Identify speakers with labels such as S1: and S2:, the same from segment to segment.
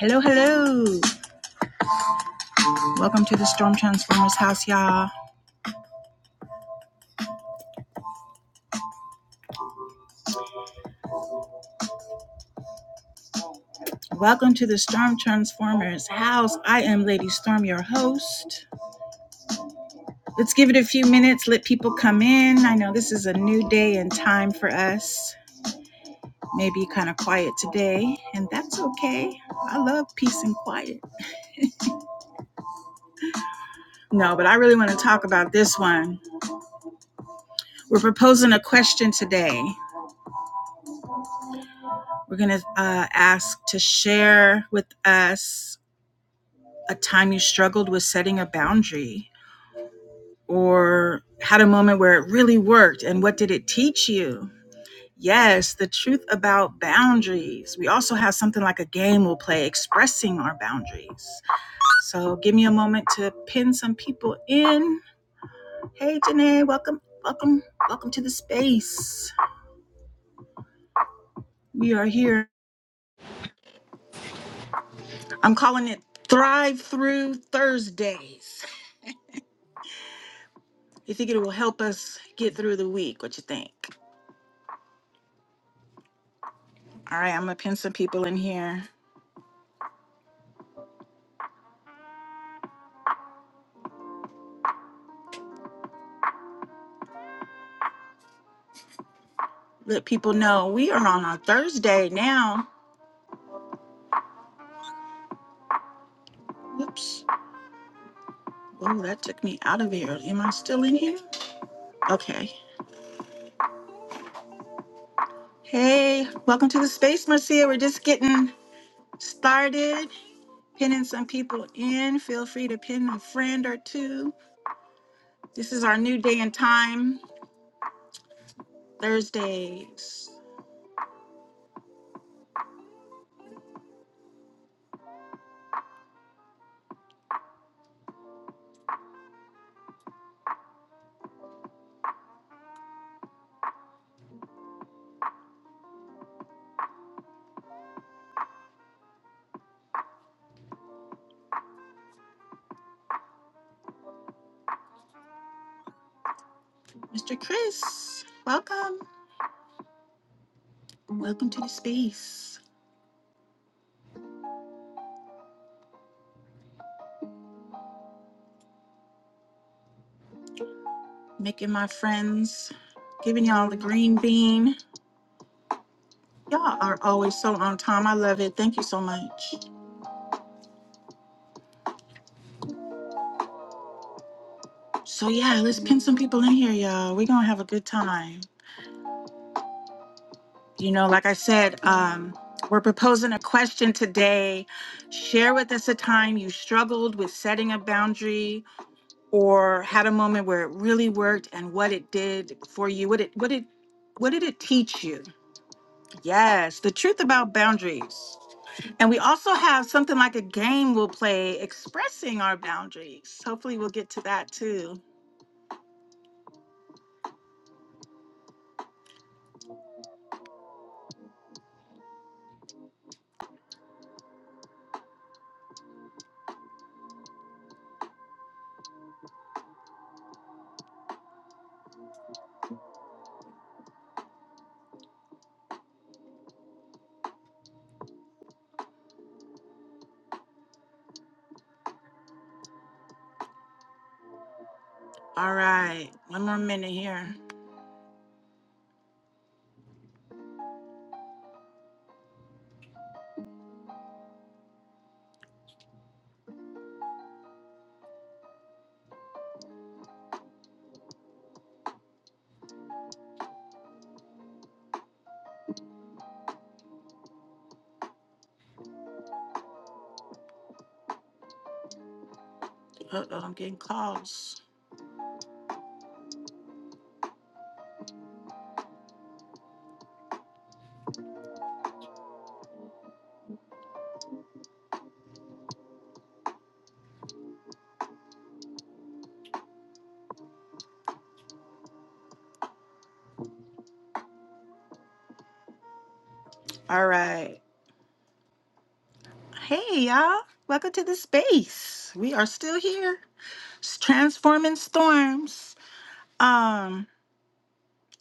S1: Hello, hello. Welcome to the Storm Transformers house, y'all. Welcome to the Storm Transformers house. I am Lady Storm, your host. Let's give it a few minutes, let people come in. I know this is a new day and time for us. Maybe kind of quiet today, and that's okay. I love peace and quiet. No, but I really want to talk about this one. We're proposing a question today. We're going to uh, ask to share with us a time you struggled with setting a boundary or had a moment where it really worked and what did it teach you? Yes, the truth about boundaries. We also have something like a game we'll play expressing our boundaries. So give me a moment to pin some people in. Hey, Janae, welcome, welcome, welcome to the space. We are here. I'm calling it Thrive Through Thursdays. You think it will help us get through the week? What you think? All right, I'm gonna pin some people in here. let people know we are on a Thursday now. Whoops. Oh, that took me out of here. Am I still in here? Okay. Hey, welcome to the space, Marcia. We're just getting started, pinning some people in. Feel free to pin a friend or two. This is our new day and time, Thursdays. Mr. Chris, welcome. Welcome to the space. Making my friends, giving y'all the green bean. Y'all are always so on time. I love it. Thank you so much. So yeah, let's pin some people in here, y'all. We're gonna have a good time. You know, like I said, um, we're proposing a question today. Share with us a time you struggled with setting a boundary or had a moment where it really worked and what it did for you. What it what it what did it teach you? Yes, the truth about boundaries. And we also have something like a game we'll play expressing our boundaries. Hopefully, we'll get to that too. All right, one more minute here. Uh oh, I'm getting calls. All right. Hey, y'all. Welcome to the space. We are still here, s- transforming storms. Um,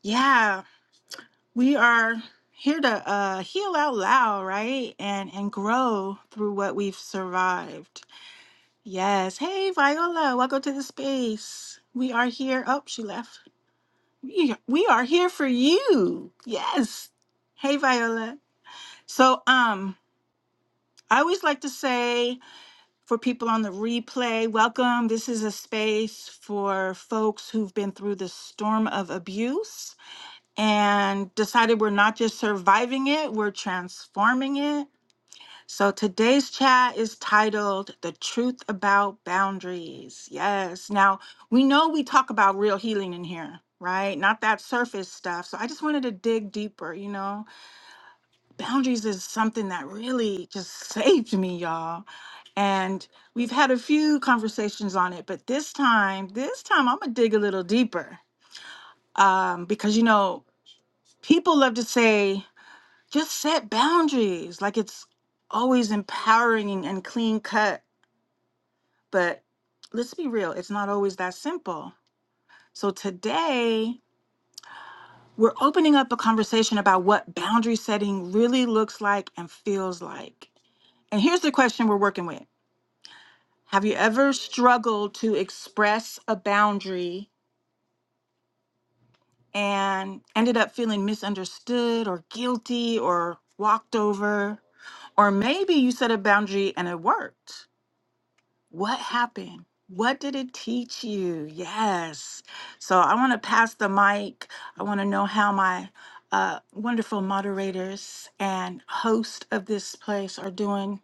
S1: yeah, we are here to uh, heal out loud, right? And and grow through what we've survived. Yes. Hey, Viola, welcome to the space. We are here. Oh, she left. We we are here for you. Yes. Hey, Viola. So, um, I always like to say for people on the replay, welcome. This is a space for folks who've been through the storm of abuse and decided we're not just surviving it, we're transforming it So today's chat is titled The Truth About Boundaries. Yes. Now, we know we talk about real healing in here, right? Not that surface stuff. So I just wanted to dig deeper, you know? Boundaries is something that really just saved me, y'all. And we've had a few conversations on it, but this time, this time I'm going to dig a little deeper. Um, because, you know, people love to say, just set boundaries. Like it's always empowering and clean cut But let's be real, it's not always that simple. So today, we're opening up a conversation about what boundary setting really looks like and feels like. And here's the question we're working with Have you ever struggled to express a boundary and ended up feeling misunderstood or guilty or walked over? Or maybe you set a boundary and it worked What happened? What did it teach you? Yes. So I want to pass the mic. I want to know how my uh, wonderful moderators and host of this place are doing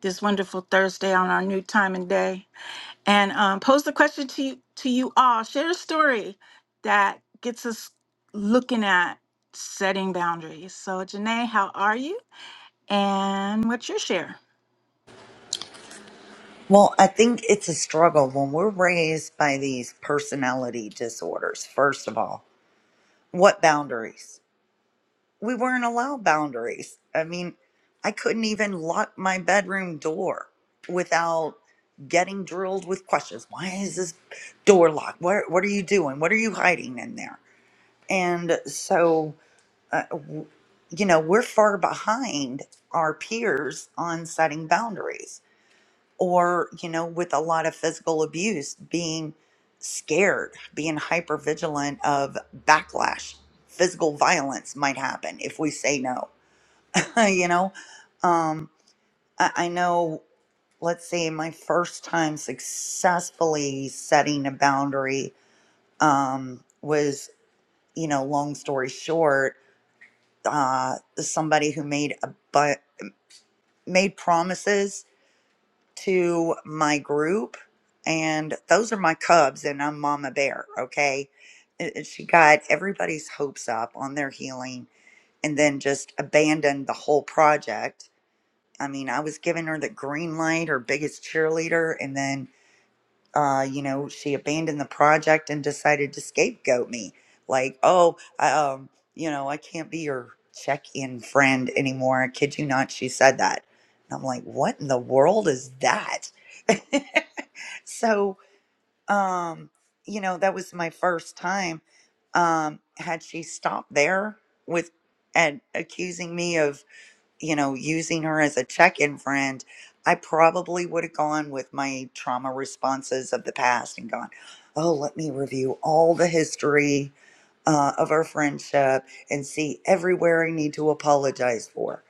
S1: this wonderful Thursday on our new time and day. And um, pose the question to you, to you all. Share a story that gets us looking at setting boundaries. So Janae, how are you? And what's your share?
S2: Well, I think it's a struggle when we're raised by these personality disorders. First of all, what boundaries? We weren't allowed boundaries. I mean, I couldn't even lock my bedroom door without getting drilled with questions. Why is this door locked? What what are you doing? What are you hiding in there? And so, you know, we're far behind our peers on setting boundaries. or you know with a lot of physical abuse being scared being hyper vigilant of backlash physical violence might happen if we say no you know um I, I know let's say my first time successfully setting a boundary um was you know long story short uh somebody who made a but made promises to my group, and those are my cubs, and I'm Mama Bear, okay? And- and She got everybody's hopes up on their healing and then just abandoned the whole project. I mean, I was giving her the green light, her biggest cheerleader, and then uh, you know, she abandoned the project and decided to scapegoat me. Like, oh, I, um, you know, I can't be your check in friend anymore. I kid you not, she said that. And I'm like, what in the world is that? so, um, you know, that was my first time. Um, had she stopped there with and accusing me of you know, using her as a check in friend, I probably would have gone with my trauma responses of the past and gone, oh, let me review all the history uh, of our friendship and see everywhere I need to apologize for.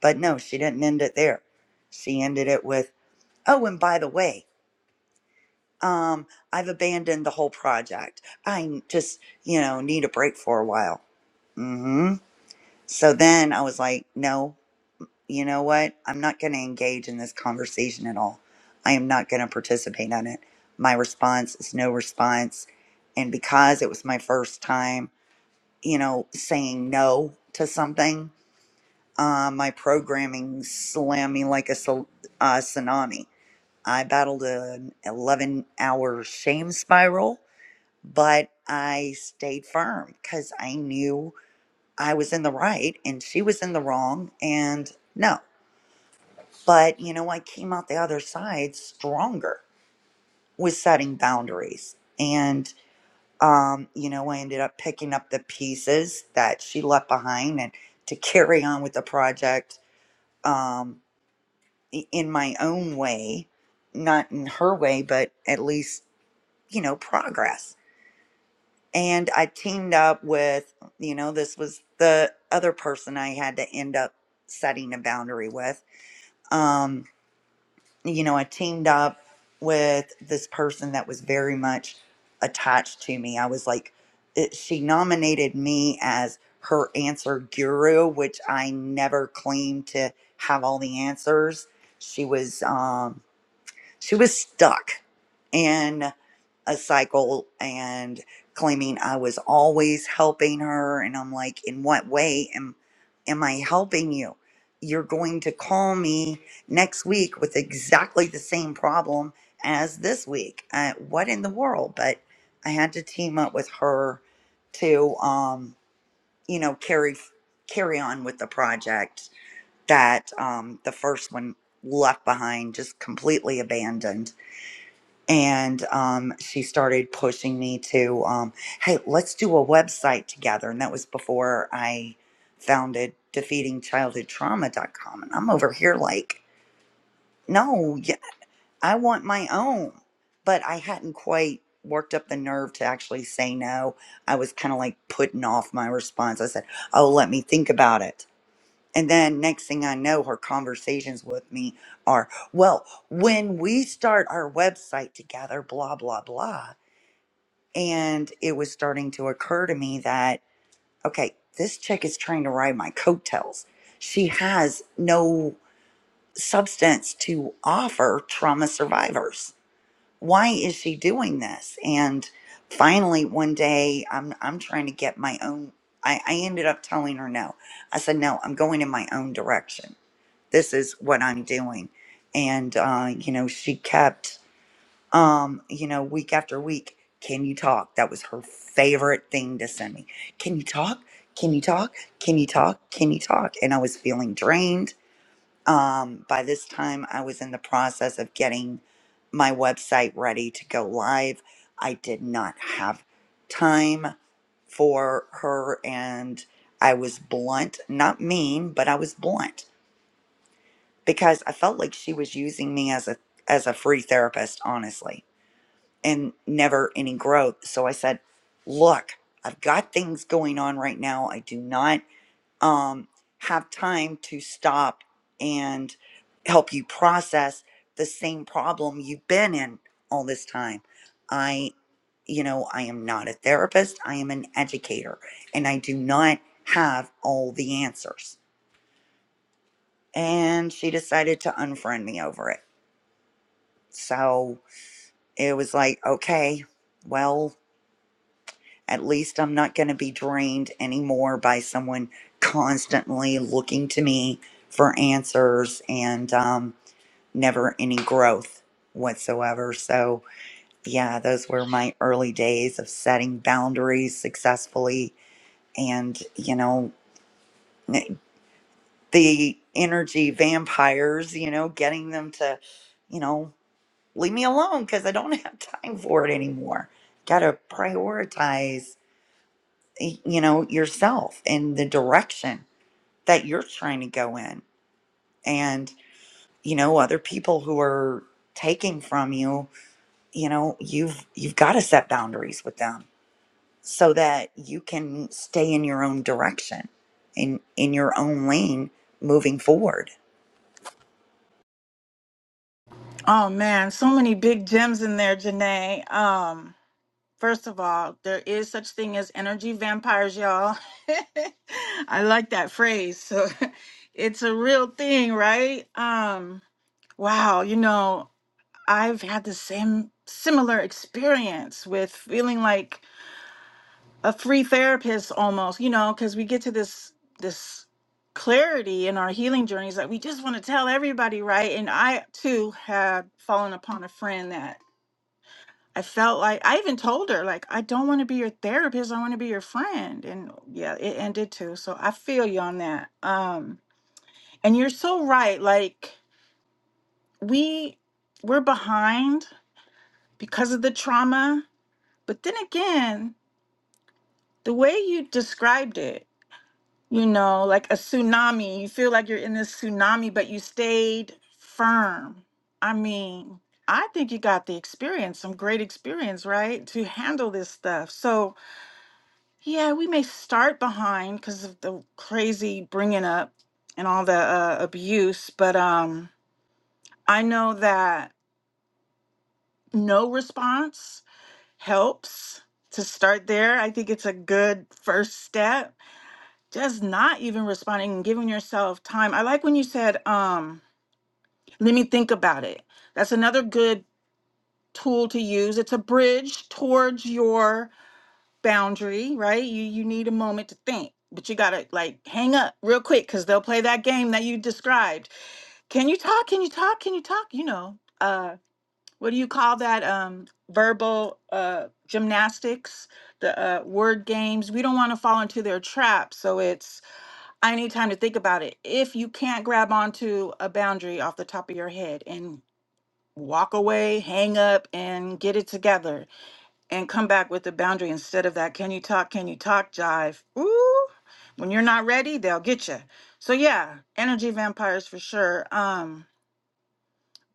S2: But no, she didn't end it there. She ended it with, oh, and by the way, um, I've abandoned the whole project. I just, you know, need a break for a while. Mm-hmm. So then I was like, no, you know what? I'm not going to engage in this conversation at all. I am not going to participate in it. My response is no response. And because it was my first time, you know, saying no to something, uh, my programming slammed me like a sul- uh, tsunami. I battled an 11 hour shame spiral, but I stayed firm because I knew I was in the right and she was in the wrong. And no. But you know, I came out the other side stronger with setting boundaries. And, um, you know, I ended up picking up the pieces that she left behind and to carry on with the project um, i- in my own way, not in her way, but at least, you know, progress. And I teamed up with, you know, this was the other person I had to end up setting a boundary with. Um, you know, I teamed up with this person that was very much attached to me. I was like, it, she nominated me as her answer guru, which I never claimed to have all the answers. She was, um, she was stuck in a cycle and claiming I was always helping her and I'm like in what way am am I helping you? You're going to call me next week with exactly the same problem as this week. Uh, what in the world? But I had to team up with her to um you know carry carry on with the project that um the first one left behind just completely abandoned and um, she started pushing me to um, hey let's do a website together and that was before i founded defeating childhood trauma dot com. and i'm over here like no yeah, i want my own but i hadn't quite worked up the nerve to actually say no i was kind of like putting off my response i said oh let me think about it and then next thing i know her conversations with me are well when we start our website together blah blah blah and it was starting to occur to me that, okay, this chick is trying to ride my coattails. She has no substance to offer trauma survivors. Why is she doing this? And finally, one day, I'm, I'm trying to get my own. I, I ended up telling her no. I said, no, I'm going in my own direction. This is what I'm doing. And, uh, you know, she kept um, you know, week after week. Can you talk? That was her favorite thing to send me. Can you talk? Can you talk? Can you talk? Can you talk? And I was feeling drained. Um, by this time, I was in the process of getting my website ready to go live. I did not have time for her, and I was blunt, not mean, but I was blunt because I felt like she was using me as a as a free therapist, honestly and never any growth. So I said, "Look, I've got things going on right now. I do not um, have time to stop and help you process the same problem you've been in all this time. I, you know, I am not a therapist. I am an educator, and I do not have all the answers." And she decided to unfriend me over it. So it was like, okay, well. At least I'm not going to be drained anymore by someone constantly looking to me for answers and um, never any growth whatsoever. So, yeah, those were my early days of setting boundaries successfully and, you know, the energy vampires, you know, getting them to, you know, leave me alone because I don't have time for it anymore. Got to prioritize y- you know yourself and the direction that you're trying to go in and you know other people who are taking from you you know you've you've got to set boundaries with them so that you can stay in your own direction in in your own lane moving forward
S1: Oh man, so many big gems in there, Janae. Um, first of all, there is such thing as energy vampires, y'all. I like that phrase. So it's a real thing, right? Um, wow, you know, I've had the same similar experience with feeling like a free therapist almost, you know, because we get to this this clarity in our healing journeys that we just want to tell everybody, right? And I too had fallen upon a friend that I felt like I even told her like I don't want to be your therapist. I want to be your friend. And yeah, it ended too. So I feel you on that. Um and you're so right. Like we we're behind because of the trauma. But then again, the way you described it, you know, like a tsunami, you feel like you're in this tsunami but you stayed firm. I mean, I think you got the experience, some great experience, right? To handle this stuff. So Yeah, we may start behind because of the crazy bringing up and all the uh, abuse, but um, I know that no response helps to start there. I think it's a good first step. Just not even responding and giving yourself time. I like when you said, um, let me think about it. That's another good tool to use. It's a bridge towards your boundary, right? You you need a moment to think, but you gotta like hang up real quick because they'll play that game that you described. Can you talk? Can you talk? Can you talk? You know, uh, what do you call that? Um, verbal uh gymnastics, the uh, word games. We don't want to fall into their trap. So it's I need time to think about it. If you can't grab onto a boundary off the top of your head and walk away, hang up, and get it together and come back with a boundary instead of that can you talk can you talk jive ooh when you're not ready they'll get you so yeah energy vampires for sure um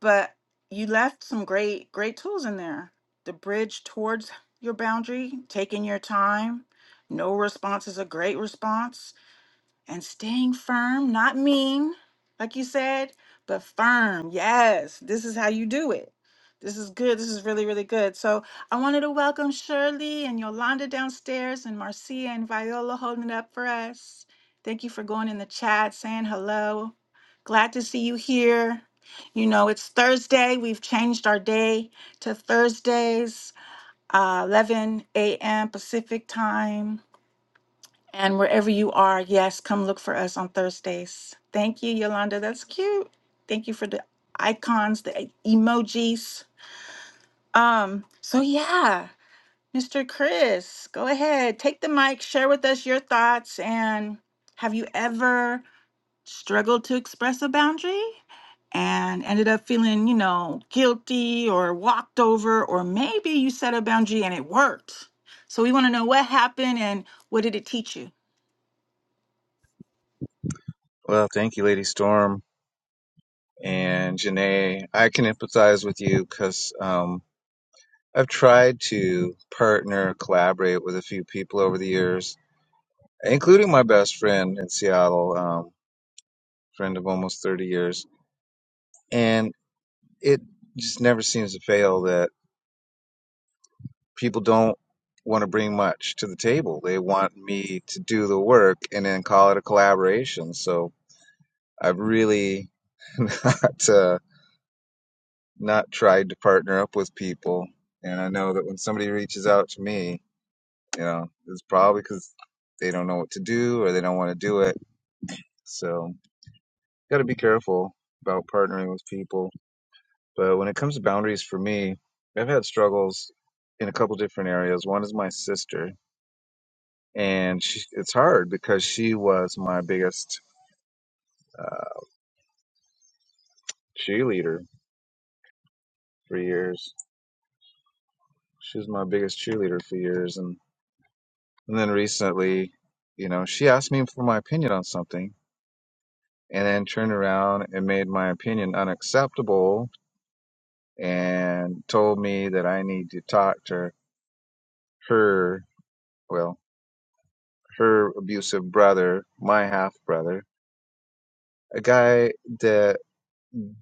S1: but you left some great great tools in there the bridge towards your boundary taking your time no response is a great response and staying firm, not mean, like you said, but firm. Yes, this is how you do it. This is good. This is really, really good. So I wanted to welcome Shirley and Yolanda downstairs and Marcia and Viola holding it up for us. Thank you for going in the chat, saying hello. Glad to see you here. You know, it's Thursday. We've changed our day to Thursdays, uh, 11 a.m. Pacific time. And wherever you are, yes, come look for us on Thursdays. Thank you, Yolanda. That's cute. Thank you for the icons, the e- emojis. Um, so yeah, Mr. Chris, go ahead, take the mic, share with us your thoughts, and have you ever struggled to express a boundary and ended up feeling, you know, guilty or walked over, or maybe you set a boundary and it worked. So we want to know what happened and what did it teach you?
S3: Well, thank you, Lady Storm and Janae. I can empathize with you because um, I've tried to partner, collaborate with a few people over the years, including my best friend in Seattle, um, friend of almost 30 years. And it just never seems to fail that people don't want to bring much to the table. They want me to do the work and then call it a collaboration. So I've really not. Uh, not tried to partner up with people. And I know that when somebody reaches out to me, you know, it's probably because they don't know what to do or they don't want to do it. So, got to be careful about partnering with people. But when it comes to boundaries for me, I've had struggles in a couple different areas. One is my sister, and she, it's hard because she was my biggest uh, cheerleader for years. She was my biggest cheerleader for years, and And then recently, you know, she asked me for my opinion on something and then turned around and made my opinion unacceptable and told me that I need to talk to her, well, her abusive brother, my half brother, a guy that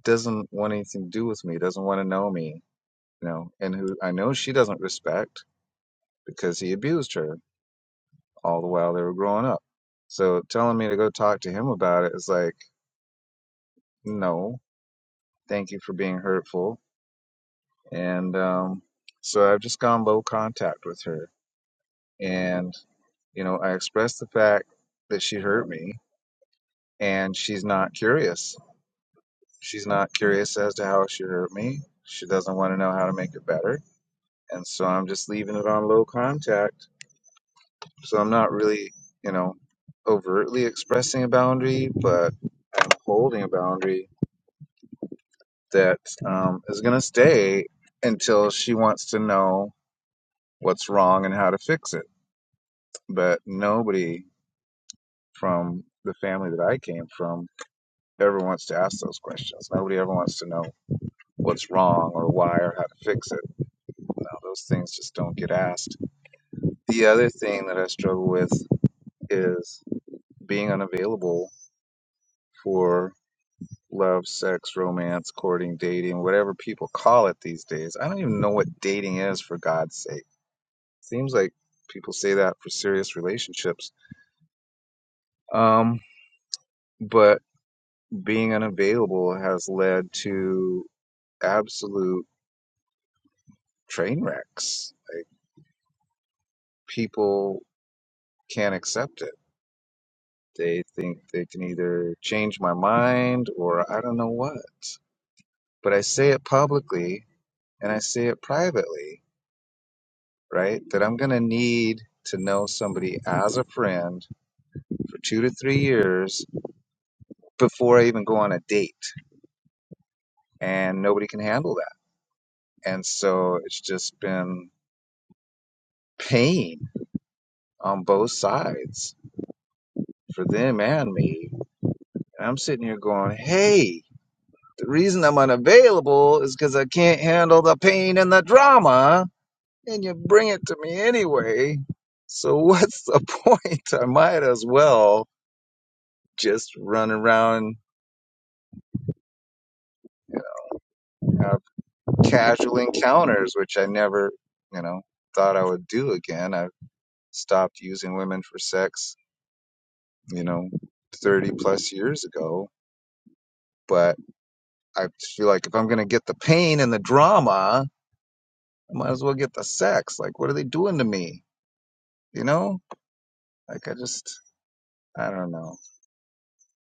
S3: doesn't want anything to do with me, doesn't want to know me, you know, and who I know she doesn't respect because he abused her all the while they were growing up. So telling me to go talk to him about it is like, no, Thank you for being hurtful. And um, so I've just gone low contact with her. And, you know, I expressed the fact that she hurt me and she's not curious. She's not curious as to how she hurt me. She doesn't want to know how to make it better. And so I'm just leaving it on low contact. So I'm not really, you know, overtly expressing a boundary, but I'm holding a boundary that um, is going to stay until she wants to know what's wrong and how to fix it. But nobody from the family that I came from ever wants to ask those questions. Nobody ever wants to know what's wrong or why or how to fix it. No, those things just don't get asked. The other thing that I struggle with is being unavailable for love, sex, romance, courting, dating, whatever people call it these days. I don't even know what dating is for God's sake. Seems like people say that for serious relationships. Um, but being unavailable has led to absolute train wrecks. Like people can't accept it. They think they can either change my mind or I don't know what. But I say it publicly and I say it privately, right? That I'm going to need to know somebody as a friend for two to three years before I even go on a date. And nobody can handle that. And so it's just been pain on both sides for them and me. And I'm sitting here going, hey, the reason I'm unavailable is because I can't handle the pain and the drama, and you bring it to me anyway. So what's the point? I might as well just run around and have casual encounters, which I never, you know, thought I would do again. I stopped using women for sex, you know, 30 plus years ago. But I feel like if I'm going to get the pain and the drama, I might as well get the sex. Like, what are they doing to me? You know? Like, I just, I don't know.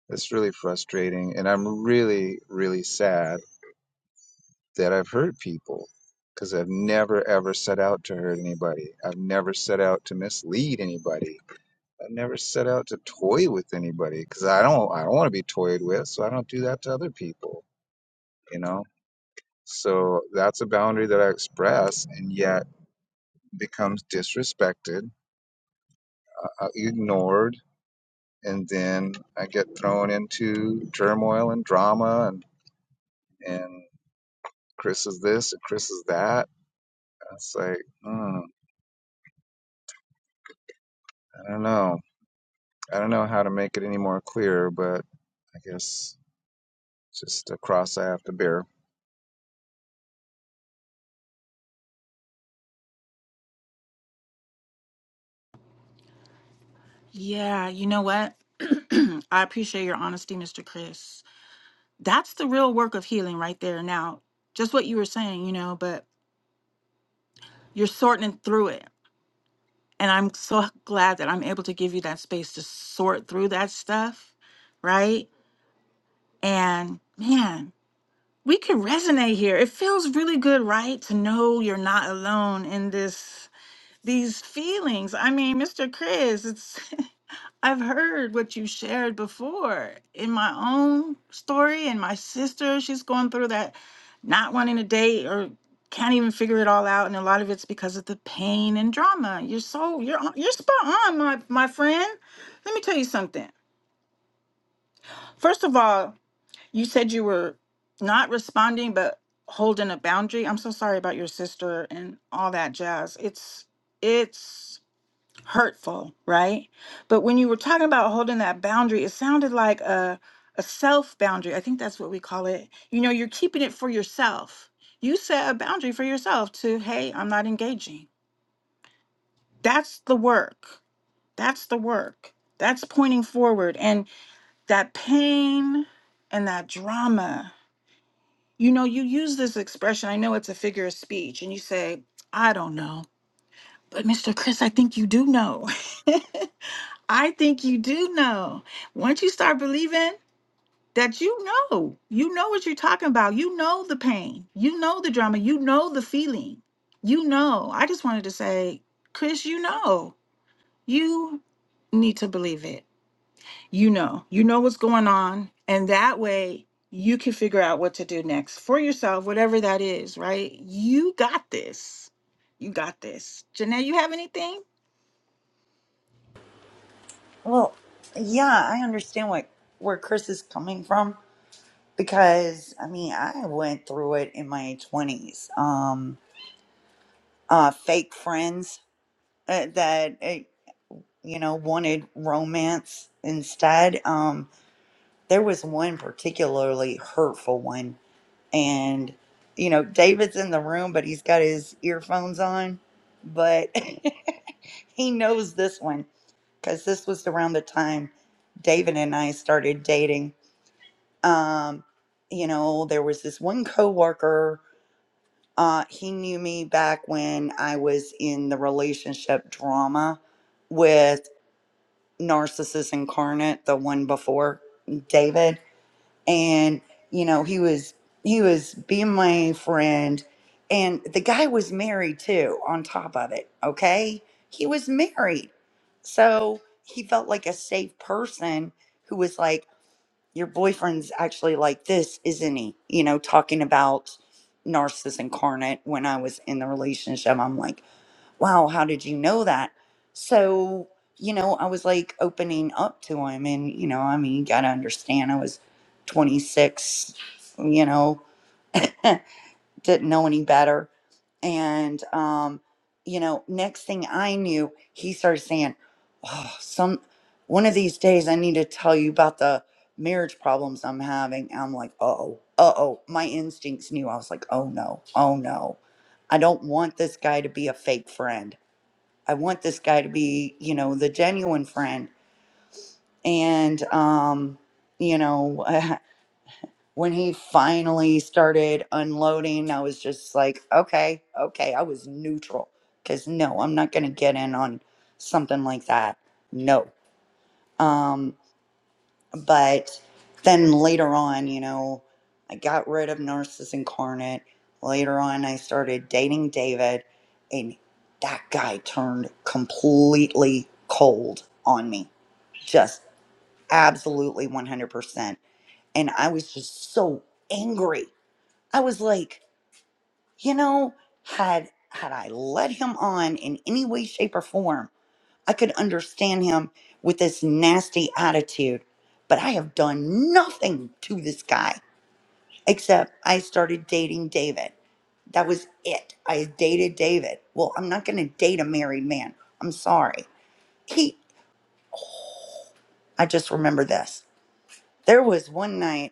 S3: It's really frustrating. And I'm really, really sad that I've hurt people because I've never, ever set out to hurt anybody. I've never set out to mislead anybody. I've never set out to toy with anybody because I don't, I don't want to be toyed with. So I don't do that to other people, you know? So that's a boundary that I express and yet becomes disrespected, uh, ignored, and then I get thrown into turmoil and drama, and and Chris is this and Chris is that. It's like, hmm, I don't know. I don't know how to make it any more clear, but I guess just a cross I have to bear.
S1: Yeah, you know what? I appreciate your honesty, Mr. Chris. That's the real work of healing right there. Now, just what you were saying, you know, but you're sorting through it. And I'm so glad that I'm able to give you that space to sort through that stuff, right? And man, we can resonate here. It feels really good, right? To know you're not alone in this these feelings. I mean, Mr. Chris, it's I've heard what you shared before in my own story and my sister, she's going through that not wanting to date or can't even figure it all out and a lot of it's because of the pain and drama. You're so you're on- you're spot on, my my friend. Let me tell you something. First of all, you said you were not responding but holding a boundary. I'm so sorry about your sister and all that jazz. It's it's hurtful, right? But when you were talking about holding that boundary, it sounded like a a self boundary. I think that's what we call it. You know, you're keeping it for yourself. You set a boundary for yourself to, hey, I'm not engaging. That's the work. That's the work. That's pointing forward and that pain and that drama. You know, you use this expression. I know it's a figure of speech and you say, I don't know. But Mr. Chris, I think you do know. I think you do know. Once you start believing that you know, you know what you're talking about. You know the pain. You know the drama. You know the feeling. You know. I just wanted to say, Chris, you know. You need to believe it. You know. You know what's going on. And that way you can figure out what to do next for yourself, whatever that is, right? You got this. You got this. Janae, you have anything?
S2: well yeah i understand what where chris is coming from because i mean i went through it in my 20s um uh fake friends uh, that uh, you know, wanted romance instead. Um, there was one particularly hurtful one. And, you know, David's in the room, but he's got his earphones on. But he knows this one because this was around the time David and I started dating. Um, you know, there was this one coworker. Uh, he knew me back when I was in the relationship drama with. Narcissist Incarnate, the one before David. And, you know, he was he was being my friend and the guy was married too on top of it, okay? He was married. So, he felt like a safe person who was like your boyfriend's actually like this, isn't he? You know, talking about Narcissist Incarnate when I was in the relationship. I'm like wow, how did you know that? So, you know, I was like opening up to him. And, you know, I mean, you got to understand, I was 26, you know, didn't know any better. And, um, you know, next thing I knew, he started saying, oh, some one of these days I need to tell you about the marriage problems I'm having. And I'm like, oh, uh oh. My instincts knew. I was like, oh no, oh no. I don't want this guy to be a fake friend. I want this guy to be, you know, the genuine friend. And, um, you know, when he finally started unloading, I was just like, okay, okay. I was neutral because no, I'm not going to get in on something like that. No. Um, but then later on, you know, I got rid of Narcissus Incarnate. Later on, I started dating David, and that guy turned completely cold on me. Just absolutely 100%. And I was just so angry. I was like, you know, had had I led him on in any way shape or form, I could understand him with this nasty attitude, but I have done nothing to this guy except I started dating David. That was it. I dated David. Well, I'm not going to date a married man. I'm sorry. He, I just remember this. There was one night,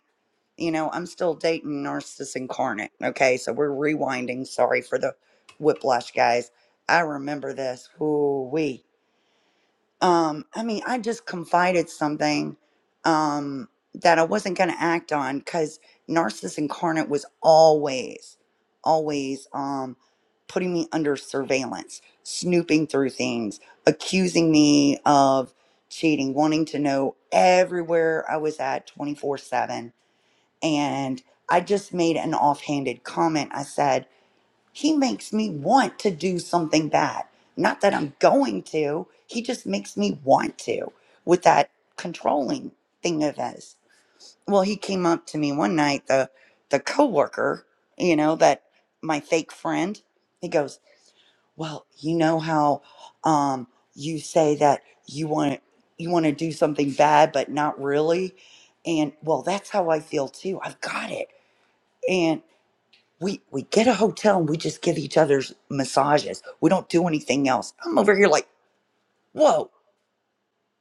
S2: you know, I'm still dating Narcissus Incarnate. Okay. So we're rewinding. Sorry for the whiplash, guys. I remember this. Ooh, wee. Um, I mean, I just confided something um, that I wasn't going to act on because Narcissus Incarnate was always, always um, putting me under surveillance, snooping through things, accusing me of cheating, wanting to know everywhere I was at 24 7. And I just made an offhanded comment. I said, he makes me want to do something bad. Not that I'm going to, he just makes me want to with that controlling thing of his. Well, he came up to me one night, the the coworker, you know, that my fake friend, he goes, Well, you know how um you say that you want to you want to do something bad but not really? And well, that's how I feel too. I've got it we we get a hotel and we just give each other's massages. We don't do anything else. I'm over here like, whoa,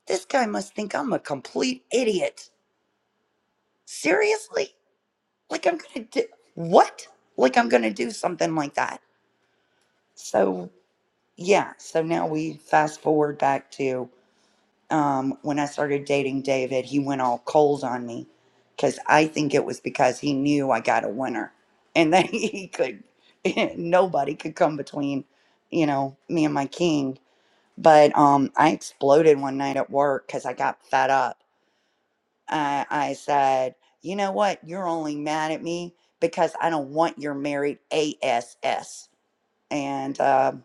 S2: this guy must think I'm a complete idiot. Seriously? Like I'm gonna do what? Like I'm gonna do something like that. So yeah, so now we fast forward back to um, when I started dating David, he went all cold on me because I think it was because he knew I got a winner and that he could, nobody could come between, you know, me and my king. But um, I exploded one night at work because I got fed up. I, I said, you know what? You're only mad at me because I don't want your married ASS. And um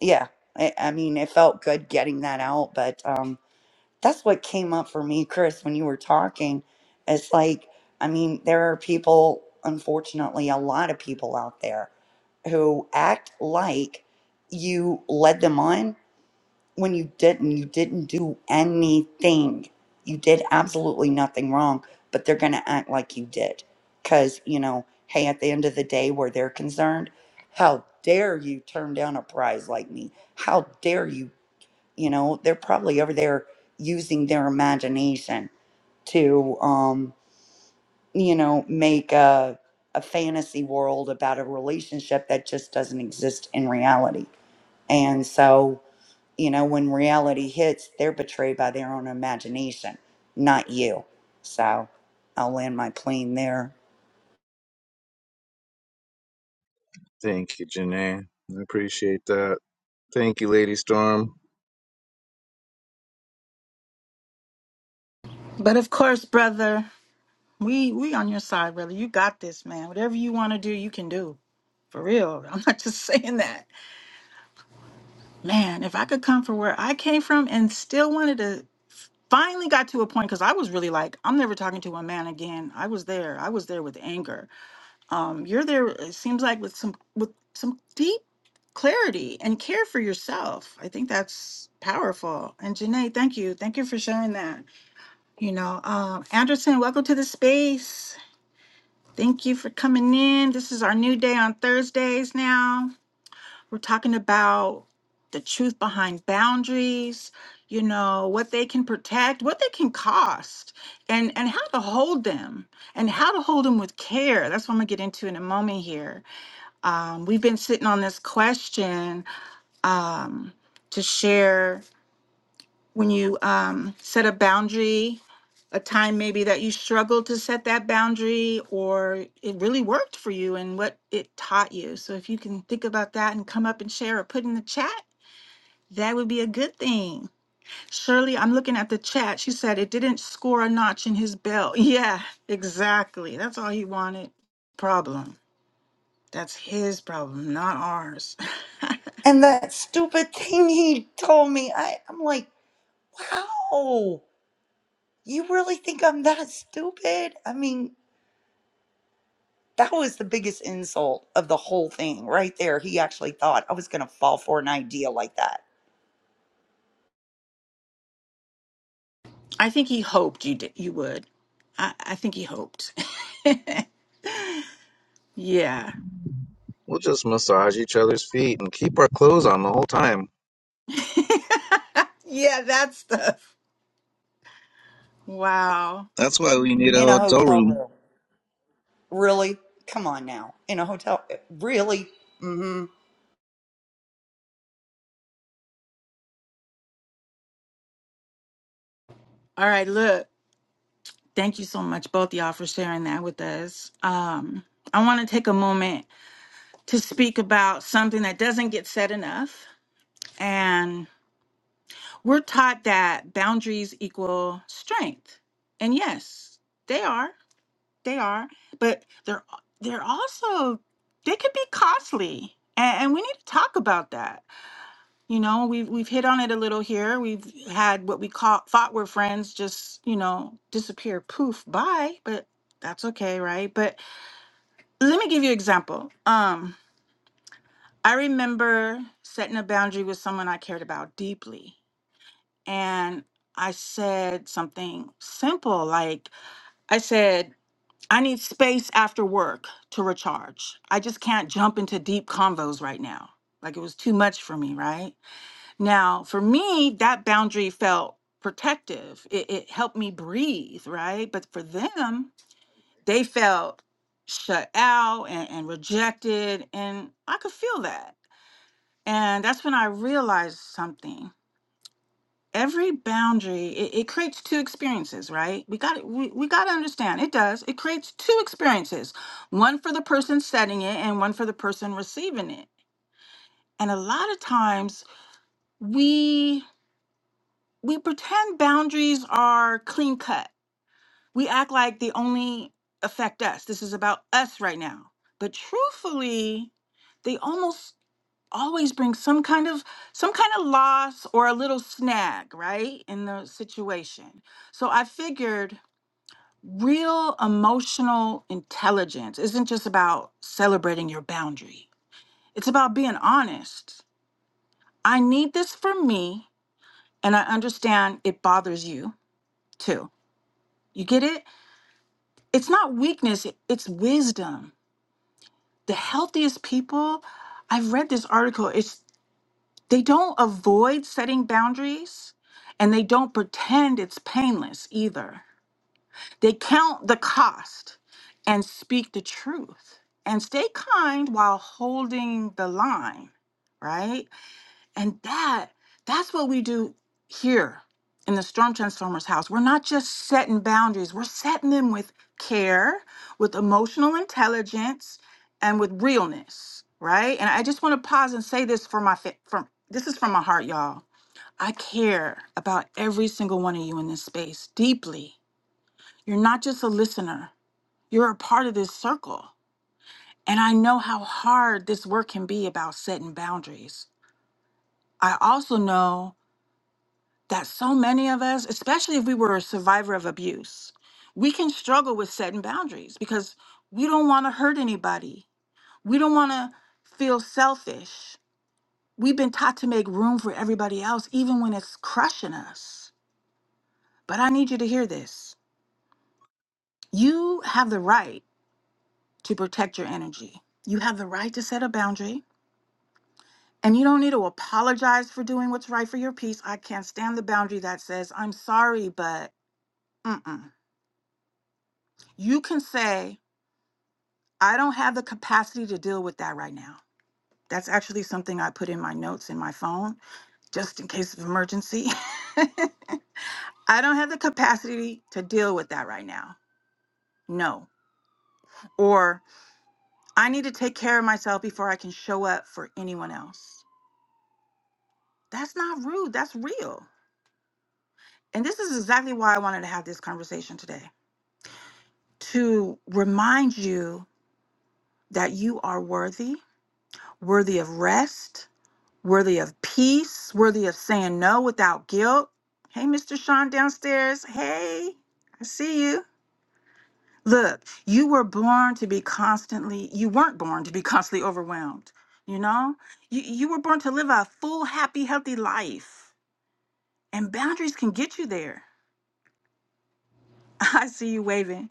S2: yeah, I, I mean, it felt good getting that out, but. Um, that's what came up for me, Chris, when you were talking. It's like, I mean, there are people, unfortunately, a lot of people out there who act like you led them on when you didn't. You didn't do anything. You did absolutely nothing wrong, but they're going to act like you did. Because, you know, hey, at the end of the day, where they're concerned, how dare you turn down a prize like me? How dare you you know, they're probably over there using their imagination to, um, you know, make a, a fantasy world about a relationship that just doesn't exist in reality. And so, you know, when reality hits, they're betrayed by their own imagination, not you. So I'll land my plane there.
S3: Thank you, Janae. I appreciate that. Thank you, Lady Storm.
S1: But of course, brother. We we on your side, brother. You got this, man. Whatever you want to do, you can do. For real. I'm not just saying that. Man, if I could come from where I came from and still wanted to finally got to a point because I was really like, I'm never talking to a man again. I was there. I was there with anger. Um, you're there, it seems like with some with some deep clarity and care for yourself. I think that's powerful. And Janae, thank you. Thank you for sharing that. You know, um, Anderson, welcome to the space. Thank you for coming in. This is our new day on Thursdays now. We're talking about the truth behind boundaries, you know, what they can protect, what they can cost, and and how to hold them and how to hold them with care. That's what I'm gonna get into in a moment here. Um, we've been sitting on this question um, to share when you um, set a boundary, a time maybe that you struggled to set that boundary or it really worked for you and what it taught you. So if you can think about that and come up and share or put in the chat, that would be a good thing. Shirley, I'm looking at the chat. She said it didn't score a notch in his belt. Yeah, exactly. That's all he wanted. Problem. That's his problem, not ours.
S2: And that stupid thing he told me, I, I'm like, wow, you really think I'm that stupid? I mean, That was the biggest insult of the whole thing right there. He actually thought I was going to fall for an idea like that
S1: I think he hoped you did, you would. I, I think he hoped. Yeah.
S3: We'll just massage each other's feet and keep our clothes on the whole time.
S1: yeah, that stuff. Wow.
S3: That's why we need a
S2: in a
S3: hotel
S2: hotel
S3: room.
S2: room. Really? Come on now. In a hotel. eh, Really? hmm
S1: All right, look. Thank you so much, both y'all, for sharing that with us. Um, I want to take a moment to speak about something that doesn't get said enough. And we're taught that boundaries equal strength. And yes, they are. They are. But they're they're also they could be costly. And, and we need to talk about that You know, we've we've hit on it a little here. We've had what we caught thought were friends just, you know, disappear, poof, bye. But that's okay, right? But let me give you an example. Um, I remember setting a boundary with someone I cared about deeply, and I said something simple like I said, I need space after work to recharge. I just can't jump into deep convos right now. Like it was too much for me, right? Now, for me, that boundary felt protective. It, it helped me breathe, right? But for them, they felt shut out and, and rejected. And I could feel that. And that's when I realized something. Every boundary, it, it creates two experiences, right? We got to we, we gotta understand it does. It creates two experiences, one for the person setting it and one for the person receiving it. And a lot of times we we pretend boundaries are clean cut. We act like they only affect us. This is about us right now. But truthfully, they almost always bring some kind of some kind of loss or a little snag, right? In the situation. So I figured real emotional intelligence isn't just about celebrating your boundary. It's about being honest. I need this for me and I understand it bothers you too. You get it? it's not weakness, it- it's wisdom. The healthiest people, I've read this article, it's they don't avoid setting boundaries and they don't pretend it's painless either. They count the cost and speak the truth and stay kind while holding the line, right? And that that's what we do here in the Storm Transformers house. We're not just setting boundaries, we're setting them with care, with emotional intelligence, and with realness, right? And I just want to pause and say this for my fa- from this is from my heart, y'all. I care about every single one of you in this space deeply. You're not just a listener, you're a part of this circle. And I know how hard this work can be about setting boundaries. I also know that so many of us, especially if we were a survivor of abuse, we can struggle with setting boundaries because we don't want to hurt anybody. We don't want to feel selfish. We've been taught to make room for everybody else, even when it's crushing us. But I need you to hear this. You have the right to protect your energy. You have the right to set a boundary, and you don't need to apologize for doing what's right for your peace. I can't stand the boundary that says, I'm sorry, but mm-mm. You can say, I don't have the capacity to deal with that right now. That's actually something I put in my notes in my phone just in case of emergency. I don't have the capacity to deal with that right now. No. Or I need to take care of myself before I can show up for anyone else. That's not rude, that's real. And this is exactly why I wanted to have this conversation today to remind you that you are worthy, worthy of rest, worthy of peace, worthy of saying no without guilt. Hey, Mr. Sean downstairs. Hey, I see you. Look, you were born to be constantly, you weren't born to be constantly overwhelmed. You know, you, you were born to live a full, happy, healthy life, and boundaries can get you there. I see you waving.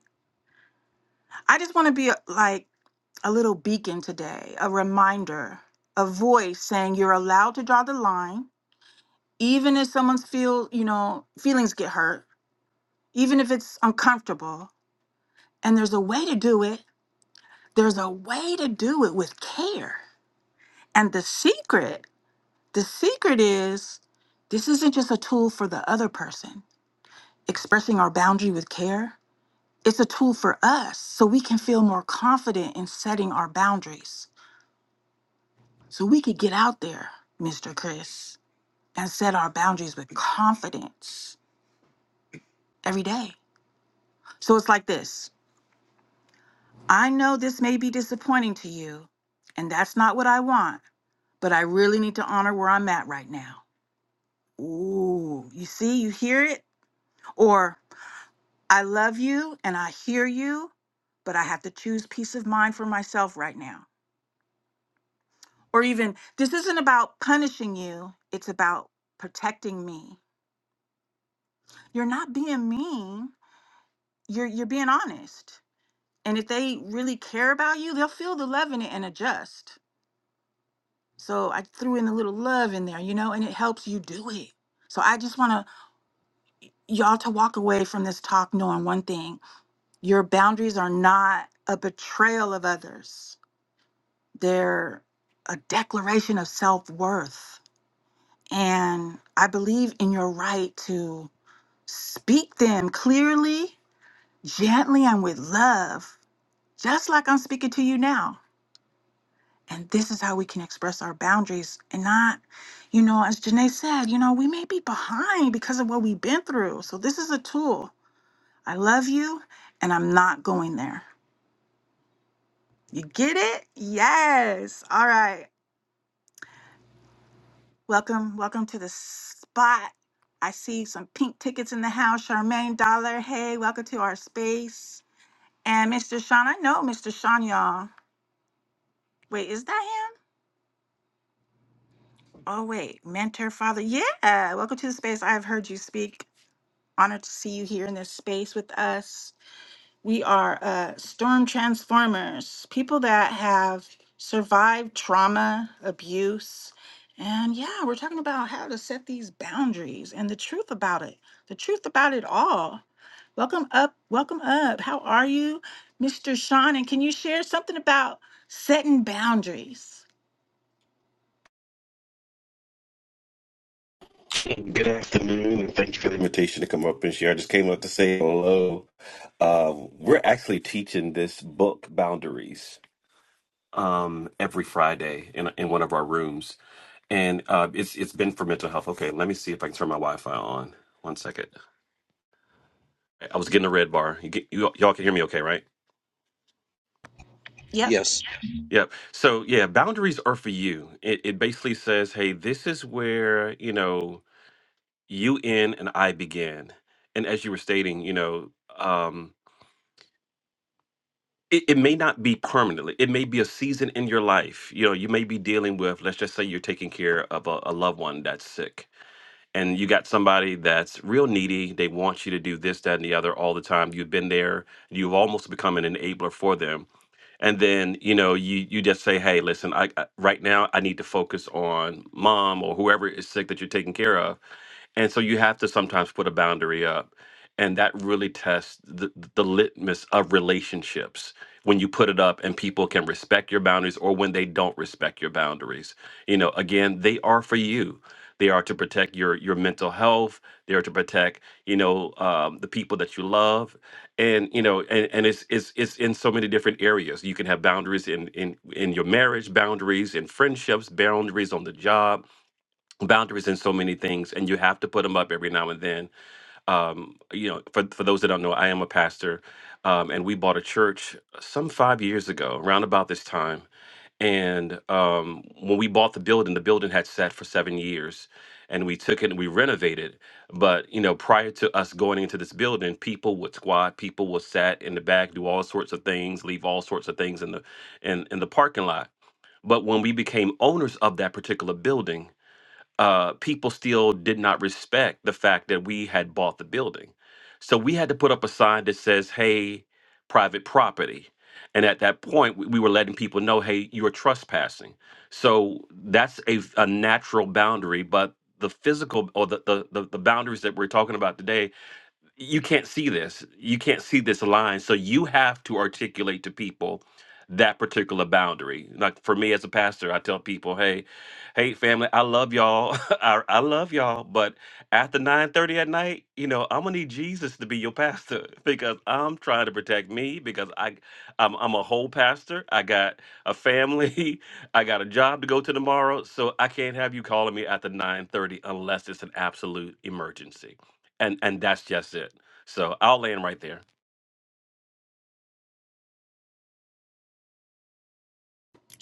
S1: I just want to be a, like a little beacon today, a reminder, a voice saying you're allowed to draw the line, even if someone's feel, you know, feelings get hurt even if it's uncomfortable. And there's a way to do it. There's a way to do it with care. And the secret, the secret is this isn't just a tool for the other person expressing our boundary with care. It's a tool for us so we can feel more confident in setting our boundaries. So we could get out there, Mr. Chris, and set our boundaries with confidence every day. So it's like this I know this may be disappointing to you, and that's not what I want. but I really need to honor where I'm at right now. Ooh, you see, you hear it? Or I love you and I hear you, but I have to choose peace of mind for myself right now. Or even, this isn't about punishing you, it's about protecting me. You're not being mean, you're, you're being honest. And if they really care about you, they'll feel the love in it and adjust. So I threw in a little love in there, you know, and it helps you do it. So I just want to y'all to walk away from this talk knowing one thing your boundaries are not a betrayal of others, they're a declaration of self worth. And I believe in your right to speak them clearly, gently, and with love, just like I'm speaking to you now. And this is how we can express our boundaries and not, you know, as Janae said, you know, we may be behind because of what we've been through. So this is a tool I love you and I'm not going there. You get it? Yes. All right. Welcome, welcome to the spot. I see some pink tickets in the house. Charmaine Dollar. Hey, welcome to our space. And Mr. Sean, I know Mr. Sean, y'all. Wait, is that him? Oh, wait. Mentor, father. Yeah. Welcome to the space. I have heard you speak. Honored to see you here in this space with us. We are uh, storm transformers, people that have survived trauma, abuse. And yeah, we're talking about how to set these boundaries and the truth about it, the truth about it all. Welcome up, welcome up. How are you, Mr. Sean? And can you share something about setting boundaries?
S4: Good afternoon, and thank you for the invitation to come up and share. I just came up to say hello. Um, we're actually teaching this book, Boundaries, um, every Friday in in one of our rooms, and uh, it's it's been for mental health. Okay, let me see if I can turn my Wi-Fi on. One second. I was getting a red bar. You get, you, y'all can hear me okay, right?
S1: Yep.
S3: Yes.
S4: Yep. So yeah, boundaries are for you. It, it basically says, hey, this is where you know you end and I begin. And as you were stating, you know. Um, it, it may not be permanently it may be a season in your life you know you may be dealing with let's just say you're taking care of a, a loved one that's sick and you got somebody that's real needy they want you to do this that and the other all the time you've been there you've almost become an enabler for them and then you know you you just say hey listen I, I right now i need to focus on mom or whoever is sick that you're taking care of and so you have to sometimes put a boundary up and that really tests the, the litmus of relationships when you put it up and people can respect your boundaries or when they don't respect your boundaries you know again they are for you they are to protect your your mental health they are to protect you know um, the people that you love and you know and, and it's, it's it's in so many different areas you can have boundaries in in in your marriage boundaries in friendships boundaries on the job boundaries in so many things and you have to put them up every now and then um, you know for, for those that don't know i am a pastor um, and we bought a church some five years ago around about this time and um, when we bought the building the building had sat for seven years and we took it and we renovated but you know prior to us going into this building people would squat people would sat in the back do all sorts of things leave all sorts of things in the in, in the parking lot but when we became owners of that particular building uh, people still did not respect the fact that we had bought the building. So we had to put up a sign that says, hey, private property. And at that point, we we were letting people know, hey, you are trespassing. So that's a, a natural boundary, but the physical or the, the, the, the boundaries that we're talking about today you can't see this. You can't see this line. So you have to articulate to people that particular boundary. Like for me as a pastor, I tell people, hey, hey family, I love y'all. I, I love y'all. But after 9:30 at night, you know, I'm gonna need Jesus to be your pastor because I'm trying to protect me because I I'm I'm a whole pastor. I got a family, I got a job to go to tomorrow. So I can't have you calling me after 9:30 unless it's an absolute emergency and and that's just it. So I'll land right there.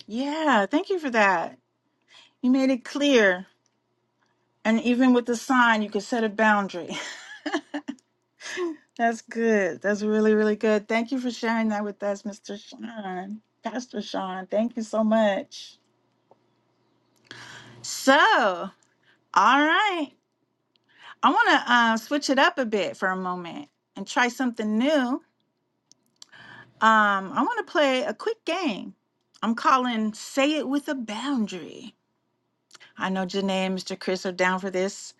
S1: Yeah, thank you for that. You made it clear. And even with the sign, you could set a boundary. That's good. That's really, really good. Thank you for sharing that with us, Mr. Sean. Pastor Sean, thank you so much. So, all right. I want to uh, switch it up a bit for a moment and try something new. Um, I want to play a quick game. I'm calling Say It With a Boundary. I know Janae and Mr. Chris are down for this.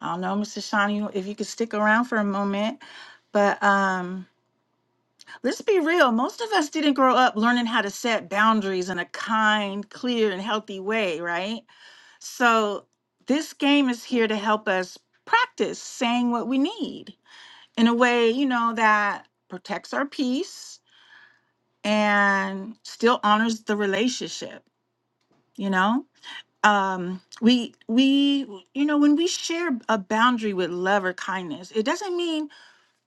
S1: I don't know, Mr. Sean, you, if you could stick around for a moment, but. um. Let's be real. Most of us didn't grow up learning how to set boundaries in a kind, clear, and healthy way, right? So, this game is here to help us practice saying what we need in a way, you know, that protects our peace and still honors the relationship, you know? Um, we, we, you know, when we share a boundary with love or kindness, it doesn't mean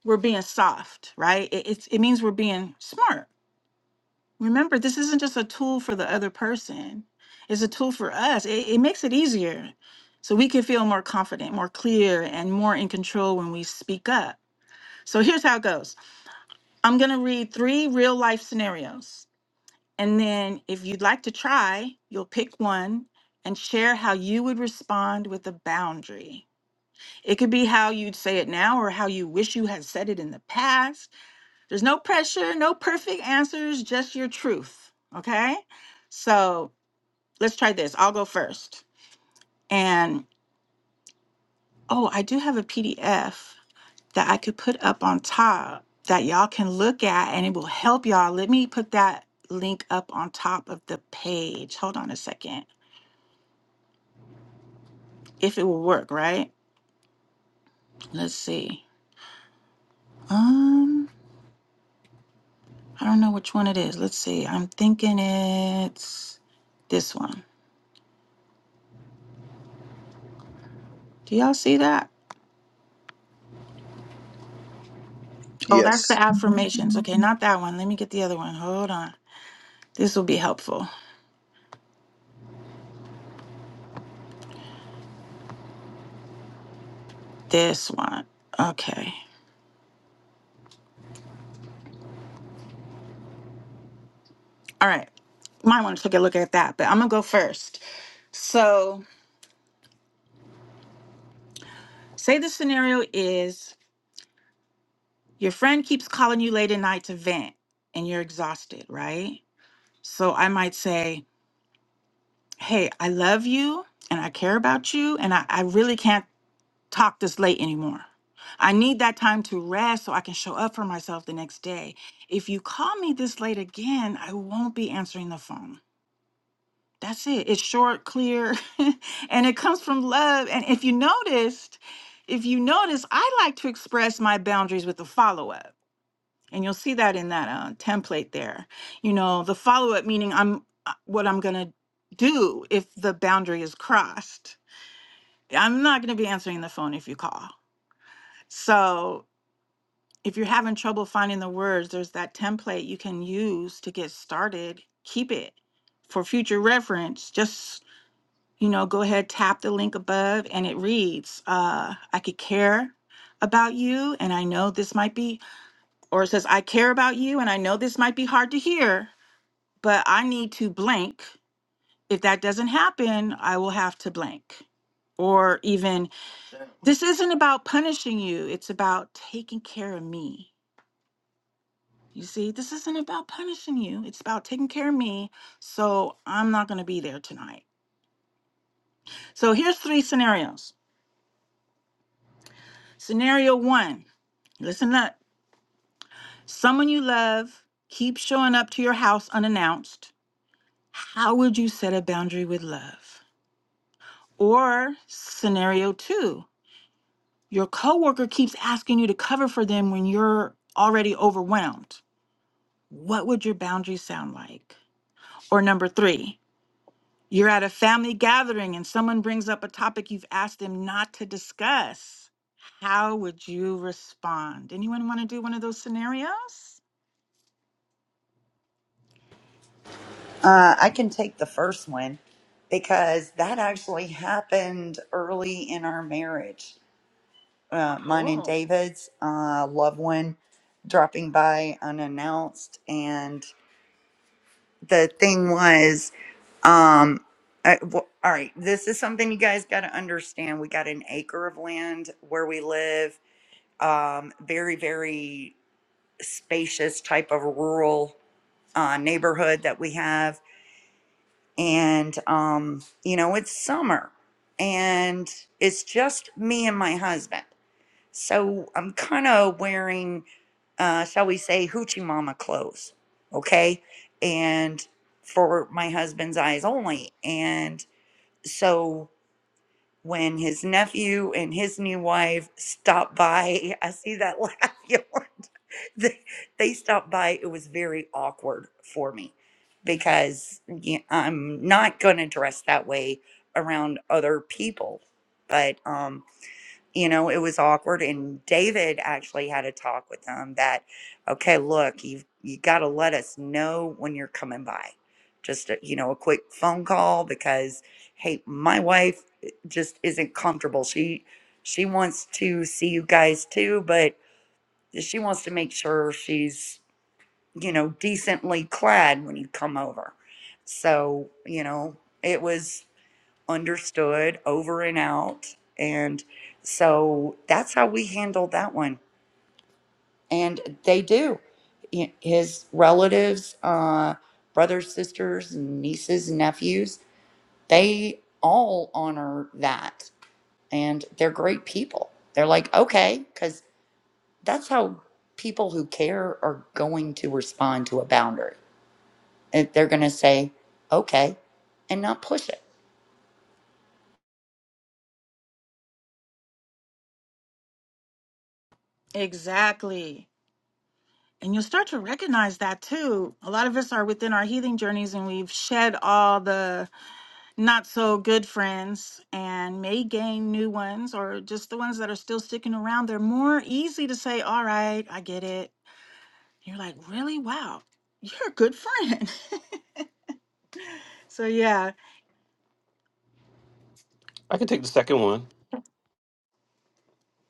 S1: we're being soft, right? It, it's, it means we're being smart Remember, this isn't just a tool for the other person, it's a tool for us. It, it makes it easier so we can feel more confident, more clear, and more in control when we speak up. So here's how it goes I'm going to read three real life scenarios. And then if you'd like to try, you'll pick one and share how you would respond with a boundary. It could be how you'd say it now or how you wish you had said it in the past there's no pressure, no perfect answers, just your truth. Okay. So let's try this. I'll go first. And oh, I do have a PDF that I could put up on top that y'all can look at and it will help y'all. Let me put that link up on top of the page. Hold on a second. If it will work, right? Let's see. Um, I don't know which one it is. Let's see. I'm thinking it's this one. Do y'all see that? Oh, that's the
S3: Yes.
S1: affirmations. Okay, not that one. Let me get the other one. Hold on. This will be helpful. This one. Okay. All right. Might want to take a look at that, but I'm going to go first. So, say the scenario is your friend keeps calling you late at night to vent and you're exhausted, right? So, I might say, Hey, I love you and I care about you and I, I really can't talk this late anymore. I need that time to rest so I can show up for myself the next day. If you call me this late again, I won't be answering the phone. That's it. It's short, clear, and it comes from love. And if you noticed, if you notice, I like to express my boundaries with a follow up. And you'll see that in that uh, template there. You know, the follow up meaning I'm uh, what I'm going to do if the boundary is crossed. I'm not going to be answering the phone if you call. So if you're having trouble finding the words, there's that template you can use to get started. Keep it for future reference. Just, you know, go ahead, tap the link above, and it reads, uh, I could care about you, and I know this might be, or it says, I care about you, and I know this might be hard to hear, but I need to blank. If that doesn't happen, I will have to blank. Or even, this isn't about punishing you, it's about taking care of me. You see, this isn't about punishing you. It's about taking care of me. So I'm not going to be there tonight. So here's three scenarios. Scenario one listen up. Someone you love keeps showing up to your house unannounced. How would you set a boundary with love? Or scenario two your coworker keeps asking you to cover for them when you're already overwhelmed. What would your boundary sound like? Or number three, You're at a family gathering and someone brings up a topic you've asked them not to discuss. How would you respond? Anyone want to do one of those scenarios?
S2: Uh, I can take the first one because that actually happened early in our marriage. Uh, mine and
S1: Oh,
S2: David's uh, loved one dropping by unannounced. and. the thing was um I- w- all right this is something you guys got to understand we got an acre of land where we live um very very spacious type of rural uh, neighborhood that we have and um you know it's summer and it's just me and my husband so i'm kind of wearing uh, shall we say, hoochie mama clothes, okay? And for my husband's eyes only. And so when his nephew and his new wife stopped by, I see that laugh. Yolan. they, they stopped by. It was very awkward for me because y- I'm not going to dress that way around other people. But um, you know it was awkward and david actually had a talk with them that okay look you've you got to let us know when you're coming by just a, you know a quick phone call because hey my wife eh, just isn't comfortable she she wants to see you guys too but she wants to make sure she's you know decently clad when you come over so you know it was understood over and out. And so that's how we handled that one. And they do. Y- His relatives, uh, brothers, sisters, and nieces, and nephews, they all honor that. And they're great people. They're like, okay, because that's how people who care are going to respond to a boundary. And They're going to say, okay, and not push it
S1: exactly. And you'll start to recognize that too. A lot of us are within our healing journeys and we've shed all the not so good friends and may gain new ones or just the ones that are still sticking around. They're more easy to say, All right, I get it. You're like, Really? Wow, you're a good friend. So, yeah,
S4: I can take the second one.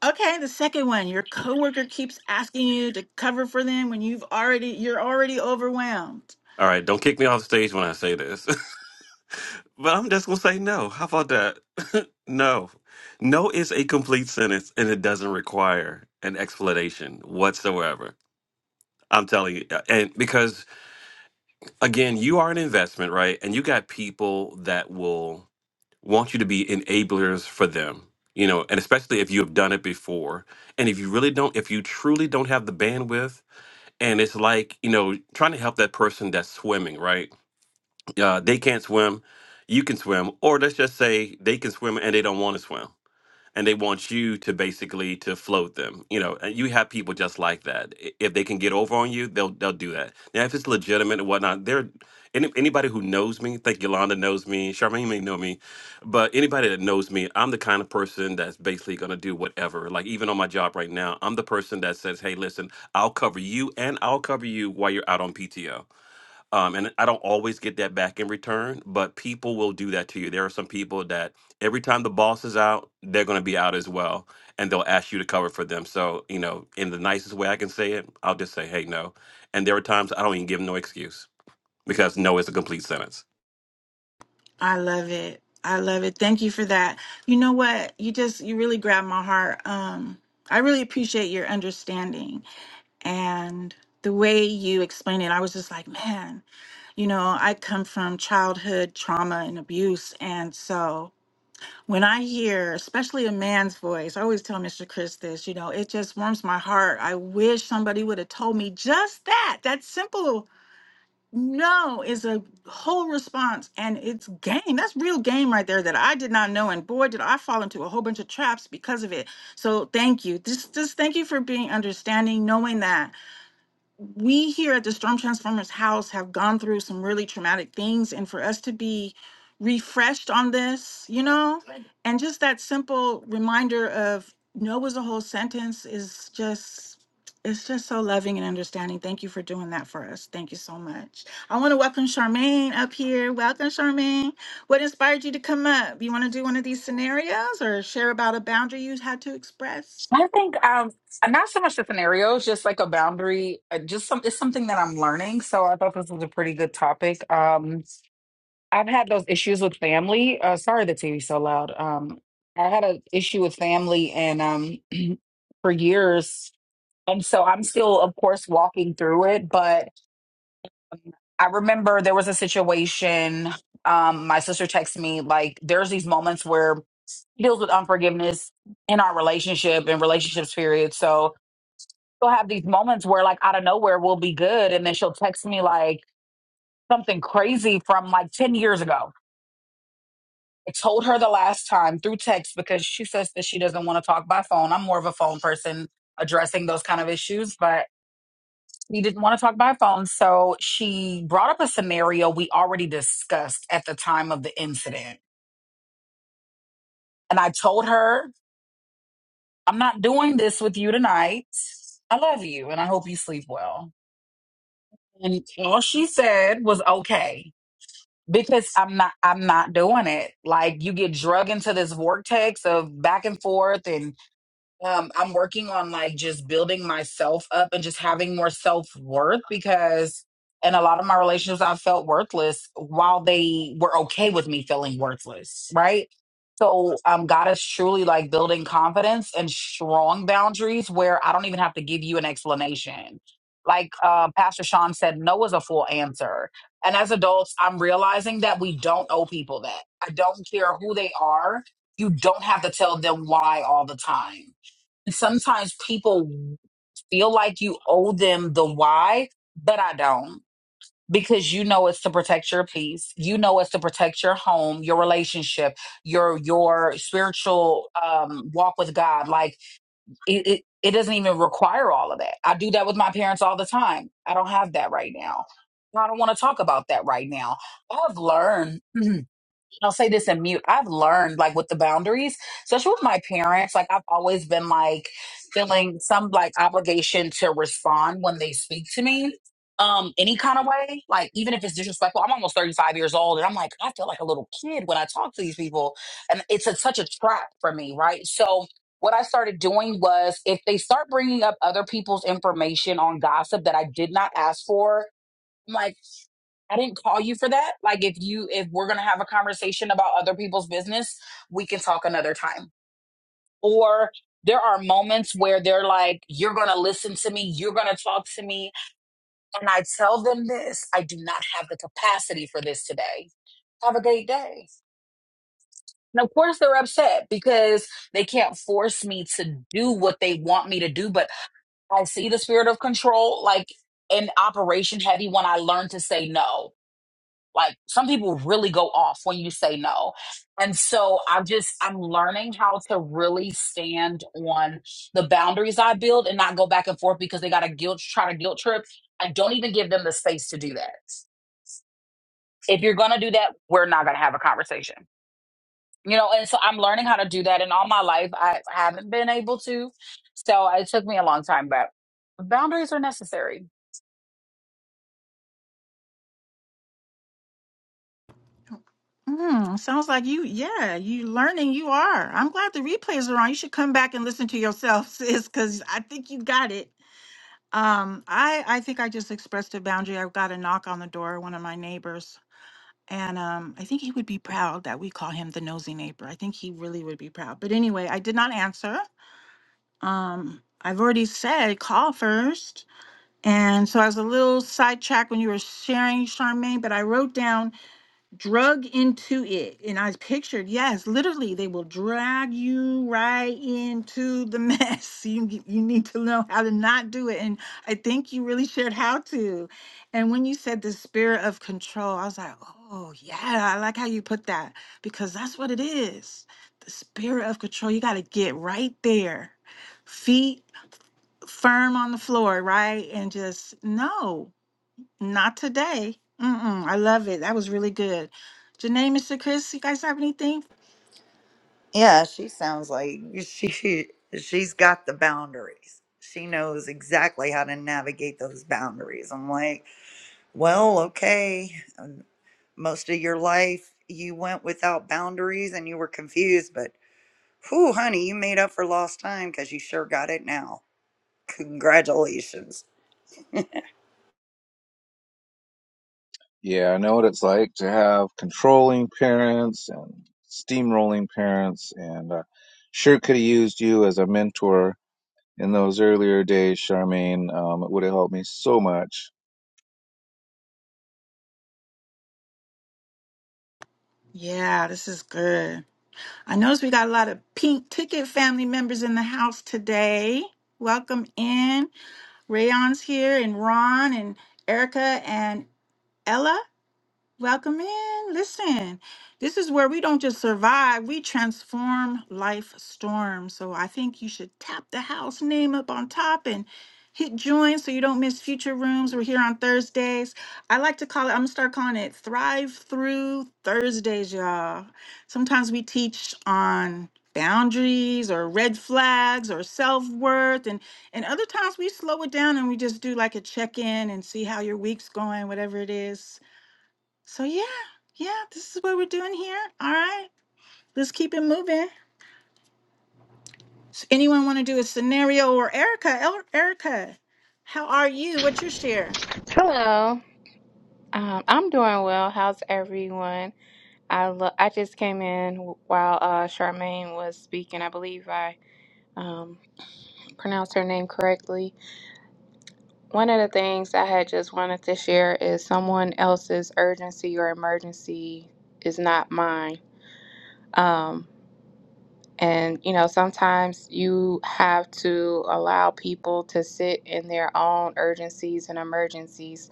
S1: Okay, the second one, your coworker keeps asking you to cover for them when you've already you're already overwhelmed.
S4: All right, don't kick me off the stage when I say this, but I'm just gonna say no. How about that? no, no is a complete sentence, and it doesn't require an explanation whatsoever. I'm telling you, and because again, you are an investment, right? And you got people that will want you to be enablers for them, you know, and especially if you have done it before, and if you really don't, if you truly don't have the bandwidth and it's like you know trying to help that person that's swimming right uh, they can't swim you can swim or let's just say they can swim and they don't want to swim and they want you to basically to float them. You know, and you have people just like that. I- If they can get over on you, they'll they'll do that. Now, if it's legitimate and whatnot, they're any, anybody who knows me. Think Yolanda knows me. Charmaine may know me, but anybody that knows me, I'm the kind of person that's basically gonna do whatever. Like even on my job right now, I'm the person that says, "Hey, listen, I'll cover you and I'll cover you while you're out on PTO." um, and I don't always get that back in return, but people will do that to you. There are some people that every time the boss is out, they're going to be out as well, and they'll ask you to cover for them. So, you know, in the nicest way I can say it, I'll just say, hey, no. And there are times I don't even give no excuse because no is a complete sentence.
S1: I love it. I love it. Thank you for that. You know what? You just you really grabbed my heart. Um I really appreciate your understanding and the way you explained it. I was just like, man, you know, I come from childhood trauma and abuse and so when I hear, especially a man's voice, I always tell Mr. Chris this, you know, it just warms my heart. I wish somebody would have told me just that. That simple no is a whole response and it's game. That's real game right there that I did not know. And boy, did I fall into a whole bunch of traps because of it. So thank you. Just, just thank you for being understanding, knowing that we here at the Storm Transformers house have gone through some really traumatic things. And for us to be refreshed on this, you know, and just that simple reminder of no was a whole sentence is just it's just so loving and understanding. Thank you for doing that for us. Thank you so much. I want to welcome Charmaine up here. Welcome, Charmaine. What inspired you to come up? You want to do one of these scenarios or share about a boundary you had to express?
S5: I think um not so much the scenarios, just like a boundary, uh, just some it's something that I'm learning. So I thought this was a pretty good topic. Um I've had those issues with family. Uh sorry the TV's so loud. Um I had an issue with family and um for years. And so I'm still of course walking through it, but I remember there was a situation um my sister texted me like there's these moments where she deals with unforgiveness in our relationship and relationships period. So she'll have these moments where like out of nowhere we'll be good and then she'll text me like something crazy from like 10 years ago i told her the last time through text because she says that she doesn't want to talk by phone i'm more of a phone person addressing those kind of issues but she didn't want to talk by phone so she brought up a scenario we already discussed at the time of the incident and i told her i'm not doing this with you tonight i love you and i hope you sleep well and all she said was okay because I'm not I'm not doing it. Like you get drug into this vortex of back and forth and um, I'm working on like just building myself up and just having more self worth because in a lot of my relationships, I felt worthless while they were okay with me feeling worthless, right? So um, God is truly like building confidence and strong boundaries where I don't even have to give you an explanation. Like uh, Pastor Sean said, no is a full answer. And as adults, I'm realizing that we don't owe people that. I don't care who they are. You don't have to tell them why all the time sometimes people feel like you owe them the why, but I don't. Because you know it's to protect your peace. You know it's to protect your home, your relationship, your your spiritual um, walk with God. Like it, it, it doesn't even require all of that. I do that with my parents all the time. I don't have that right now. I don't want to talk about that right now. I've learned. I'll say this in mute. I've learned like with the boundaries, especially with my parents, like I've always been like feeling some like obligation to respond when they speak to me. Um, any kind of way, like even if it's disrespectful, I'm almost 35 years old and I'm like, I feel like a little kid when I talk to these people. And it's a, such a trap for me, right? So, what I started doing was if they start bringing up other people's information on gossip that I did not ask for, I'm like. I didn't call you for that. Like if you if we're going to have a conversation about other people's business, we can talk another time. Or there are moments where they're like you're going to listen to me, you're going to talk to me, and I tell them this, I do not have the capacity for this today. Have a great day. And of course they're upset because they can't force me to do what they want me to do, but I see the spirit of control like in operation heavy when I learn to say no Like some people really go off when you say no. And so I just, I'm learning how to really stand on the boundaries I build and not go back and forth because they got a guilt, try to guilt trip. I don't even give them the space to do that. If you're going to do that, we're not going to have a conversation. You know, and so I'm learning how to do that. And all my life, I haven't been able to. So it took me a long time, but boundaries are necessary.
S1: Mm, sounds like you, yeah, you learning you are. I'm glad the replays are on. You should come back and listen to yourself, sis, because I think you got it. Um, I I think I just expressed a boundary. I got a knock on the door, one of my neighbors, and um, I think he would be proud that we call him the nosy neighbor. I think he really would be proud. But anyway, I did not answer. Um, I've already said call first, and so I was a little sidetracked when you were sharing, Charmaine. But I wrote down drug into it. And I pictured, yes, literally, they will drag you right into the mess. You, g- you need to know how to not do it. And I think you really shared how to. And when you said the spirit of control, I was like, oh, yeah, I like how you put that because that's what it is the spirit of control. You got to get right there, feet firm on the floor, right? And just no. Not today. Mm-mm, I love it. That was really good. Janae, Mr. Chris, you guys have anything?
S2: Yeah, she sounds like she she's got the boundaries. She knows exactly how to navigate those boundaries. I'm like, well, okay. um, Most of your life you went without boundaries and you were confused, but whew, honey, you made up for lost time because you sure got it now. Congratulations.
S3: Yeah, I know what it's like to have controlling parents and steamrolling parents, and uh, sure could have used you as a mentor in those earlier days, Charmaine. Um, it would have helped me so much.
S1: Yeah, this is good. I notice we got a lot of pink ticket family members in the house today. Welcome in. Rayon's here and Ron and Erica and Ella. Welcome in. Listen, this is where we don't just survive, we transform life storms. So I think you should tap the house name up on top and hit join so you don't miss future rooms. We're here on Thursdays. I like to call it, I'm going to start calling it Thrive Through Thursdays, y'all. Sometimes we teach on boundaries or red flags or self-worth and and other times we slow it down and we just do like a check-in and see how your week's going whatever it is so yeah, yeah, this is what we're doing here. All right, let's keep it moving. So anyone want to do a scenario or Erica? El- Erica, how are you? What's your share?
S6: Hello. Um, I'm doing well. How's everyone? I lo- I just came in while uh, Charmaine was speaking. I believe I um, pronounced her name correctly. One of the things I had just wanted to share is someone else's urgency or emergency is not mine. Um, And, you know, sometimes you have to allow people to sit in their own urgencies and emergencies.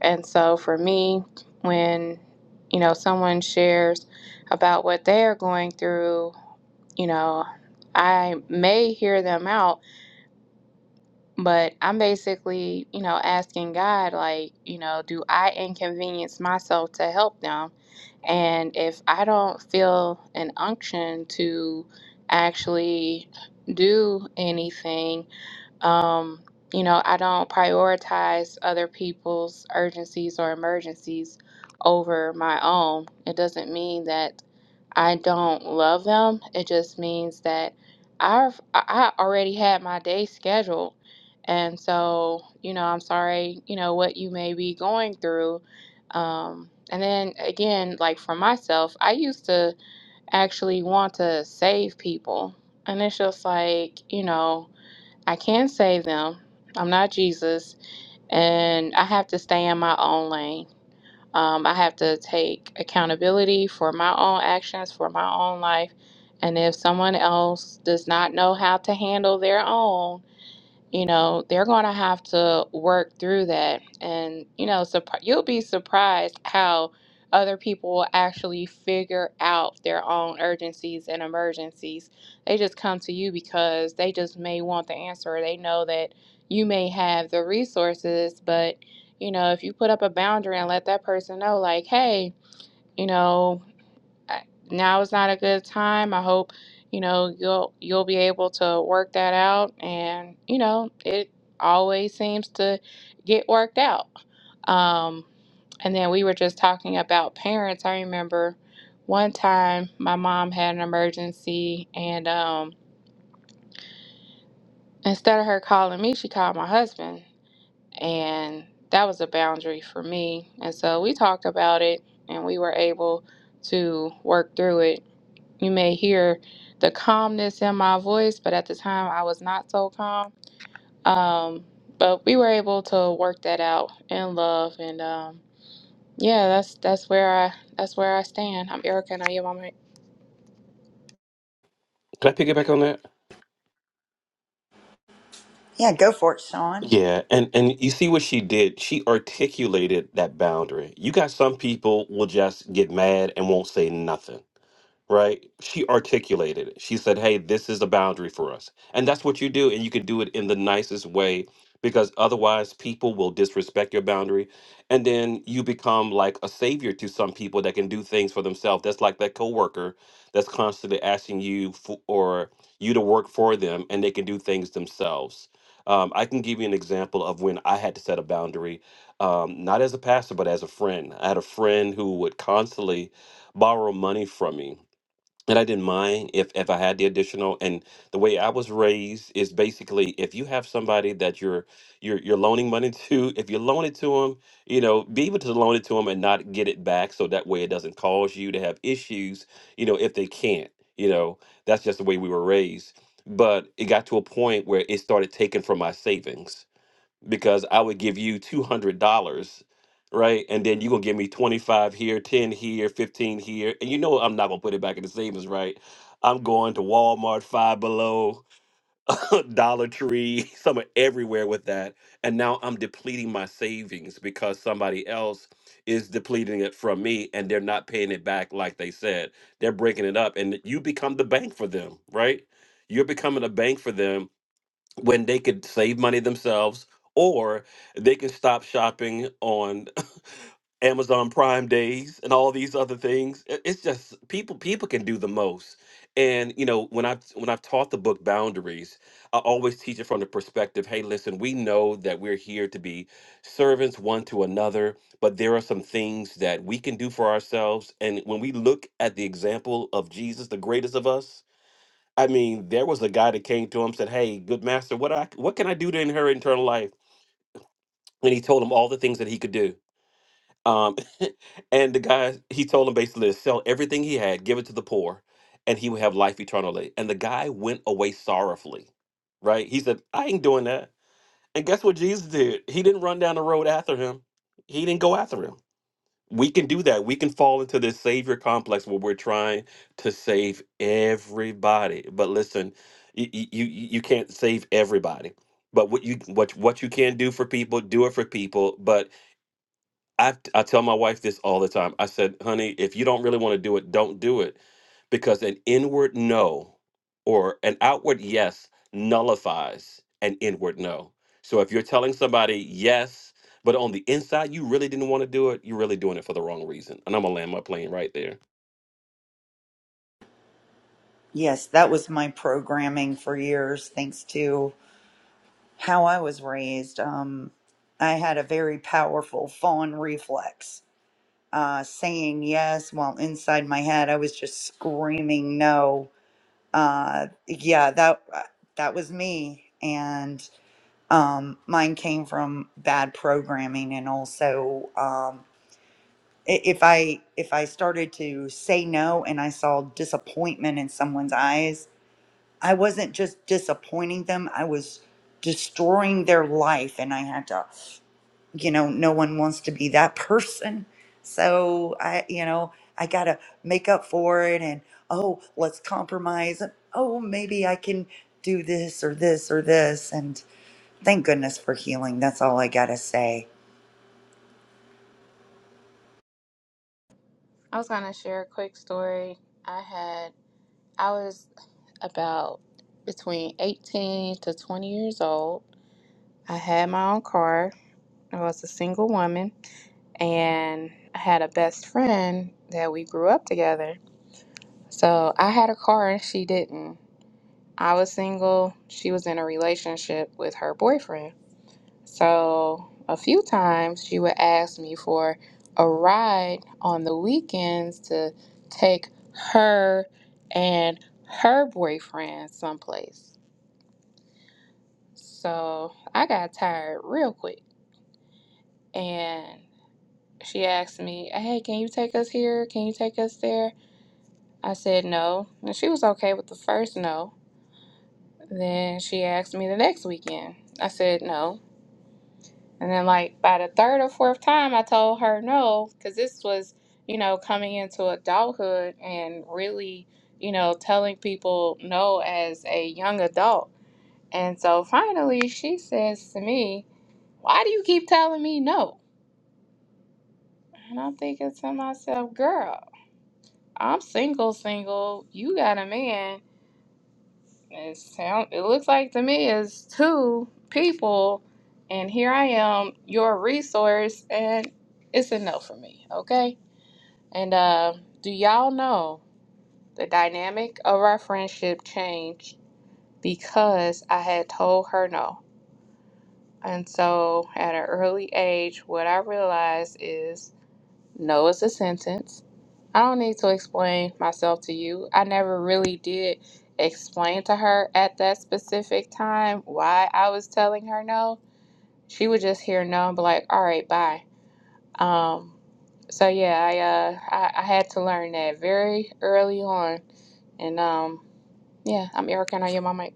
S6: And so for me, when, you know, someone shares about what they're going through, you know, I may hear them out, but I'm basically, you know, asking God, like, you know, do I inconvenience myself to help them? And if I don't feel an unction to actually do anything, um, you know, I don't prioritize other people's urgencies or emergencies over my own. It doesn't mean that I don't love them. It just means that I've I already had my day scheduled. And so, you know, I'm sorry, you know, what you may be going through. Um, and then again, like for myself, I used to actually want to save people. And it's just like, you know, I can not save them. I'm not Jesus. And I have to stay in my own lane. Um, I have to take accountability for my own actions, for my own life. And if someone else does not know how to handle their own, you know they're going to have to work through that and you know surp- you'll be surprised how other people will actually figure out their own urgencies and emergencies they just come to you because they just may want the answer or they know that you may have the resources but you know if you put up a boundary and let that person know like hey you know I- now is not a good time. I hope you know you'll you'll be able to work that out, and you know it always seems to get worked out. Um, and then we were just talking about parents. I remember one time my mom had an emergency, and um, instead of her calling me, she called my husband, and that was a boundary for me. And so we talked about it, and we were able to work through it You may hear the calmness in my voice, but at the time I was not so calm. Um, but we were able to work that out in love, and um, yeah, that's that's where I that's where I stand. I'm Erica, and I am on my.
S4: Can I pick it back on that?
S2: Yeah, go for it, Sean.
S4: Yeah, and and you see what she did? She articulated that boundary. You got some people will just get mad and won't say nothing right? She articulated it. She said, Hey, this is a boundary for us. And that's what you do. And you can do it in the nicest way because otherwise people will disrespect your boundary. And then you become like a savior to some people that can do things for themselves. That's like that coworker that's constantly asking you for, or you to work for them and they can do things themselves. Um, I can give you an example of when I had to set a boundary, um, not as a pastor, but as a friend. I had a friend who would constantly borrow money from me and I didn't mind if if I had the additional. And the way I was raised is basically if you have somebody that you're you're you're loaning money to, if you loan it to them, you know, be able to loan it to them and not get it back, so that way it doesn't cause you to have issues. You know, if they can't, you know, that's just the way we were raised. But it got to a point where it started taking from my savings because I would give you two hundred dollars, right? And then you gonna give me twenty five here, ten here, fifteen here, and you know I'm not gonna put it back in the savings, right? I'm going to Walmart, Five Below, Dollar Tree, somewhere everywhere with that, and now I'm depleting my savings because somebody else is depleting it from me, and they're not paying it back like they said. They're breaking it up, and you become the bank for them, right? You're becoming a bank for them when they could save money themselves or they can stop shopping on Amazon Prime days and all these other things. I- It's just people people can do the most. And you know, when I when I've taught the book Boundaries, I always teach it from the perspective, hey, listen, we know that we're here to be servants one to another, but there are some things that we can do for ourselves and when we look at the example of Jesus, the greatest of us, I mean, there was a guy that came to him said, "Hey, good master, what I what can I do to inherit eternal life?" And he told him all the things that he could do. Um, and the guy he told him basically to sell everything he had, give it to the poor, and he would have life eternally. And the guy went away sorrowfully. Right? He said, "I ain't doing that." And guess what Jesus did? He didn't run down the road after him. He didn't go after him. we can do that. We can fall into this savior complex where we're trying to save everybody. But listen, you you you can't save everybody. But what you what what you can do for people, do it for people. But I, I tell my wife this all the time. I said, honey, if you don't really want to do it, don't do it. Because an inward no or an outward yes nullifies an inward no. So if you're telling somebody yes, but on the inside you really didn't want to do it, you're really doing it for the wrong reason. And I'm gonna land my plane right there.
S2: Yes, that was my programming for years, thanks to how I was raised, um, I had a very powerful fawn reflex. Uh, saying yes while inside my head I was just screaming no. Uh, yeah, that uh, that was me, and um, mine came from bad programming, and also um, i- if I if I started to say no and I saw disappointment in someone's eyes, I wasn't just disappointing them; I was destroying their life, and I had to you know, no one wants to be that person. So I, you know, I got to make up for it and, oh, let's compromise. Oh, maybe I can do this or this or this. And thank goodness for healing. That's all I got to say.
S6: I was gonna share a quick story. I had I was about between 18 to 20 years old. I had my own car. I was a single woman, and I had a best friend that we grew up together So I had a car and she didn't. I was single. She was in a relationship with her boyfriend. So a few times she would ask me for a ride on the weekends to take her and her boyfriend someplace. So I got tired real quick and she asked me, Hey, can you take us here? Can you take us there? I said no. And she was okay with the first no. Then she asked me the next weekend. I said no. And then, like, by the third or fourth time, I told her no, because this was, you know, coming into adulthood and really, you know, telling people no as a young adult. And so finally, she says to me, Why do you keep telling me no? And I'm thinking to myself, Girl, I'm single, single. You got a man. It sound it looks like to me it's two people and here I am, your resource, and it's a no for me, okay? And uh, do y'all know the dynamic of our friendship changed because I had told her no. And so at an early age, what I realized is no is a sentence. I don't need to explain myself to you. I never really did explain to her at that specific time why I was telling her no. She would just hear no and be like, all right, bye. Um, so yeah, I, uh, I I had to learn that very early on, and um, yeah, I'm Erica and I am my mic.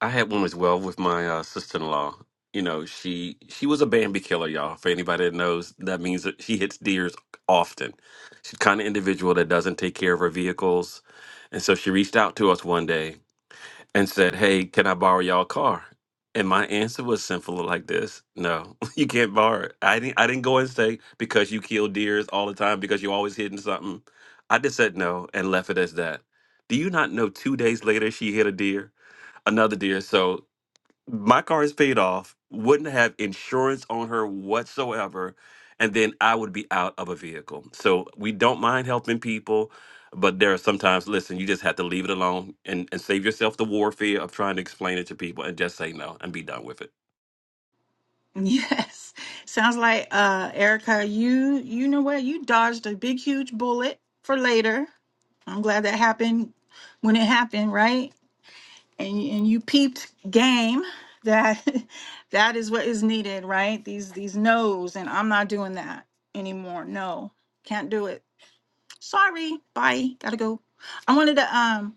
S4: I had one as well with my uh, sister-in-law. You know, she she was a Bambi killer, y'all. For anybody that knows, that means that she hits deers often. She's the kind of individual that doesn't take care of her vehicles, and so she reached out to us one day and said, "Hey, can I borrow y'all car?" And my answer was simple like this: No, you can't borrow it. I didn't. I didn't go and say because you kill deers all the time because you're always hitting something. I just said no and left it as that. Do you not know? Two days later, she hit a deer, another deer. So my car is paid off, wouldn't have insurance on her whatsoever, and then I would be out of a vehicle. So we don't mind helping people, but there are sometimes, listen, you just have to leave it alone and, and save yourself the warfare of trying to explain it to people and just say no and be done with it.
S1: Yes, sounds like uh, Erica. You you know what? You dodged a big huge bullet for later. I'm glad that happened when it happened, right? And y- and you peeped game that that is what is needed, right? These these no's and I'm not doing that anymore. No, can't do it. Sorry. Bye. Gotta go. I wanted to um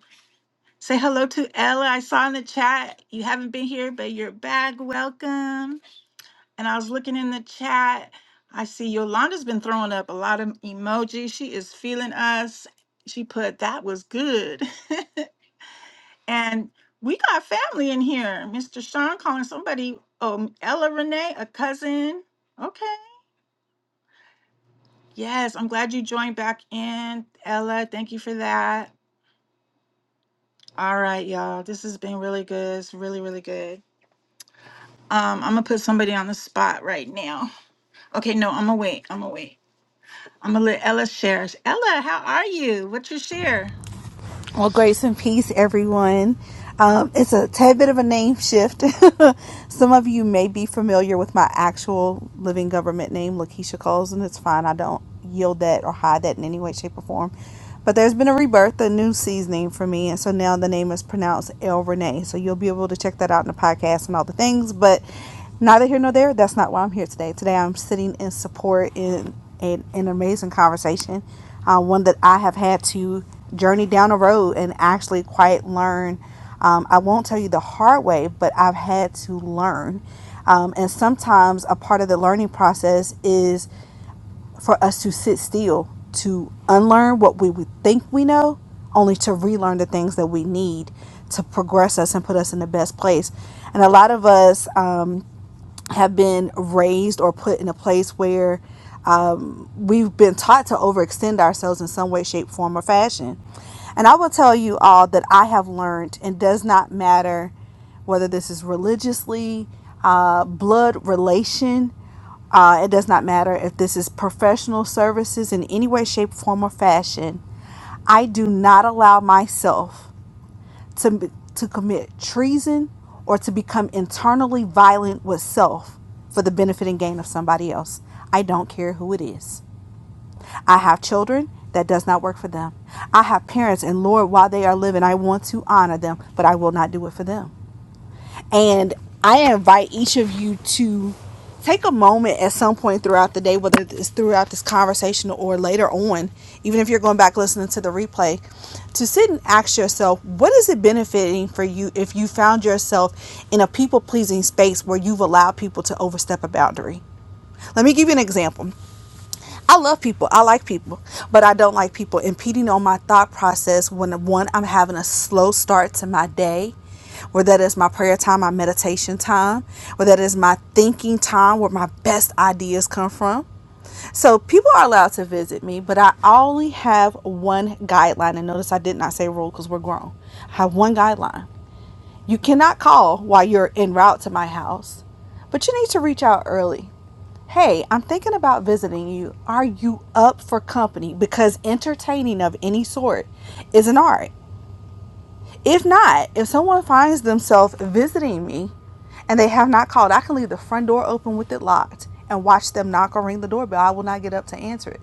S1: say hello to Ella. I saw in the chat you haven't been here, but you're back. Welcome. And I was looking in the chat. I see Yolanda's been throwing up a lot of emojis. She is feeling us. She put that was good. and we got family in here. Mr. Sean calling somebody. Oh, Ella Renee, a cousin. Okay. Yes, I'm glad you joined back in, Ella. Thank you for that. All right, y'all. This has been really good. It's really, really good. Um, I'm gonna put somebody on the spot right now. Okay, no, I'm gonna wait. I'm gonna wait. I'm gonna let Ella share. Ella, how are you? What's your share?
S7: Well, grace and peace, everyone. Um, it's a tad bit of a name shift. Some of you may be familiar with my actual living government name, Lakeisha Coles, and it's fine. I don't yield that or hide that in any way, shape, or form. But there's been a rebirth, a new seasoning for me, and so now the name is pronounced El Renee. So you'll be able to check that out in the podcast and all the things. But neither here nor there. That's not why I'm here today. Today I'm sitting in support in, in in an amazing conversation, uh, one that I have had to journey down a road and actually quite learn. Um, I won't tell you the hard way, but I've had to learn. Um, and sometimes a part of the learning process is for us to sit still, to unlearn what we would think we know, only to relearn the things that we need to progress us and put us in the best place. And a lot of us um, have been raised or put in a place where we've been taught to overextend ourselves in some way, shape, form, or fashion. And I will tell you all that I have learned, and does not matter whether this is religiously, uh, blood relation, uh, it does not matter if this is professional services in any way, shape, form, or fashion. I do not allow myself to, to commit treason or to become internally violent with self for the benefit and gain of somebody else. I don't care who it is. I have children that does not work for them. I have parents, and Lord, while they are living, I want to honor them, but I will not do it for them. And I invite each of you to take a moment at some point throughout the day, whether it's throughout this conversation or later on, even if you're going back listening to the replay, to sit and ask yourself, what is it benefiting for you if you found yourself in a people pleasing space where you've allowed people to overstep a boundary? Let me give you an example. I love people. I like people, but I don't like people impeding on my thought process when one I'm having a slow start to my day, where that is my prayer time, my meditation time, where that is my thinking time, where my best ideas come from. So people are allowed to visit me, but I only have one guideline. And notice I did not say rule because we're grown. I have one guideline. You cannot call while you're en route to my house, but you need to reach out early. Hey, I'm thinking about visiting you. Are you up for company? Because entertaining of any sort is an art if not, if someone finds themselves visiting me and they have not called, I can leave the front door open with it locked and watch them knock or ring the doorbell. I will not get up to answer it.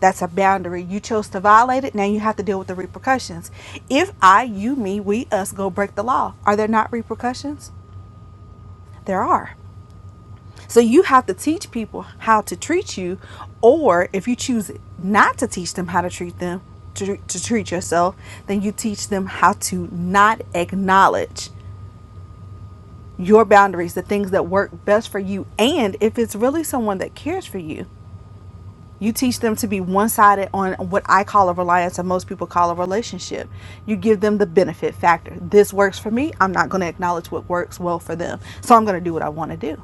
S7: That's a boundary. You chose to violate it. Now you have to deal with the repercussions. If I, you, me, we, us go break the law, are there not repercussions? There are. So you have to teach people how to treat you, or if you choose not to teach them how to treat them, to, to treat yourself, then you teach them how to not acknowledge your boundaries, the things that work best for you. And if it's really someone that cares for you, you teach them to be one sided on what I call a reliance, and most people call a relationship. You give them the benefit factor. This works for me. I'm not going to acknowledge what works well for them. So I'm going to do what I want to do.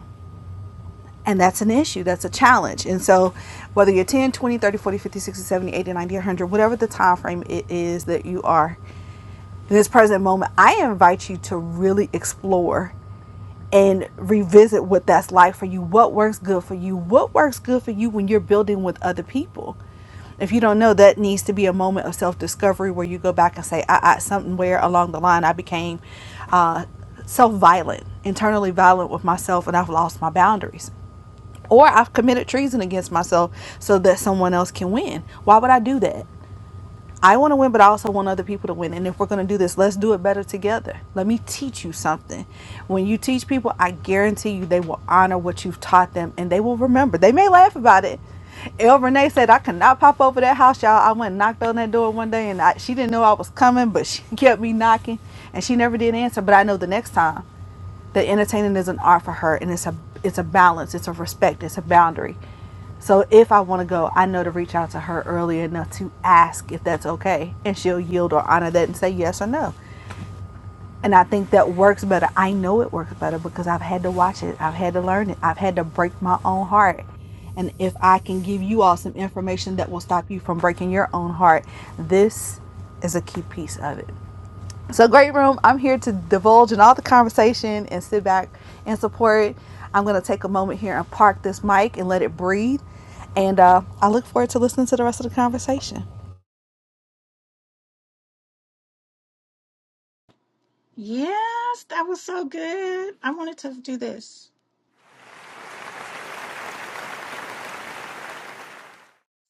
S7: And that's an issue, that's a challenge. And so, whether you're 10, 20, 30, 40, 50, 60, 70, 80, 90, 100, whatever the time frame it is that you are in this present moment, I invite you to really explore and revisit what that's like for you. What works good for you? What works good for you when you're building with other people? If you don't know, that needs to be a moment of self discovery where you go back and say, I, I somewhere along the line, I became uh, self violent, internally violent with myself, and I've lost my boundaries. Or I've committed treason against myself so that someone else can win. Why would I do that? I want to win, but I also want other people to win. And if we're going to do this, let's do it better together. Let me teach you something. When you teach people, I guarantee you they will honor what you've taught them and they will remember. They may laugh about it. El Renee said, I could not pop over that house, y'all. I went and knocked on that door one day and I, she didn't know I was coming, but she kept me knocking and she never did answer. But I know the next time that entertaining is an art for her and it's a it's a balance it's a respect it's a boundary so if i want to go i know to reach out to her early enough to ask if that's okay and she'll yield or honor that and say yes or no and i think that works better i know it works better because i've had to watch it i've had to learn it i've had to break my own heart and if i can give you all some information that will stop you from breaking your own heart this is a key piece of it so, Great Room, I'm here to divulge in all the conversation and sit back and support. I'm going to take a moment here and park this mic and let it breathe. And uh, I look forward to listening to the rest of the conversation.
S1: Yes, that was so good. I wanted to do this.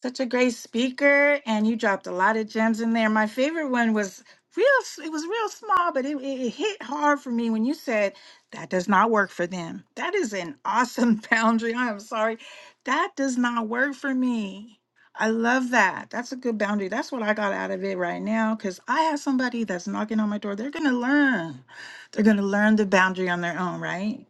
S1: Such a great speaker, and you dropped a lot of gems in there. My favorite one was real, it was real small, but it, it it hit hard for me when you said, That does not work for them. That is an awesome boundary. I am sorry. That does not work for me. I love that. That's a good boundary. That's what I got out of it right now because I have somebody that's knocking on my door. They're going to learn. They're going to learn the boundary on their own, right?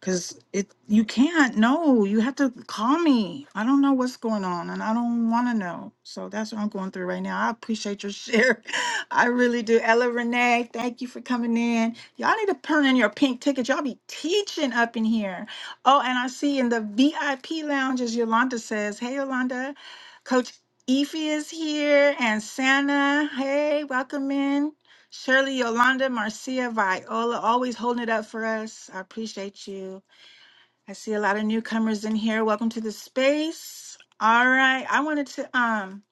S1: Cause it you can't. No, you have to call me. I don't know what's going on and I don't wanna know. So that's what I'm going through right now. I appreciate your share. I really do. Ella Renee, thank you for coming in. Y'all need to turn in your pink tickets. Y'all be teaching up in here. Oh, and I see in the VIP lounge as Yolanda says, Hey Yolanda, Coach Efi is here and Santa. Hey, welcome in. Shirley, Yolanda, Marcia, Viola, always holding it up for us. I appreciate you. I see a lot of newcomers in here. Welcome to the space. All right. I wanted to um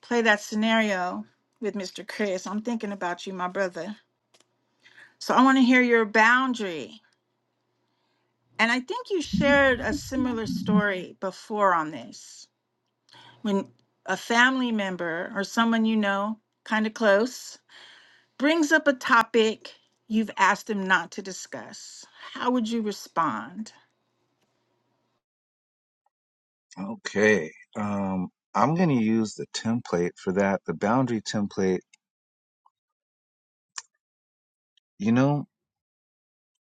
S1: play that scenario with Mr. Chris. I'm thinking about you, my brother. So I want to hear your boundary. And I think you shared a similar story before on this. When a family member or someone you know, kind of close, brings up a topic you've asked them not to discuss, how would you respond?
S3: Okay, um, I'm going to use the template for that, the boundary template. You know,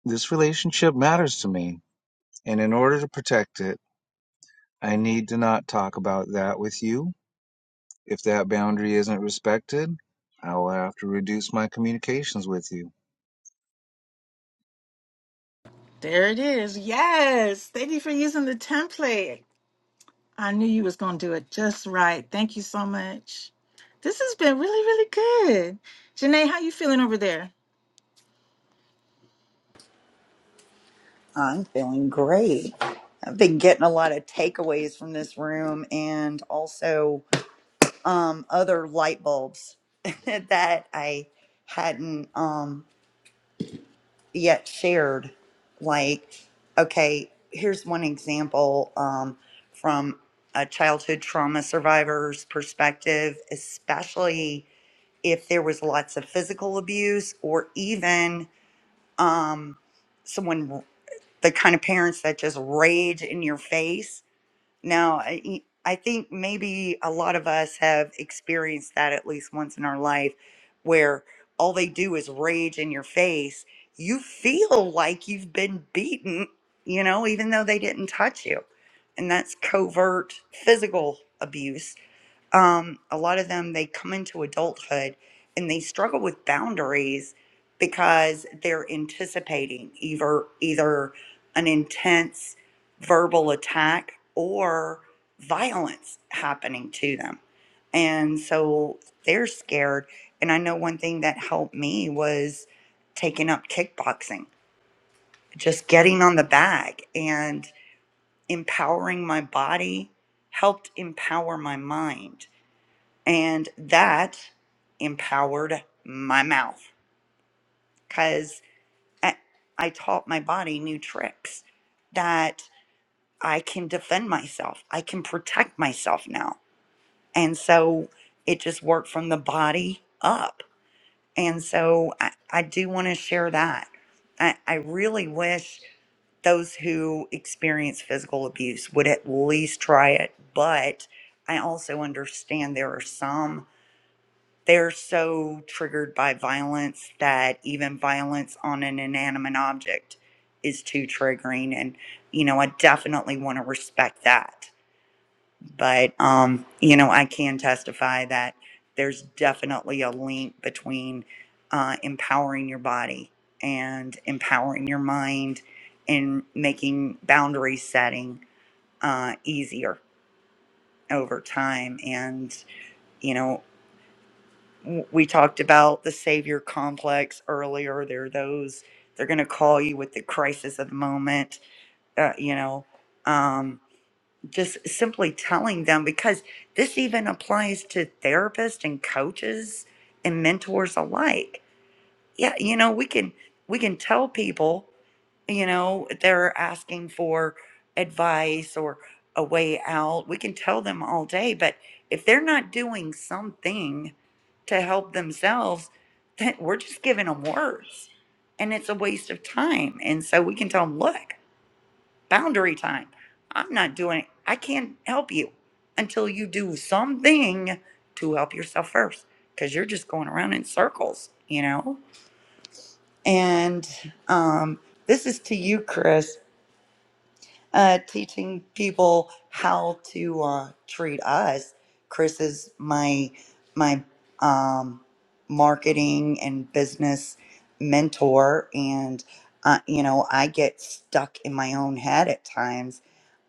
S3: this relationship matters to me, and in order to protect it, I need to not talk about that with you. If that boundary isn't respected, I will have to reduce my communications with you.
S1: There it is. Yes. Thank you for using the template. I knew you was going to do it just right. Thank you so much. This has been really, really good. Janae, how you feeling over there?
S2: I'm feeling great. I've been getting a lot of takeaways from this room and also um, other light bulbs that I hadn't. Um, yet shared like okay here's one example um, from a childhood trauma survivor's perspective especially if there was lots of physical abuse or even um, someone the kind of parents that just rage in your face now, I, e, I think maybe a lot of us have experienced that at least once in our life where all they do is rage in your face. You feel like you've been beaten, you know, even though they didn't touch you. And that's covert physical abuse um, a lot of them they come into adulthood and they struggle with boundaries because they're anticipating either either an intense verbal attack or violence happening to them and so they're scared and i know one thing that helped me was taking up kickboxing just getting on the bag and empowering my body helped empower my mind and that empowered my mouth because I, I taught my body new tricks that I can defend myself, I can protect myself now. And so it just worked from the body up. And so I, I do want to share that. I, I really wish those who experience physical abuse would at least try it, but I also understand there are some they're so triggered by violence that even violence on an inanimate object is too triggering and you know i definitely want to respect that but um you know i can testify that there's definitely a link between uh, empowering your body and empowering your mind and making boundary setting uh, easier over time and you know w- we talked about the savior complex earlier there are those they're going to call you with the crisis of the moment uh, you know um, just simply telling them because this even applies to therapists and coaches and mentors alike yeah you know we can we can tell people you know they're asking for advice or a way out we can tell them all day but if they're not doing something to help themselves then we're just giving them words and it's a waste of time and so we can tell them look boundary time i'm not doing it i can't help you until you do something to help yourself first because you're just going around in circles you know and um, this is to you, Chris, uh, teaching people how to uh, treat us. Chris is my my um, marketing and business mentor, and uh, you know I get stuck in my own head at times.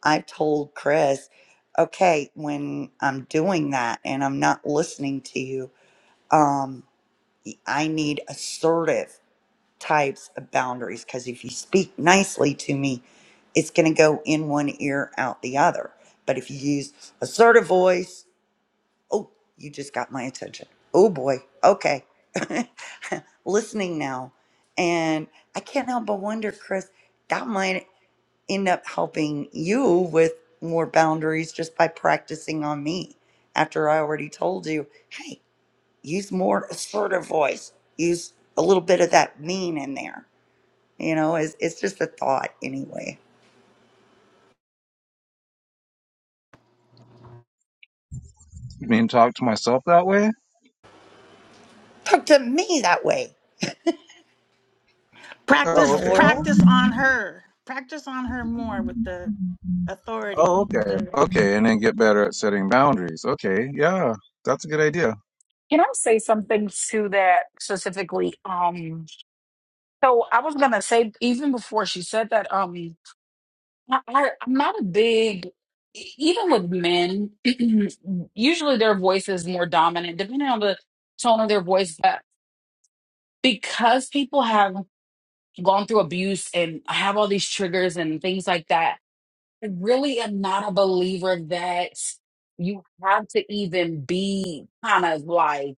S2: I told Chris, okay, when I'm doing that and I'm not listening to you, um, I need assertive types of boundaries because if you speak nicely to me, it's going to go in one ear, out the other. But if you use assertive voice, oh, you just got my attention. Oh boy, okay. Listening now. And I can't help but wonder, Chris, that might end up helping you with more boundaries just by practicing on me after I already told you, hey, use more assertive voice, use a little bit of that mean in there you know, it's, it's just a thought anyway.
S3: You mean talk to myself that way?
S2: Talk to me that way. What in
S3: Oh,
S1: Practice,
S2: the
S3: okay.
S2: world?
S1: practice on her. Practice on her more with the
S3: Oh,
S1: authority.
S3: okay.
S1: The
S3: Okay, and then get better at setting boundaries. Okay, yeah, that's a good idea.
S5: Can I say something to that specifically? Um, So I was gonna say even before she said that, um, I, I I'm not a big e- even with men. usually their voice is more dominant, depending on the tone of their voice. But because people have gone through abuse and have all these triggers and things like that, I really am not a believer that you have to even be kind of like.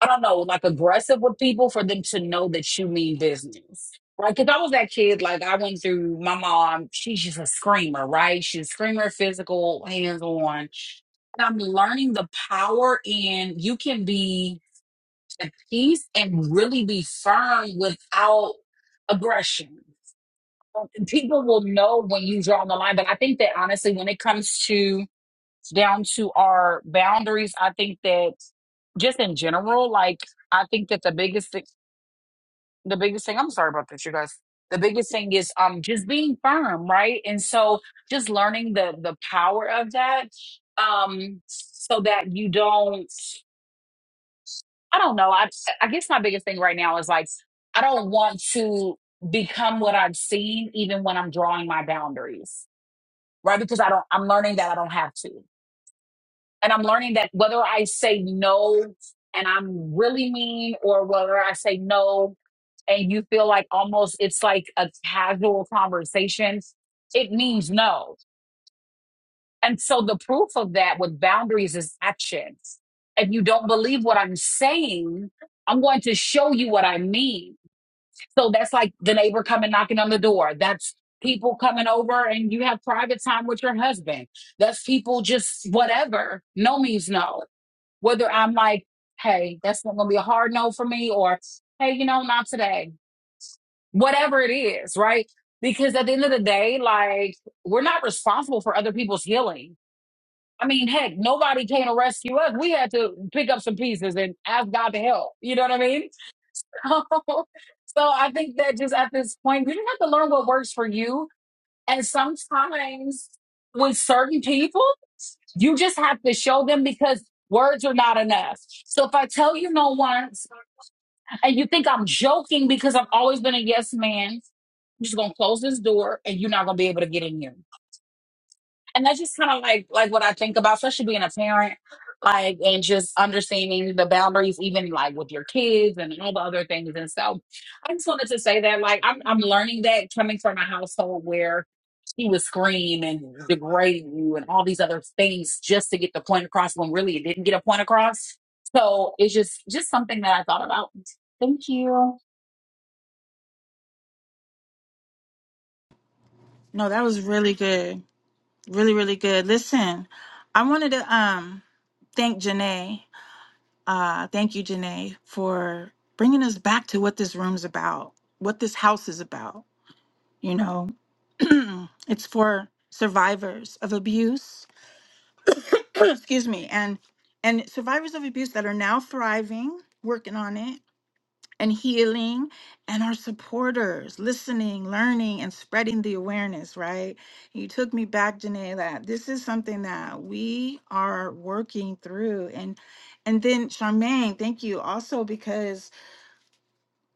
S5: I don't know, like aggressive with people for them to know that you mean business. Right? Because I was that kid, like I went through my mom, she's just a screamer, right? She's a screamer, physical, hands on. And I'm learning the power in you can be at peace and really be firm without aggression. People will know when you draw the line, but I think that honestly, when it comes to down to our boundaries. I think that just in general, like I think that the biggest thing, the biggest thing, I'm sorry about this, you guys. The biggest thing is um just being firm, right? And so just learning the the power of that, um, so that you don't. I don't know. I I guess my biggest thing right now is like I don't want to become what I've seen, even when I'm drawing my boundaries, right? Because I don't. I'm learning that I don't have to. And I'm learning that whether I say no and I'm really mean or whether I say no and you feel like almost it's like a casual conversation, it means no. And so the proof of that with boundaries is actions. If you don't believe what I'm saying, I'm going to show you what I mean. So that's like the neighbor coming knocking on the door. That's people coming over and you have private time with your husband. That's people just whatever. No means no whether I'm like, hey, that's not gonna be a hard no for me, or hey, you know, not today. Whatever it is, right? Because at the end of the day, like we're not responsible for other people's healing. I mean, heck, nobody came to rescue us. We had to pick up some pieces and ask God to help. You know what I mean? so I think that just at this point, you just have to learn what works for you. And sometimes with certain people. You just have to show them because words are not enough. So if I tell you no once and you think I'm joking because I've always been a yes man, I'm just gonna close this door and you're not gonna be able to get in here and that's just kind of like like what I think about, especially being a parent, like and just understanding the boundaries, even like with your kids and all the other things. And so, I just wanted to say that like I'm I'm learning that coming from a household where she would scream and degrade you and all these other things just to get the point across when really it didn't get a point across. So it's just just something that I thought about. Thank you.
S1: no, that was really good. Really, really good. Listen, I wanted to um thank Janae. Uh, thank you, Janae, for bringing us back to what this room's about, what this house is about. You know, it's for survivors of abuse excuse me and and survivors of abuse that are now thriving working on it and healing and our supporters listening learning and spreading the awareness right you took me back Janae that this is something that we are working through and and then Charmaine thank you also because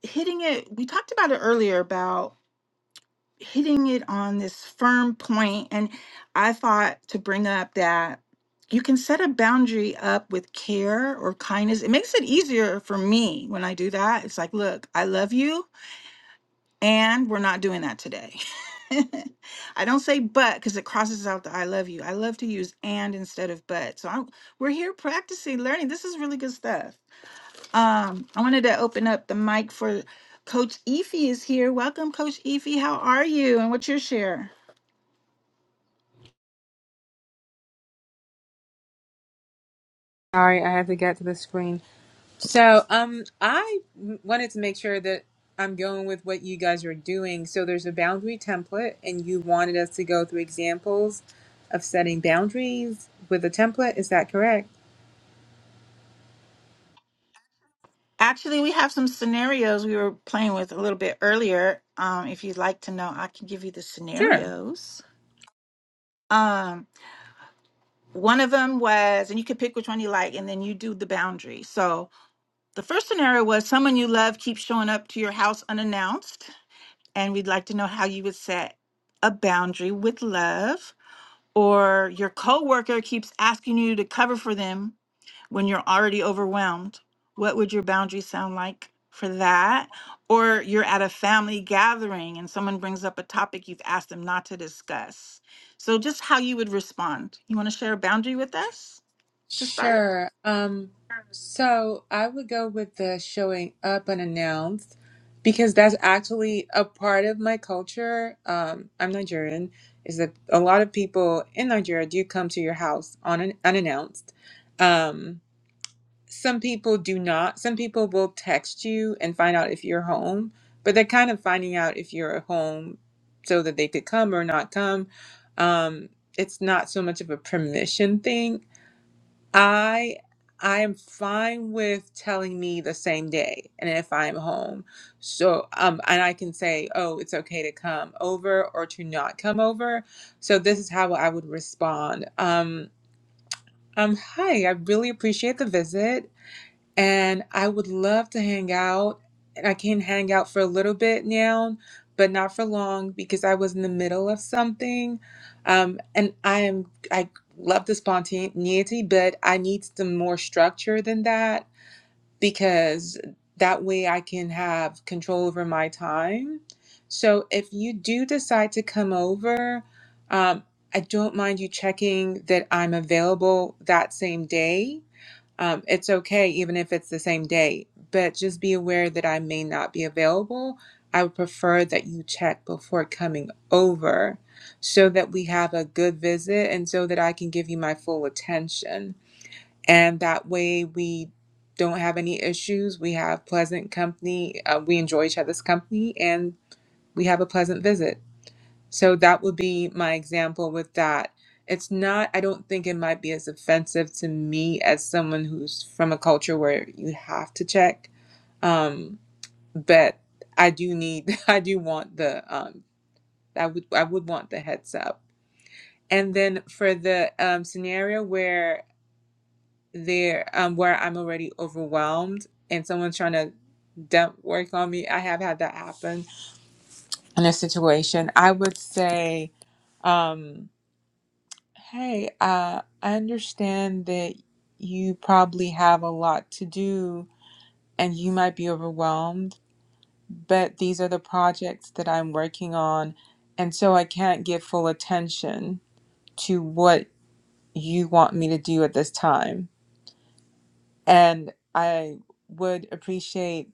S1: hitting it we talked about it earlier about hitting it on this firm point and i thought to bring up that you can set a boundary up with care or kindness it makes it easier for me when i do that it's like look i love you and we're not doing that today i don't say but because it crosses out the i love you i love to use and instead of but so I'm, we're here practicing learning this is really good stuff um i wanted to open up the mic for coach Efi is here welcome coach Efi. how are you and what's your share
S8: Sorry, I have to get to the screen. So, um, I wanted to make sure that I'm going with what you guys are doing. So, there's a boundary template, and you wanted us to go through examples of setting boundaries with a template. Is that correct?
S1: Actually, we have some scenarios we were playing with a little bit earlier. Um, if you'd like to know, I can give you the
S8: Sure.
S1: scenarios. Um, one of them was, and you can pick which one you like, and then you do the boundary. So the first scenario was someone you love keeps showing up to your house unannounced, and we'd like to know how you would set a boundary with love. Or your coworker keeps asking you to cover for them when you're already overwhelmed, what would your boundary sound like for that? Or you're at a family gathering and someone brings up a topic you've asked them not to discuss. So just how you would respond. You want to share a boundary with us to start?
S8: Sure. Um, so I would go with the showing up unannounced because that's actually a part of my culture. Um, I'm Nigerian, is that a lot of people in Nigeria do come to your house on an, unannounced. Um, some people do not. Some people will text you and find out if you're home, but they're kind of finding out if you're home so that they could come or not come. Um, it's not so much of a permission thing I I am fine with telling me the same day and if I'm home. So um and I can say, "Oh, it's okay to come over or to not come over." So this is how I would respond. Um um hi, I really appreciate the visit and I would love to hang out. And I can hang out for a little bit now, but not for long because I was in the middle of something. Um, and I am I love the spontaneity, but I need some more structure than that because that way I can have control over my time. So if you do decide to come over, um, I don't mind you checking that I'm available that same day um, it's okay, even if it's the same day, but just be aware that I may not be available. I would prefer that you check before coming over so that we have a good visit and so that I can give you my full attention. And that way we don't have any issues. We have pleasant company. Uh, we enjoy each other's company and we have a pleasant visit. So that would be my example with that. It's not, I don't think it might be as offensive to me as someone who's from a culture where you have to check. Um, but I do need, I do want the, um, I would, I would want the heads up. And then for the um, scenario where there, um, where I'm already overwhelmed and someone's trying to dump work on me, I have had that happen in a situation. I would say, um, Hey, uh, I understand that you probably have a lot to do and you might be overwhelmed, but these are the projects that I'm working on, and so I can't give full attention to what you want me to do at this time. And I would appreciate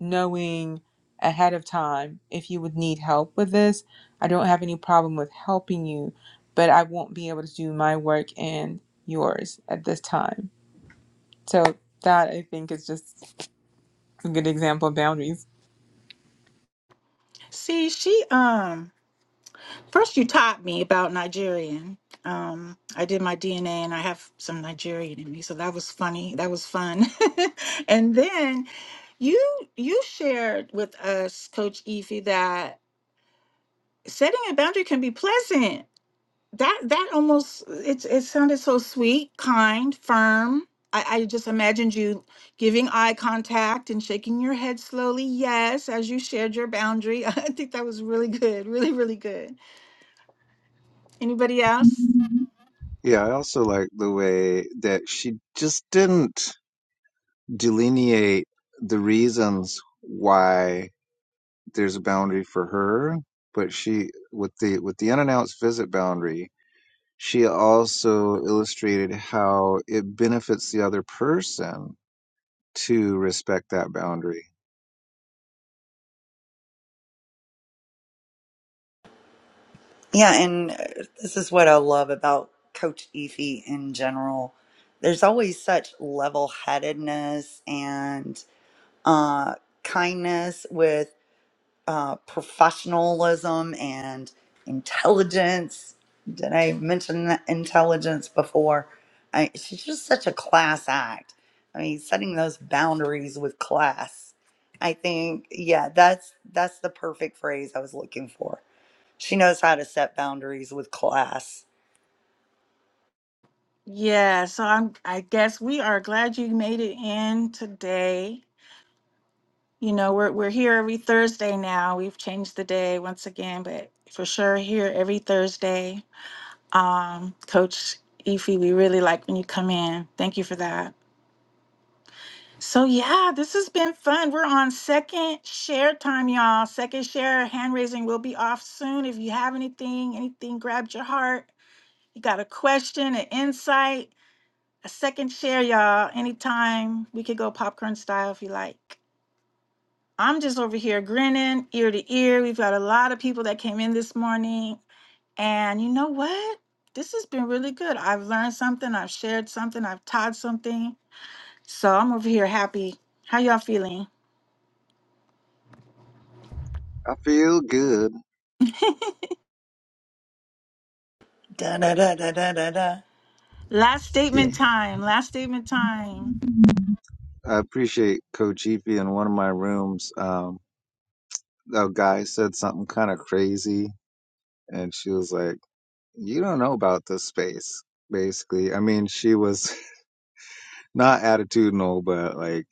S8: knowing ahead of time if you would need help with this. I don't have any problem with helping you, but I won't be able to do my work and yours at this time. So that I think is just a good example of boundaries.
S1: See, she um first you taught me about Nigerian. Um, I did my DNA and I have some Nigerian in me, so that was funny. That was fun. and then you you shared with us, Coach Efi, that setting a boundary can be pleasant. That that almost it it sounded so sweet, kind, firm. I, I just imagined you giving eye contact and shaking your head slowly, yes, as you shared your boundary. I think that was really good, really, really good. Anybody else?
S3: Yeah, I also like the way that she just didn't delineate the reasons why there's a boundary for her, but she with the with the unannounced visit boundary, she also illustrated how it benefits the other person to respect that boundary.
S2: Yeah, and uh, this is what I love about Coach Efi in general. There's always such level headedness and uh, kindness with uh, professionalism and intelligence. Did I mention that intelligence before? I, she's just such a class act. I mean, setting those boundaries with class. I think, yeah, that's that's the perfect phrase I was looking for. She knows how to set boundaries with class.
S1: Yeah, so I'm I guess we are glad you made it in today. You know, we're we're here every Thursday now. We've changed the day once again, but for sure here every Thursday Um, Coach Efi, we really like when you come in. Thank you for that. So yeah, this has been fun. We're on second share time, y'all. Second share hand raising will be off soon. If you have anything, anything grabbed your heart, you got a question, an insight, a second share, y'all. Anytime we could go popcorn style if you like. I'm just over here grinning ear to ear. We've got a lot of people that came in this morning. And you know what? This has been really good. I've learned something, I've shared something, I've taught something. So I'm over here happy. How y'all feeling?
S3: I feel good.
S2: Da da da da da da da.
S1: Last
S3: Yeah.
S1: statement time. Last statement time.
S3: I appreciate Coach Efi in one of my rooms. Um, a guy said something kind of crazy, and she was like, "You don't know about this space." Basically, I mean, she was not attitudinal, but like,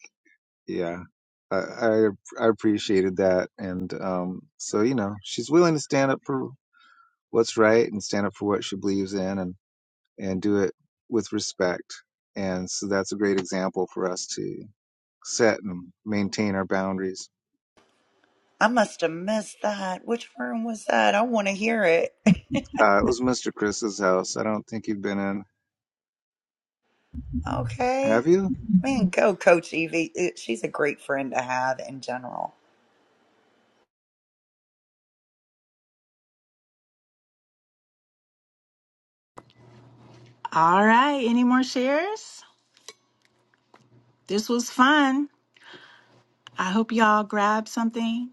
S3: yeah, I I, I appreciated that, and um, so you know, she's willing to stand up for what's right and stand up for what she believes in, and and do it with respect, and so that's a great example for us to set and maintain our boundaries.
S2: I must have missed that. Which room was that? I want to hear it.
S3: Uh, it was Mr. Chris's house. I don't think you've been in. Have
S2: Okay.
S3: you?
S2: Man, go Coach Evie. It- She's a great friend to have in general.
S1: All right. Any more shares? This was fun. I hope y'all grabbed something.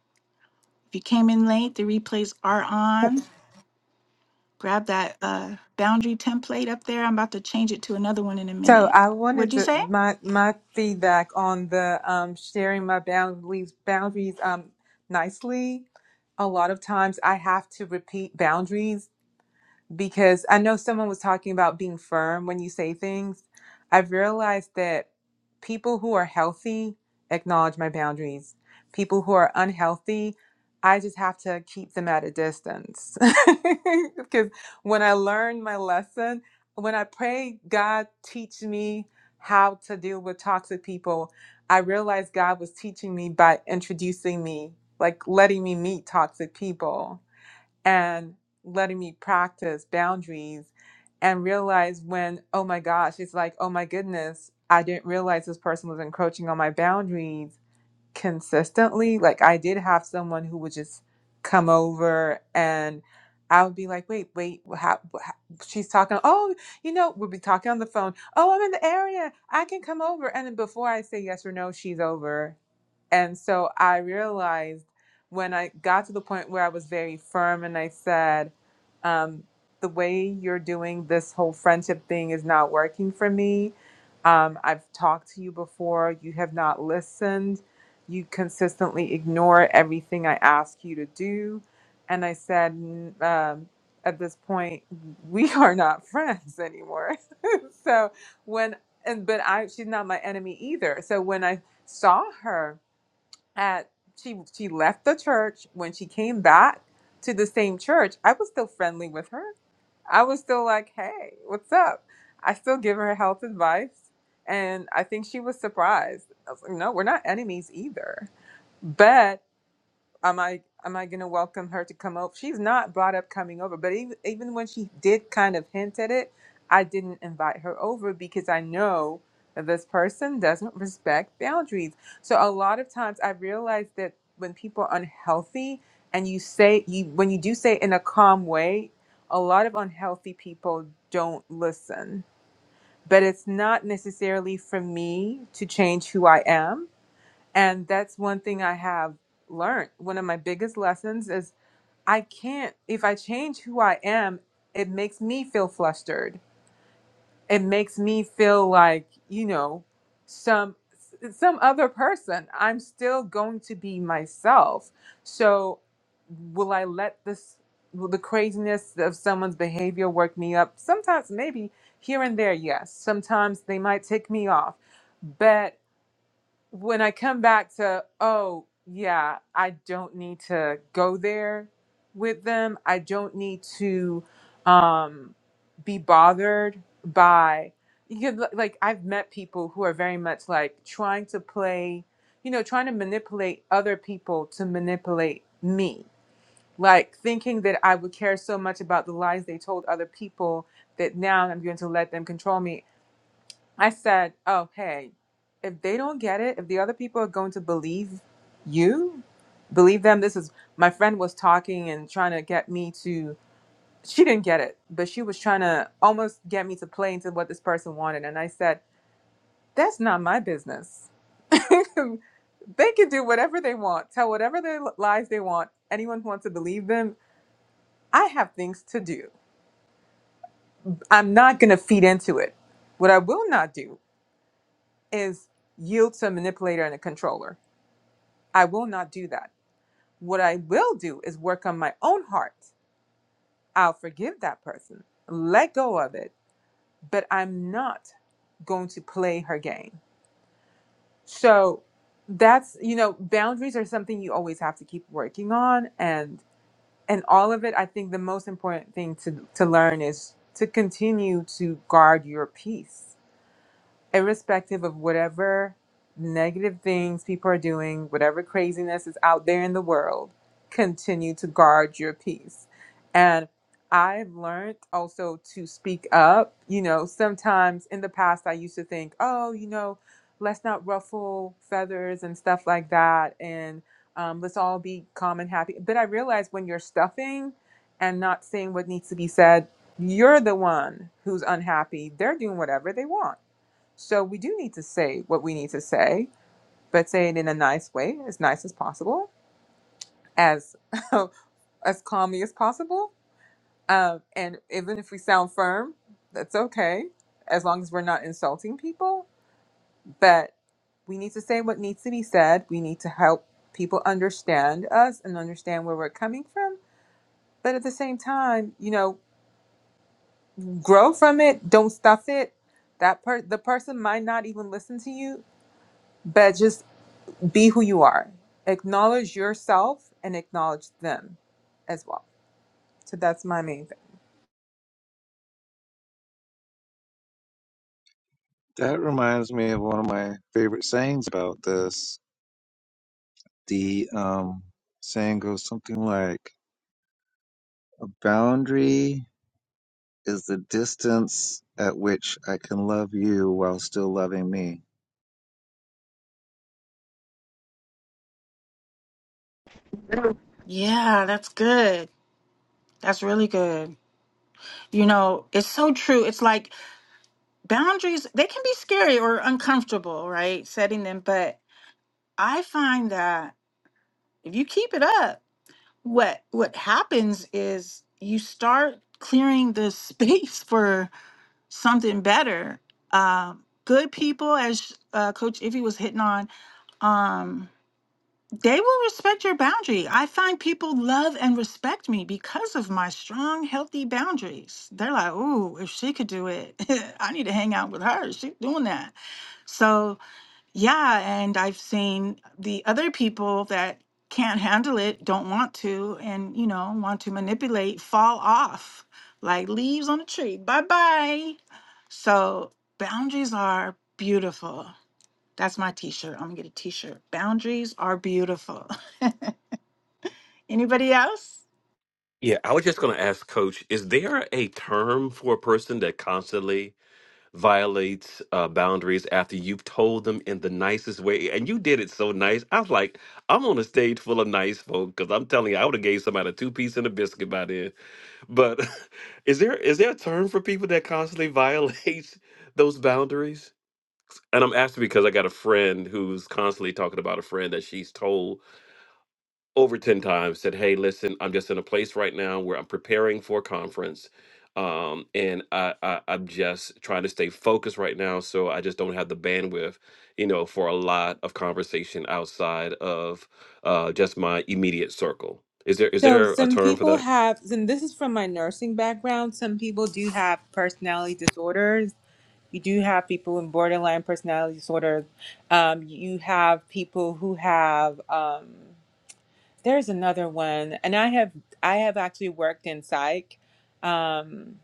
S1: If you came in late, the replays are on. Grab that uh, boundary template up there. I'm about to change it to another one in a
S8: So
S1: minute.
S8: I
S1: What'd
S8: wanted
S1: you
S8: to
S1: say?
S8: my my feedback on the um, sharing my boundaries boundaries um, nicely. A lot of times I have to repeat boundaries because I know someone was talking about being firm when you say things. I've realized that people who are healthy acknowledge my boundaries. People who are unhealthy, I just have to keep them at a distance. Because when I learned my lesson, when I pray, God, teach me how to deal with toxic people, I realized God was teaching me by introducing me, like letting me meet toxic people and letting me practice boundaries and realize when, oh my gosh, it's like, oh my goodness, I didn't realize this person was encroaching on my boundaries consistently. Like, I did have someone who would just come over and I would be like, wait, wait, wha- how, wha- how- she's talking. Oh, you know, we'll be talking on the phone. Oh, I'm in the area. I can come over. And then before I say yes or no, she's over and so I realized when I got to the point where I was very firm and I said, um, the way you're doing this whole friendship thing is not working for me. Um, I've talked to you before, you have not listened. You consistently ignore everything I ask you to do. And I said, "N- um, at this point, we are not friends anymore. so when, and, but I, she's not my enemy either. So when I saw her, at she she left the church when she came back to the same church i was still friendly with her i was still like hey what's up i still give her health advice and i think she was surprised I was like, no we're not enemies either but am I am I gonna welcome her to come over? She's not brought up coming over, but even even when she did kind of hint at it, I didn't invite her over because I know that this person doesn't respect boundaries. So a lot of times I realize that when people are unhealthy and you say you when you do say it in a calm way, a lot of unhealthy people don't listen. But it's not necessarily for me to change who I am and that's one thing I have learned. One of my biggest lessons is I can't, if I change who I am, it makes me feel flustered. It makes me feel like, you know, some some other person i'm still going to be myself so will i let this will the craziness of someone's behavior work me up sometimes maybe here and there yes sometimes they might tick me off but when I come back to, oh, yeah, I don't need to go there with them. I don't need to um, be bothered by, you know, like, I've met people who are very much like trying to play, you know, trying to manipulate other people to manipulate me. Like, thinking that I would care so much about the lies they told other people that now I'm going to let them control me I said, oh, hey, if they don't get it, if the other people are going to believe you, believe them. This is my friend was talking and trying to get me to, she didn't get it, but she was trying to almost get me to play into what this person wanted. And I said, that's not my business. they can do whatever they want, tell whatever their lies they want. Anyone who wants to believe them, I have things to do. I'm not going to feed into it. What I will not do is yield to a manipulator and a controller I will not do that. What I will do is work on my own heart. I'll forgive that person, let go of it, but I'm not going to play her game. So that's, you know, boundaries are something you always have to keep working on and and all of it, I think the most important thing to to learn is to continue to guard your peace irrespective of whatever negative things people are doing, whatever craziness is out there in the world, continue to guard your peace. And I've learned also to speak up. You know, sometimes in the past, I used to think, oh, you know, let's not ruffle feathers and stuff like that. And um, let's all be calm and happy. But I realized when you're stuffing and not saying what needs to be said, you're the one who's unhappy. They're doing whatever they want so we do need to say what we need to say, but say it in a nice way, as nice as possible, as as calmly as possible. Um, and even if we sound firm, that's okay, as long as we're not insulting people. But we need to say what needs to be said. We need to help people understand us and understand where we're coming from. But at the same time, you know, grow from it. Don't stuff it. That per- the person might not even listen to you, but just be who you are. Acknowledge yourself and acknowledge them as well. So that's my main thing.
S3: That reminds me of one of my favorite sayings about this. The um, saying goes something like A boundary is the distance at which I can love you while still loving me.
S1: Yeah, that's good. That's really good. You know, it's so true. It's like boundaries they can be scary or uncomfortable right setting them but i find that if you keep it up what what happens is you start clearing the space for something better um good people as uh, coach Ivy was hitting on um they will respect your boundary i find people love and respect me because of my strong healthy boundaries they're like ooh, if she could do it i need to hang out with her she's doing that so Yeah, and I've seen the other people that can't handle it, don't want to, and you know, want to manipulate, fall off like leaves on a tree. Bye bye. So boundaries are beautiful. That's my t-shirt. I'm gonna get a t-shirt. Boundaries are beautiful. Anybody else?
S4: Yeah, I was just going to ask Coach, is there a term for a person that constantly violates uh, boundaries after you've told them in the nicest way, and you did it so nice. I was like, I'm on a stage full of nice folk because I'm telling you, I would have gave somebody a two piece and a biscuit by then. But is there is there a term for people that constantly violates those boundaries? And I'm asking because I got a friend who's constantly talking about a friend that she's told over 10 times said hey listen i'm just in a place right now where i'm preparing for a conference um, and I, I i'm just trying to stay focused right now so i just don't have the bandwidth you know for a lot of conversation outside of uh, just my immediate circle is there is
S8: So
S4: there a
S8: some
S4: term for
S8: people
S4: that
S8: have, and this is from my nursing background, some people do have personality disorders. You do have people with borderline personality disorders. Um, you have people who have. Um, there's another one, and I have I have actually worked in psych, um,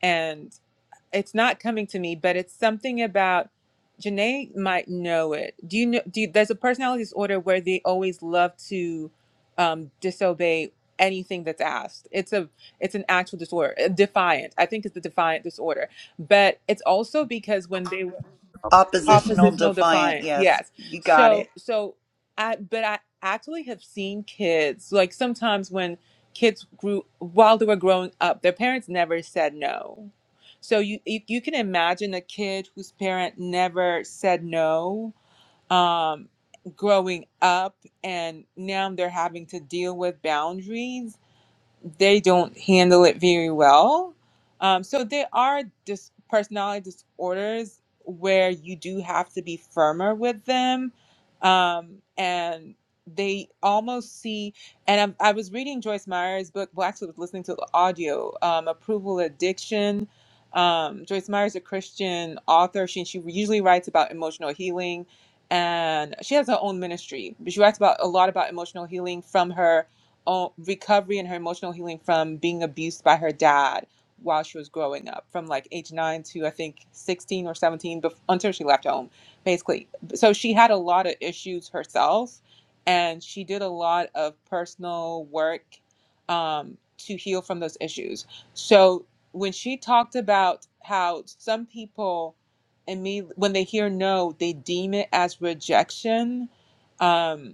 S8: and it's not coming to me, but it's something about Janae might know it. Do you know? Do you, there's a personality disorder where they always love to um, disobey anything that's asked. It's a it's an actual disorder, uh, defiant. I think it's the defiant disorder, but it's also because when they were
S2: Oppositional
S8: oppositional
S2: defiant.
S8: defiance
S2: Yes,
S8: yes
S2: you got
S8: so
S2: it.
S8: so i but i actually have seen kids like sometimes when kids grew while they were growing up their parents never said no so you you, you can imagine a kid whose parent never said no um growing up and now they're having to deal with boundaries they don't handle it very well. Um, so there are dis- personality disorders where you do have to be firmer with them, um, and they almost see. And I'm, I was reading Joyce Meyer's book. Well, actually, I was listening to the audio, um, "Approval Addiction." Um, Joyce Meyer is a Christian author. She she usually writes about emotional healing, and she has her own ministry. But she writes about a lot about emotional healing from her o- recovery and her emotional healing from being abused by her dad while she was growing up from like age 9 to i think 16 or 17 bef- until she left home basically so she had a lot of issues herself and she did a lot of personal work um, to heal from those issues so when she talked about how some people immediately when they hear no they deem it as rejection um,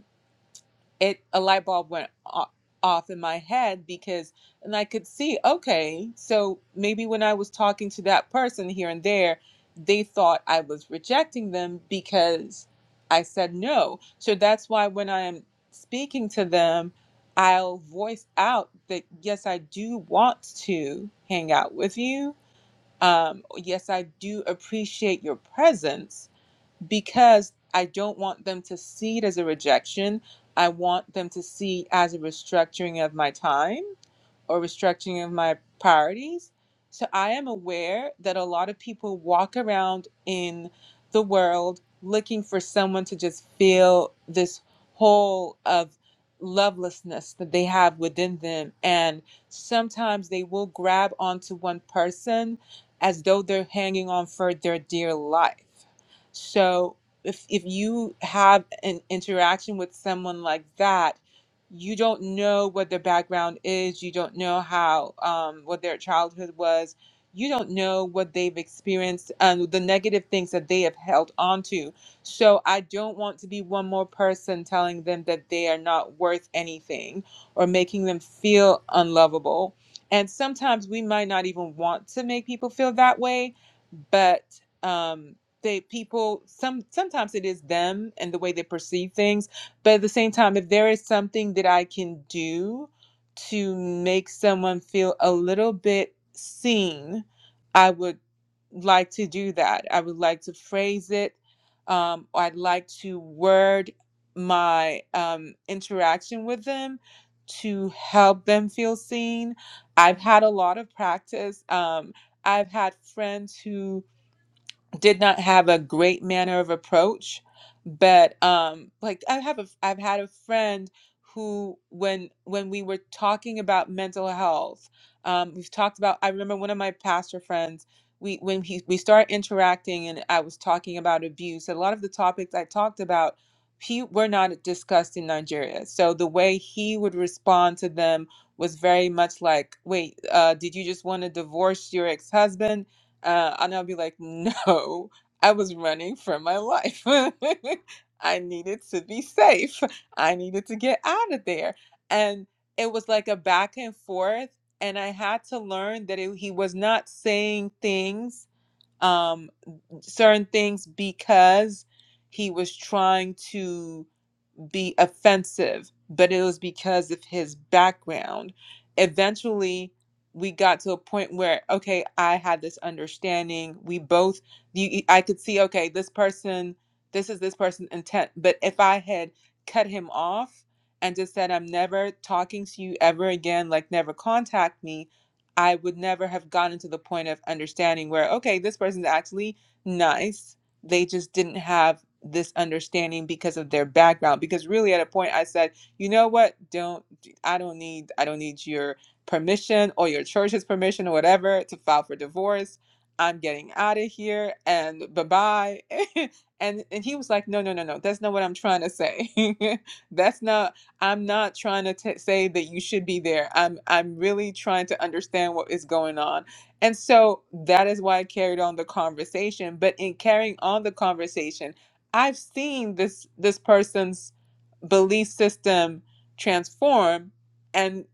S8: it a light bulb went o- off in my head because and I could see okay so maybe when I was talking to that person here and there they thought I was rejecting them because I said no so that's why when I am speaking to them I'll voice out that yes I do want to hang out with you um yes I do appreciate your presence because I don't want them to see it as a rejection. I want them to see it as a restructuring of my time or restructuring of my priorities. So I am aware that a lot of people walk around in the world looking for someone to just fill this hole of lovelessness that they have within them. And sometimes they will grab onto one person as though they're hanging on for their dear life. So if, if you have an interaction with someone like that, you don't know what their background is. You don't know how um, what their childhood was. You don't know what they've experienced and the negative things that they have held on to. So I don't want to be one more person telling them that they are not worth anything or making them feel unlovable. And sometimes we might not even want to make people feel that way, but um, they people some sometimes it is them and the way they perceive things but at the same time, if there is something that I can do to make someone feel a little bit seen, I would like to do that. I would like to phrase it. Um, I'd like to word my um, interaction with them to help them feel seen. I've had a lot of practice. Um, I've had friends who did not have a great manner of approach but um like i have a i've had a friend who when when we were talking about mental health um we've talked about i remember one of my pastor friends we when he we started interacting and i was talking about abuse a lot of the topics i talked about he were not discussed in nigeria so the way he would respond to them was very much like wait uh did you just want to divorce your ex-husband uh, and I'll be like, no, I was running for my life. I needed to be safe. I needed to get out of there. And it was like a back and forth. And I had to learn that it, he was not saying things, um, certain things, because he was trying to be offensive, but it was because of his background. Eventually, we got to a point where, okay, I had this understanding. We both, you, I could see, okay, this person, this is this person's intent. But if I had cut him off and just said, I'm never talking to you ever again, like never contact me, I would never have gotten to the point of understanding where, okay, this person's actually nice they just didn't have this understanding because of their background because really at a point i said you know what don't i don't need i don't need your permission or your church's permission or whatever to file for divorce i'm getting out of here and bye-bye and and he was like no no no no that's not what i'm trying to say that's not i'm not trying to t- say that you should be there i'm i'm really trying to understand what is going on and so that is why I carried on the conversation. But in carrying on the conversation, I've seen this this person's belief system transform. And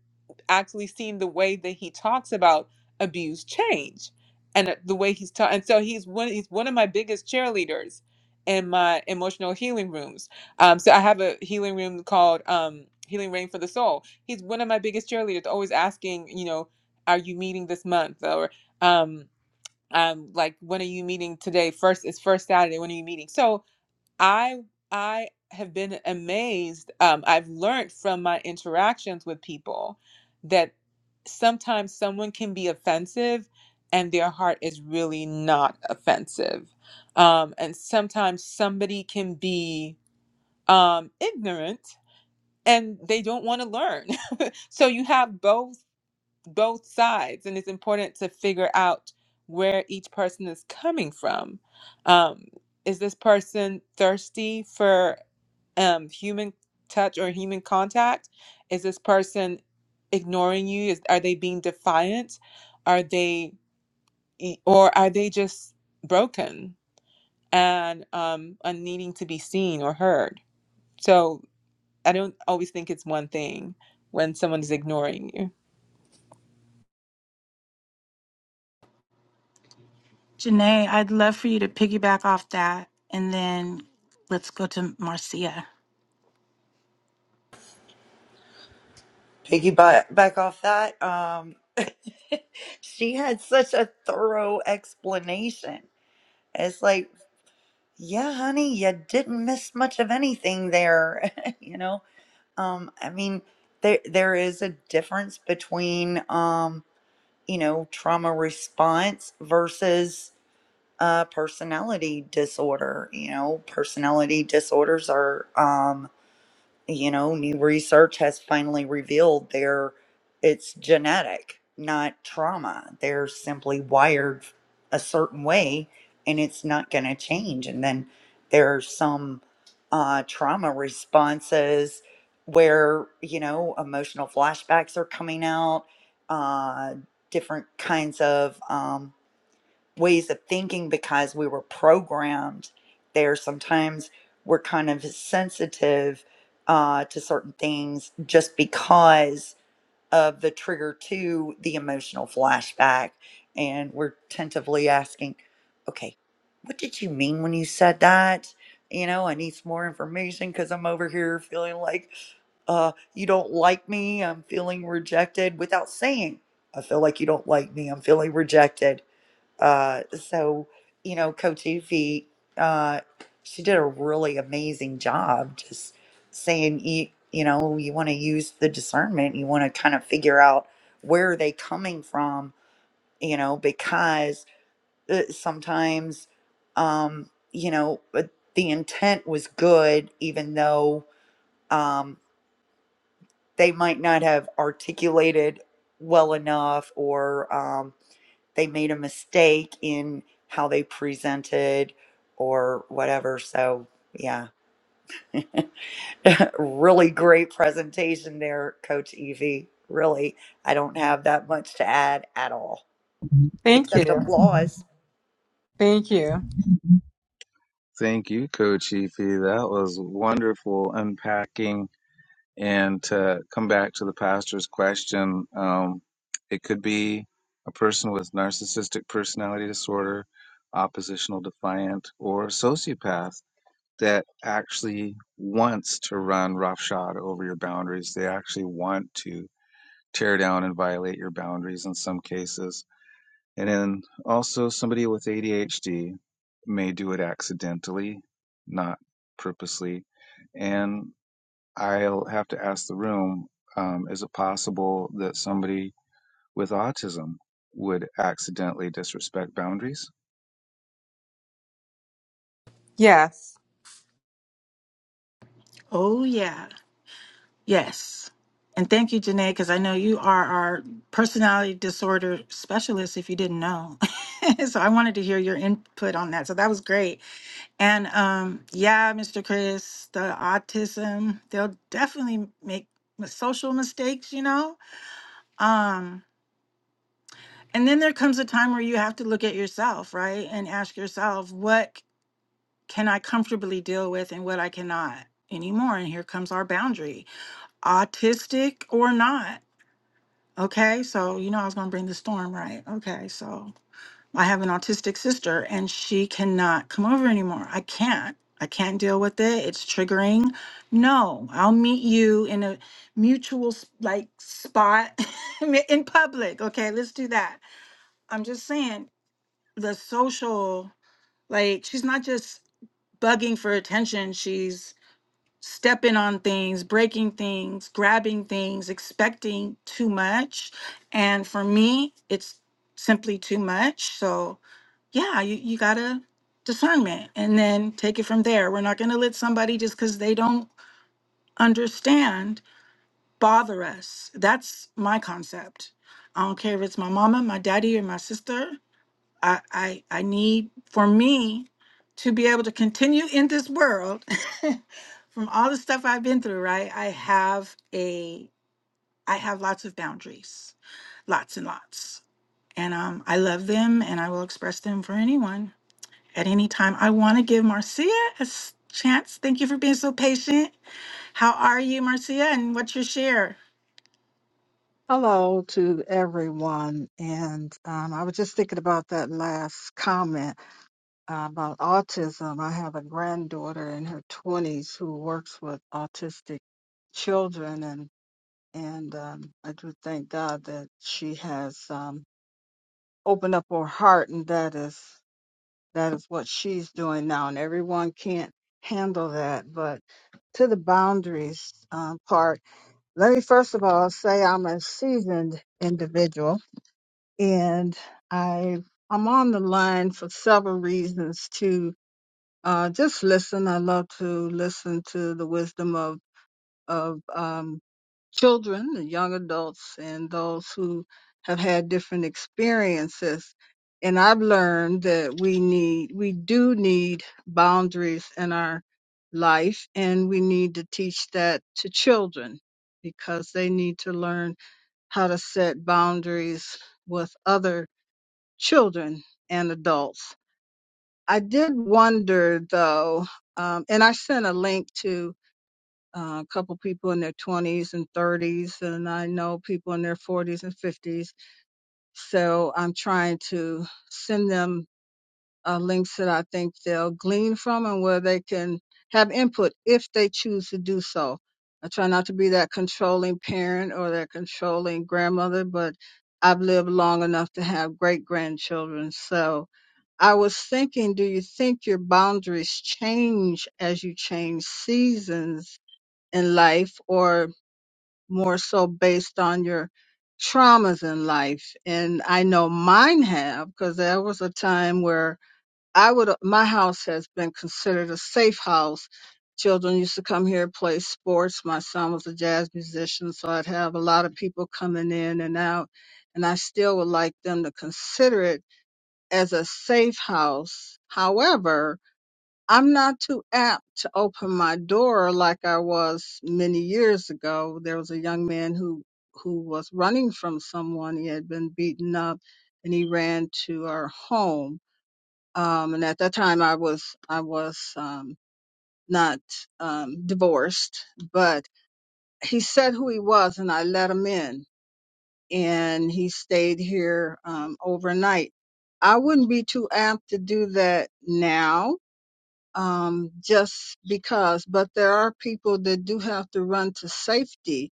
S8: actually seen the way that he talks about abuse change and uh, the way he's taught. And so he's one, he's one of my biggest cheerleaders in my emotional healing rooms. Um, so I have a healing room called um, Healing Rain for the Soul. He's one of my biggest cheerleaders, always asking, you know, are you meeting this month? Or um, um, like, when are you meeting today? First, it's first Saturday. When are you meeting? So, I I have been amazed. Um, I've learned from my interactions with people that sometimes someone can be offensive and their heart is really not offensive. Um, and sometimes somebody can be um, ignorant and they don't want to learn. so you have both both sides, and it's important to figure out where each person is coming from. Um, is this person thirsty for? um human touch or human contact is this person ignoring you is are they being defiant are they e, or are they just broken and um and needing to be seen or heard so i don't always think it's one thing when someone is ignoring you
S1: Janae, I'd love for you to piggyback off that, and then let's go to Marcia.
S2: Piggyback back off that. Um, she had such a thorough explanation. It's like, yeah, honey, you didn't miss much of anything there. you know, um, I mean, there there is a difference between, um, you know, trauma response versus uh, personality disorder. You know, personality disorders are, um, you know, new research has finally revealed they're it's genetic, not trauma. They're simply wired a certain way, and it's not going to change. And then there are some uh, trauma responses where you know emotional flashbacks are coming out, uh, different kinds of. Um, ways of thinking because we were programmed there. Sometimes we're kind of sensitive uh, to certain things just because of the trigger to the emotional flashback. And we're tentatively asking, okay, what did you mean when you said that? You know, I need some more information because I'm over here feeling like uh, you don't like me. I'm feeling rejected without saying, I feel like you don't like me. I'm feeling rejected uh, so, you know, Coach Ify, uh, she did a really amazing job just saying, you, you know, you want to use the discernment, you want to kind of figure out where are they coming from, you know, because uh, sometimes, um, you know, uh, the intent was good, even though um, they might not have articulated well enough or, um, they made a mistake in how they presented or whatever. So, yeah, really great presentation there, Coach Evie. Really, I don't have that much to add at all,
S8: Thank
S2: except
S8: you.
S2: applause.
S8: Thank you.
S3: Thank you, Coach Efi. That was wonderful unpacking And to come back to the pastor's question, um, it could be a person with narcissistic personality disorder, oppositional defiant, or sociopath that actually wants to run roughshod over your boundaries. They actually want to tear down and violate your boundaries in some cases. And then also somebody with ADHD may do it accidentally, not purposely. and. I'll have to ask the room um, is it possible that somebody with autism would accidentally disrespect boundaries?
S8: Yes.
S1: Oh yeah. Yes. And thank you, Janae, because I know you are our personality disorder specialist, if you didn't know. so I wanted to hear your input on that. So that was great. And um, yeah, Mr. Chris, the autism, they'll definitely make m- social mistakes, you know? Um, and then there comes a time where you have to look at yourself, right? And ask yourself, what c- can I comfortably deal with and what I cannot anymore? And here comes our boundary, autistic or not Okay, so you know I was gonna bring the storm, right? Okay, so I have an autistic sister and she cannot come over anymore. I can't. I can't deal with it. It's triggering. No, I'll meet you in a mutual s- like spot in public. Okay, let's do that. I'm just saying the social like she's not just bugging for attention stepping on things, breaking things, grabbing things, expecting too much. And for me, it's simply too much. So, yeah, you, you got to discernment and then take it from there. We're not going to let somebody just because they don't understand bother us. That's my concept. I don't care if it's my mama, my daddy, or my sister. I, I I need for me to be able to continue in this world from all the stuff I've been through, right? I have a I have lots of boundaries, lots and lots. And um I love them and I will express them for anyone at any time. I want to give Marcia a s- chance. Thank you for being so patient. How are you, Marcia? And what's your share?
S9: Hello to everyone. And um, I was just thinking about that last comment uh, about autism. I have a granddaughter in her 20s who works with autistic children, and and um, I do thank God that she has um, opened up her heart, and that is that is what she's doing now. And everyone can't handle that, but to the boundaries um, part, let me first of all say I'm a seasoned individual and I I'm on the line for several reasons to uh, just listen. I love to listen to the wisdom of of um, children and young adults and those who have had different experiences. And I've learned that we need we do need boundaries in our life, and we need to teach that to children because they need to learn how to set boundaries with other children and adults. I did wonder though, um, and I sent a link to uh, a couple people in their 20s and 30s, and I know people in their 40s and 50s. So I'm trying to send them uh, links that I think they'll glean from and where they can have input if they choose to do so. I try not to be that controlling parent or that controlling grandmother, but I've lived long enough to have great grandchildren. So I was thinking, do you think your boundaries change as you change seasons in life or more so based on your traumas in life? And I know mine have because there was a time where I would, my house has been considered a safe house. Children used to come here, play sports. My son was a jazz musician, so I'd have a lot of people coming in and out. And I still would like them to consider it as a safe house. However, I'm not too apt to open my door like I was many years ago. There was a young man who who was running from someone. He had been beaten up, and he ran to our home. Um, and at that time, I was I was um, not um, divorced, but he said who he was, and I let him in and he stayed here um, overnight. I wouldn't be too apt to do that now, um, just because, but there are people that do have to run to safety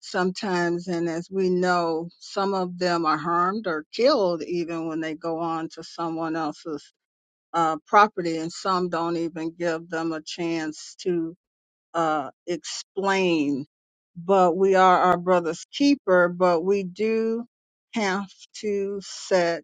S9: sometimes. And as we know, some of them are harmed or killed even when they go on to someone else's uh, property, and some don't even give them a chance to uh, explain. But we are our brother's keeper, but we do have to set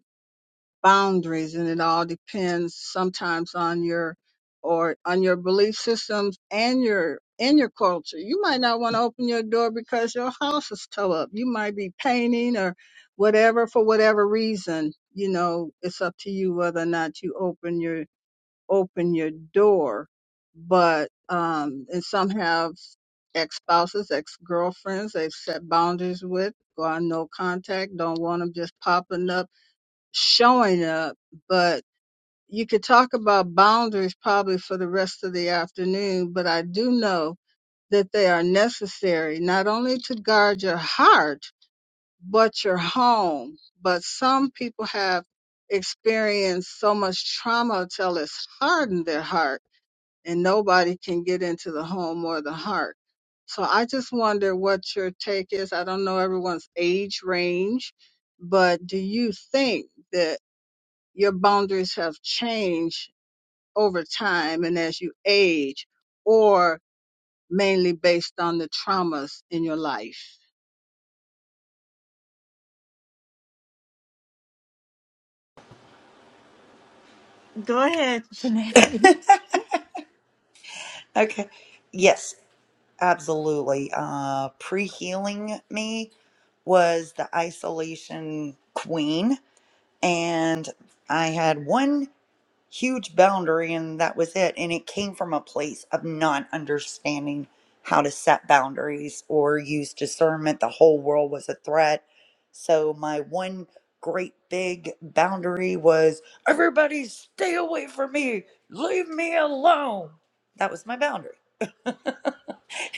S9: boundaries and it all depends sometimes on your or on your belief systems and your in your culture. You might not want to open your door because your house is towed up. You might be painting or whatever for whatever reason. You know, it's up to you whether or not you open your open your door. But um and some have ex-spouses, ex-girlfriends they've set boundaries with, Go on no contact, don't want them just popping up, showing up. But you could talk about boundaries probably for the rest of the afternoon, but I do know that they are necessary not only to guard your heart, but your home. But some people have experienced so much trauma till it's hardened their heart and nobody can get into the home or the heart. So I just wonder what your take is. I don't know everyone's age range, but do you think that your boundaries have changed over time and as you age, or mainly based on the traumas in your life?
S1: Go ahead, Janae.
S2: Okay. Yes, absolutely. Uh, Pre healing me was the isolation queen. And I had one huge boundary and that was it and it came from a place of not understanding how to set boundaries or use discernment the whole world was a threat so my one great big boundary was everybody stay away from me leave me alone that was my boundary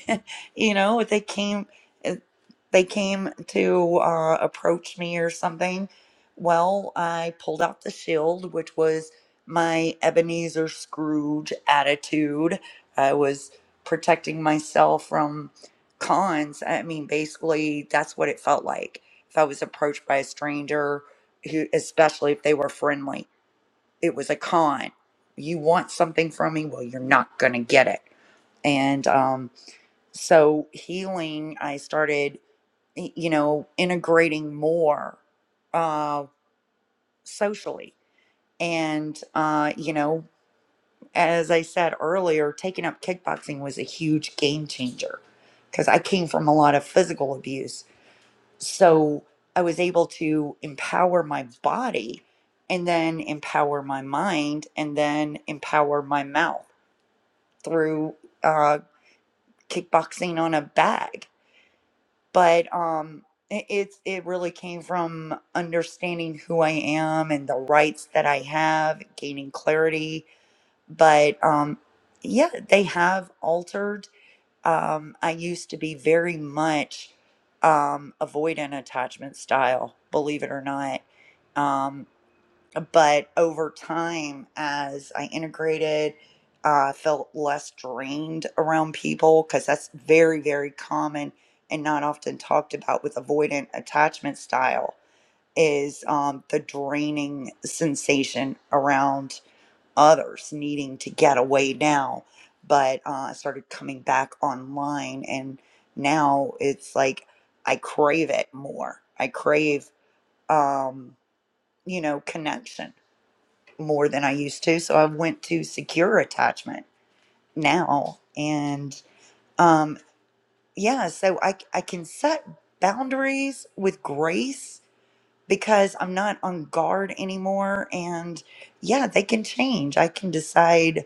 S2: you know, if they came, if they came to uh, approach me or something. Well, I pulled out the shield, which was my Ebenezer Scrooge attitude. I was protecting myself from cons. I mean, basically, that's what it felt like. If I was approached by a stranger, who, especially if they were friendly, it was a con. You want something from me? Well, you're not going to get it. And um, so healing i started y- you know integrating more uh socially and uh you know as i said earlier taking up kickboxing was a huge game changer because i came from a lot of physical abuse so i was able to empower my body and then empower my mind and then empower my mouth through uh kickboxing on a bag but um it, it's it really came from understanding who I am and the rights that I have, gaining clarity. But um yeah, they have altered. Um I used to be very much um avoidant attachment style, believe it or not. um but over time as i integrated i felt less drained around people because that's very very common and not often talked about with avoidant attachment style is um, the draining sensation around others needing to get away now but uh, i started coming back online and now it's like i crave it more i crave um, you know connection more than I used to. So I went to secure attachment now. And um, yeah, so I, I can set boundaries with grace because I'm not on guard anymore. And yeah, they can change. I can decide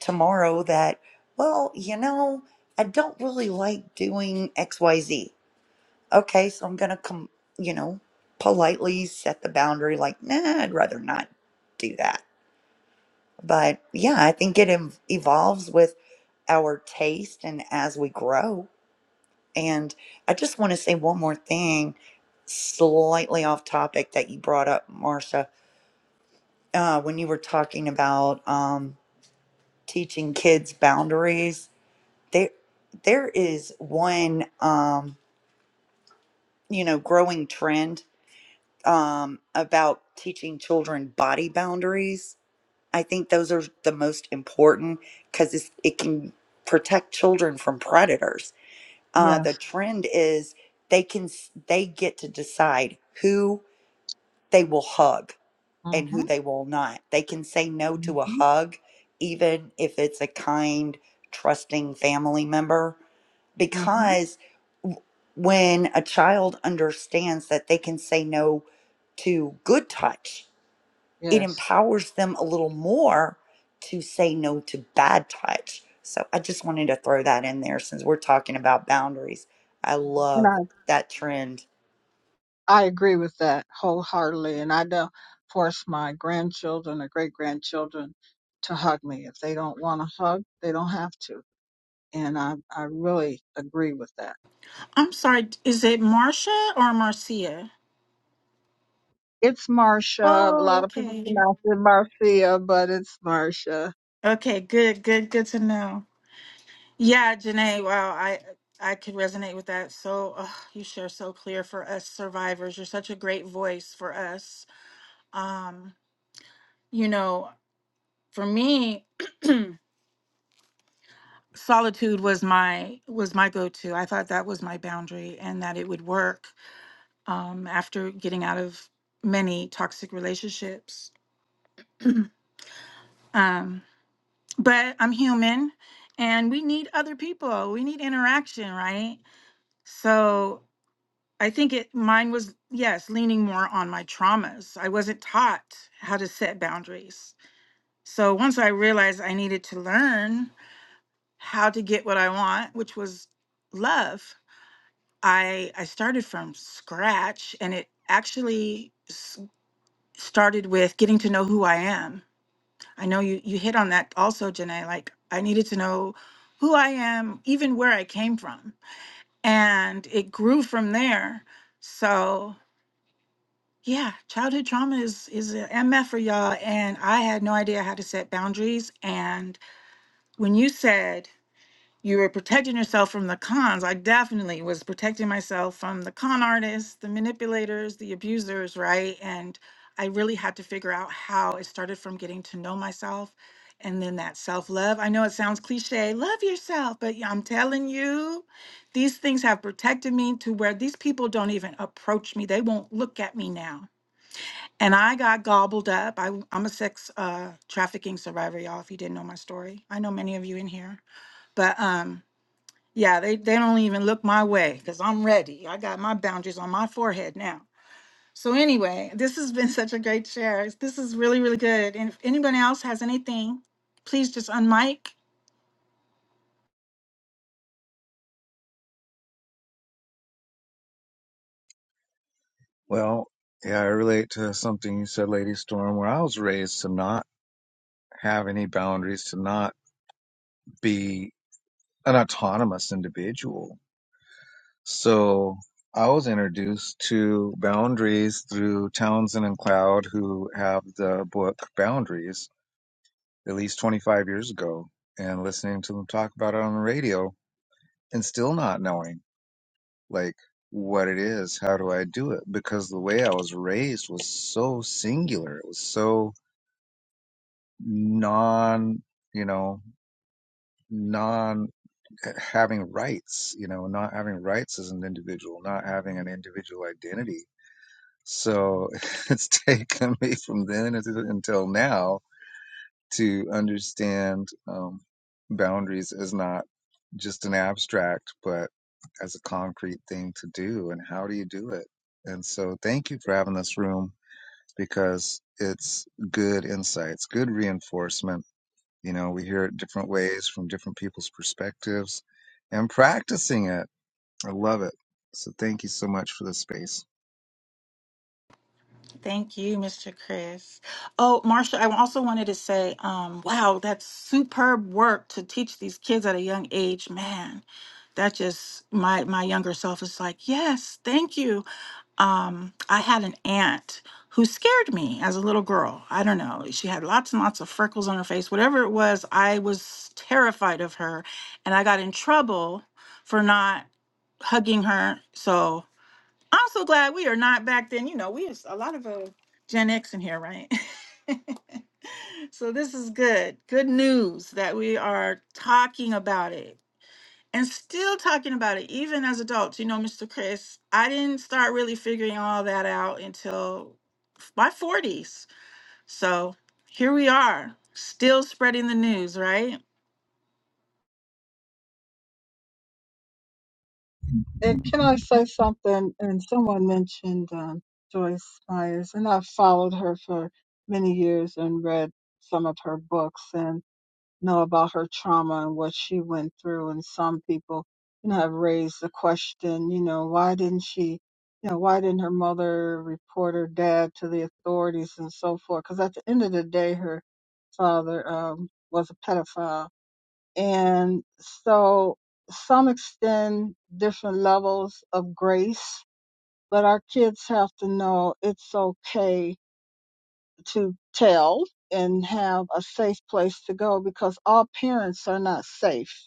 S2: tomorrow that, well, you know, I don't really like doing XYZ. Okay, so I'm going to come, you know, politely set the boundary like, nah, I'd rather not do that But yeah, I think it ev- evolves with our taste and as we grow. And I just want to say one more thing, slightly off topic that you brought up, Marcia, uh, when you were talking about um, teaching kids boundaries. There, there is one, um, you know, growing trend um, about teaching children body boundaries I think those are the most important because it can protect children from predators. Uh, the
S9: Yes.
S2: trend is they can s- they get to decide who they will hug and who
S9: Mm-hmm.
S2: they will not. They can say no to a
S9: Mm-hmm.
S2: hug, even if it's a kind, trusting family member,
S9: Mm-hmm.
S2: because w- when a child understands that they can say no to good touch it
S9: Yes.
S2: empowers them a little more to say no to bad touch. So I just wanted to throw that in there since we're talking about boundaries. I
S9: You
S2: love
S9: know.
S2: that trend.
S9: I agree with that wholeheartedly, and I don't force my grandchildren or great grandchildren to hug me. If they don't want to hug, they don't have to. And I, I really agree with that.
S1: I'm sorry, is it Marcia or Marcia?
S9: It's Marcia. A
S1: Oh,
S9: lot of people
S1: okay.
S9: pronounce it Marcia, but it's Marcia.
S1: Okay, good, good, good to know. Yeah, Janae, wow, I I could resonate with that. So ugh, you share so clear for us survivors. You're such a great voice for us. Um, you know, for me, solitude was my was my go-to. I thought that was my boundary and that it would work um, after getting out of many toxic relationships. um, but I'm human and we need other people. We need interaction, right? So I think it mine was yes, leaning more on my traumas. I wasn't taught how to set boundaries. So once I realized I needed to learn how to get what I want, which was love, I I started from scratch and it actually s- started with getting to know who I am. I know you you hit on that also, Janae, like I needed to know who I am, even where I came from. And it grew from there. So Yeah, childhood trauma is is a MF for y'all, and I had no idea how to set boundaries. And when you said you were protecting yourself from the cons, I definitely was protecting myself from the con artists, the manipulators, the abusers, right? And I really had to figure out how it started from getting to know myself and then that self-love. I know it sounds cliche, love yourself, but yeah, I'm telling you, these things have protected me to where these people don't even approach me. They won't look at me now and I got gobbled up. I, am a sex uh, trafficking survivor, y'all. If you didn't know my story, I know many of you in here, but um, yeah, they they don't even look my way because I'm ready. I got my boundaries on my forehead now. So anyway, this has been such a great share. This is really really good. And if anyone else has anything, please just unmic
S3: Well, yeah, I relate to something you said, Lady Storm, where I was raised to not have any boundaries, to not be an autonomous individual. So I was introduced to boundaries through Townsend and Cloud, who have the book Boundaries at least 25 years ago, and listening to them talk about it on the radio and still not knowing like what it is how do i do it because the way i was raised was so singular it was so non you know non eh, having rights you know not having rights as an individual not having an individual identity so it's taken me from then until until now to understand um, boundaries as not just an abstract, but as a concrete thing to do. And how do you do it? And so, thank you for having this room because it's good insights, good reinforcement. You know, we hear it different ways from different people's perspectives and practicing it. I love it. So, thank you so much for this space.
S1: Thank you, Mr. Chris. Oh, Marsha, I also wanted to say, um, wow, that's superb work to teach these kids at a young age. Man, that just my my younger self is like, yes, thank you. um, I had an aunt who scared me as a little girl. I don't know. She had lots and lots of freckles on her face. Whatever it was, I was terrified of her. And I got in trouble for not hugging her. So I'm so glad we are not back then. You know, we was a lot of uh, Gen X in here, right? so this is good. Good news that we are talking about it and still talking about it, even as adults. You know, Mr. Chris, I didn't start really figuring all that out until f- my 40s. So here we are, still spreading the news, right?
S9: And can I say something? And someone mentioned um, Joyce Myers, and I've followed her for many years and read some of her books. and. know about her trauma and what she went through. And some people, you know, have raised the question, you know, why didn't she, you know, why didn't her mother report her dad to the authorities and so forth? Because at the end of the day, her father um, was a pedophile. And so some extend different levels of grace, but our kids have to know it's okay to tell and have a safe place to go because all parents are not safe.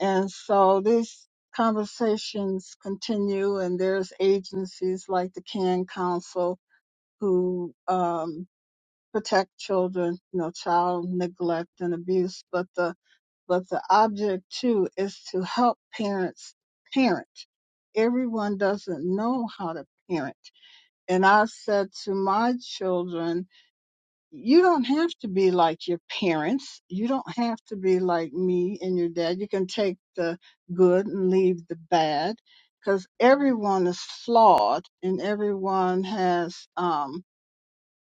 S9: And so these conversations continue, and there's agencies like the CAN Council who um, protect children, you know, child neglect and abuse. But the but the object too is to help parents parent. Everyone doesn't know how to parent. And I said to my children, you don't have to be like your parents. You don't have to be like me and your dad. You can take the good and leave the bad because everyone is flawed and everyone has, um,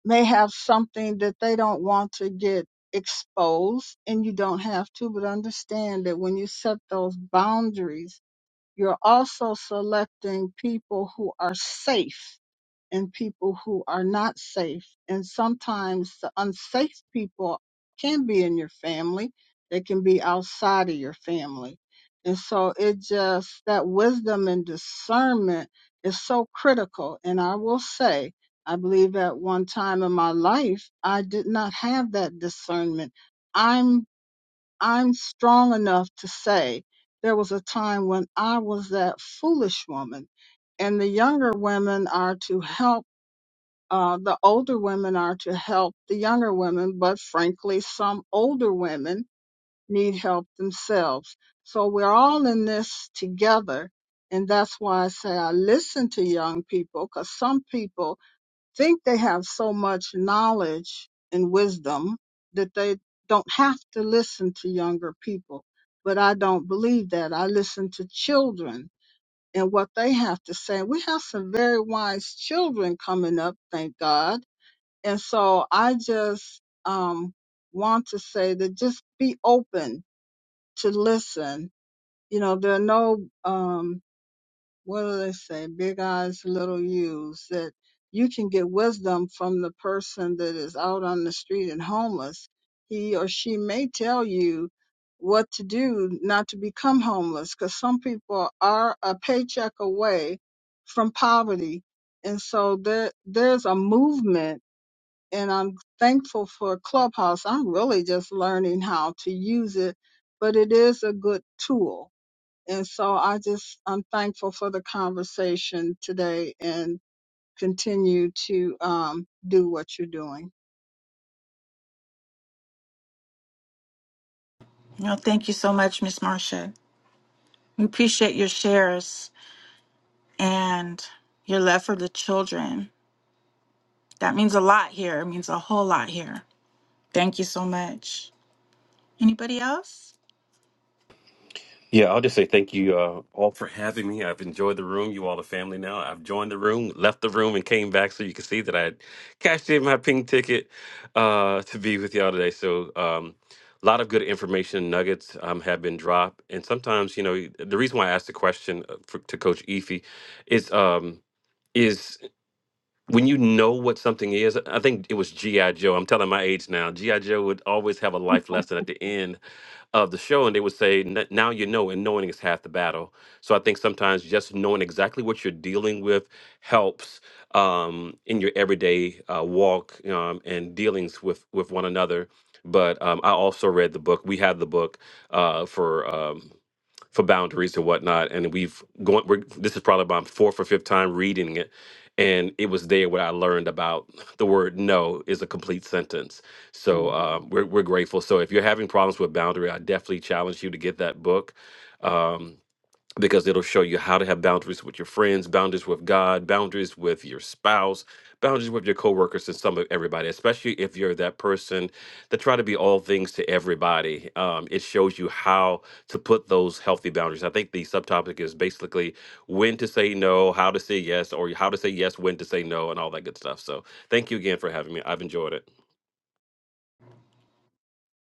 S9: may have something that they don't want to get exposed and you don't have to, but understand that when you set those boundaries, you're also selecting people who are safe and people who are not safe. And sometimes the unsafe people can be in your family, they can be outside of your family. And so it just, that wisdom and discernment is so critical. And I will say, I believe at one time in my life, I did not have that discernment. I'm, I'm strong enough to say there was a time when I was that foolish woman and the younger women are to help uh, the older women are to help the younger women, but frankly, some older women need help themselves. So we're all in this together. And that's why I say I listen to young people because some people think they have so much knowledge and wisdom that they don't have to listen to younger people. But I don't believe that. I listen to children and what they have to say. We have some very wise children coming up, thank God and so I just um, want to say that just be open to listen. You know, there are no, um, what do they say, big eyes, little U's, that you can get wisdom from the person that is out on the street and homeless. He or she may tell you what to do not to become homeless because some people are a paycheck away from poverty. And so there, there's a movement and I'm thankful for Clubhouse. I'm really just learning how to use it, but it is a good tool. And so I just, I'm thankful for the conversation today and continue to um, do what you're doing.
S1: No, thank you so much, Miss Marcia. We appreciate your shares and your love for the children. That means a lot here. It means a whole lot here. Thank you so much. Anybody else?
S4: Yeah, I'll just say thank you uh, all for having me. I've enjoyed the room. You all are family now. I've joined the room, left the room, and came back so you can see that I had cashed in my ping ticket uh, to be with y'all today. So, um, a lot of good information nuggets um, have been dropped. And sometimes, you know, the reason why I asked the question uh, for, to Coach Efi is. Um, is when you know what something is. I think it was G.I. Joe. I'm telling my age now. G.I. Joe would always have a life lesson at the end of the show, and they would say, "N- "Now you know, and knowing is half the battle." So I think sometimes just knowing exactly what you're dealing with helps um, in your everyday uh, walk um, and dealings with with one another. But um, I also read the book. We had the book uh, for. Um, for boundaries and whatnot. And we've going. We're, this is probably my fourth or fifth time reading it, and it was there where I learned about the word "no" is a complete sentence. So um, we're we're grateful. So if you're having problems with boundary, I definitely challenge you to get that book. Um, because it'll show you how to have boundaries with your friends, boundaries with God, boundaries with your spouse, boundaries with your coworkers, and some of everybody. Especially if you're that person that try to be all things to everybody, um, it shows you how to put those healthy boundaries. I think the subtopic is basically when to say no, how to say yes, or how to say yes when to say no, and all that good stuff. So thank you again for having me. I've enjoyed it.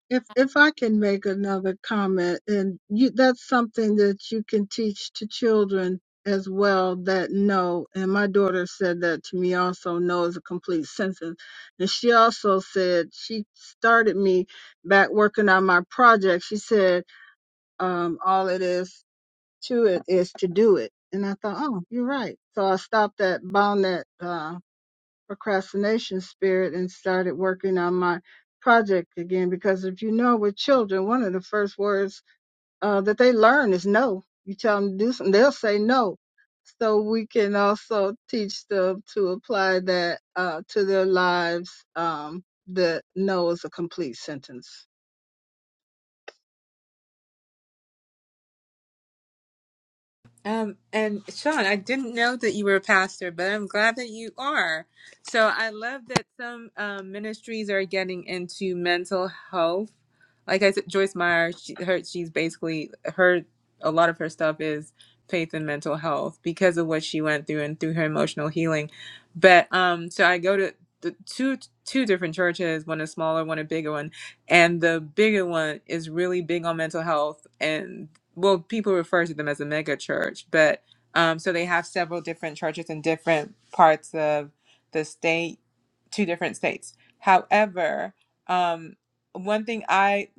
S9: If if I can make another comment, and you, that's something that you can teach to children as well that no, and my daughter said that to me also, no is a complete sentence. And she also said she started me back working on my project. She said, um, all it is to it is to do it. And I thought, oh, you're right. So I stopped that bound that. Uh, procrastination spirit and started working on my project again because if you know with children one of the first words uh, that they learn is no you tell them to do something they'll say no so we can also teach them to apply that uh, to their lives um, that no is a complete sentence
S8: Um, and Sean, I didn't know that you were a pastor, but I'm glad that you are. So I love that some um, ministries are getting into mental health. Like I said, Joyce Meyer, she, her, she's basically her. A lot of her stuff is faith and mental health because of what she went through and through her emotional healing. But um, so I go to the two two different churches, one a smaller, one a bigger one and the bigger one is really big on mental health. And well, people refer to them as a mega church, but um, so they have several different churches in different parts of the state, two different states. However, um, one thing I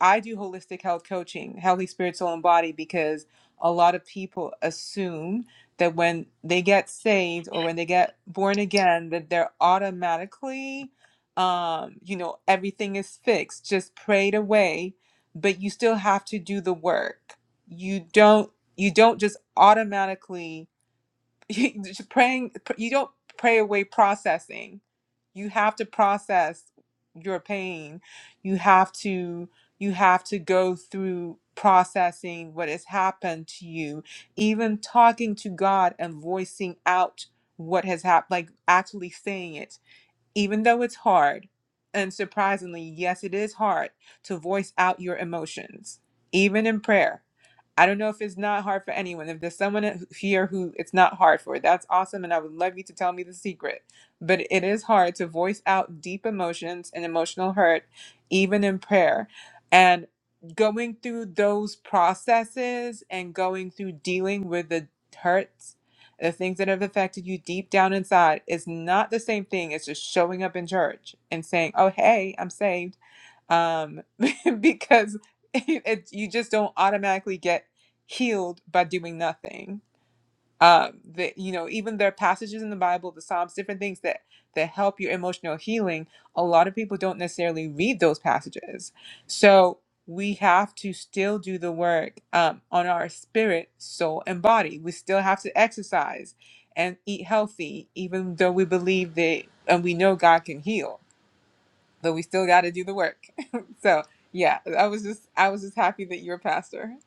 S8: I do holistic health coaching, healthy spirit, soul, and body, because a lot of people assume that when they get saved or when they get born again, that they're automatically um, you know, everything is fixed, just prayed away, but you still have to do the work. You don't you don't just automatically you- just praying you don't pray away processing. You have to process your pain. You have to you have to go through processing what has happened to you, even talking to God and voicing out what has happened, like actually saying it even though it's hard, and surprisingly, yes, it is hard to voice out your emotions, even in prayer. I don't know if it's not hard for anyone. If there's someone here who it's not hard for, that's awesome, and I would love you to tell me the secret. But it is hard to voice out deep emotions and emotional hurt, even in prayer. And going through those processes and going through dealing with the hurts the things that have affected you deep down inside is not the same thing as just showing up in church and saying, "Oh, hey, I'm saved," um, because it, you just don't automatically get healed by doing nothing uh, the, you know even there are passages in the bible the psalms different things that that help your emotional healing a lot of people don't necessarily read those passages so we have to still do the work um, on our spirit soul and body we still have to exercise and eat healthy even though we believe that and we know god can heal but we still got to do the work so yeah i was just i was just happy that you're a pastor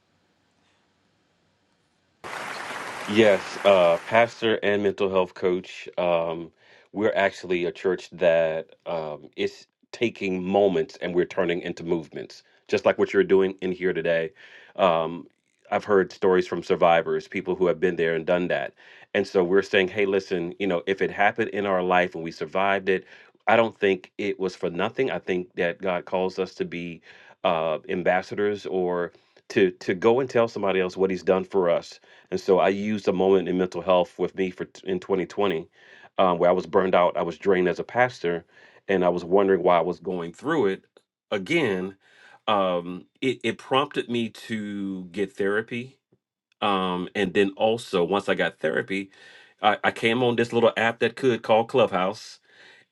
S4: Yes, uh, pastor and mental health coach. Um, we're actually a church that um, is taking moments and we're turning into movements, just like what you're doing in here today. Um, I've heard stories from survivors, people who have been there and done that. And so we're saying, hey, listen, you know, if it happened in our life and we survived it, I don't think it was for nothing. I think that God calls us to be uh, ambassadors or to to go and tell somebody else what He's done for us and so I used a moment in mental health with me for t- in 2020, um, where I was burned out, I was drained as a pastor, and I was wondering why I was going through it again. Um, it, it prompted me to get therapy, um, and then also once I got therapy, I, I came on this little app that could call Clubhouse,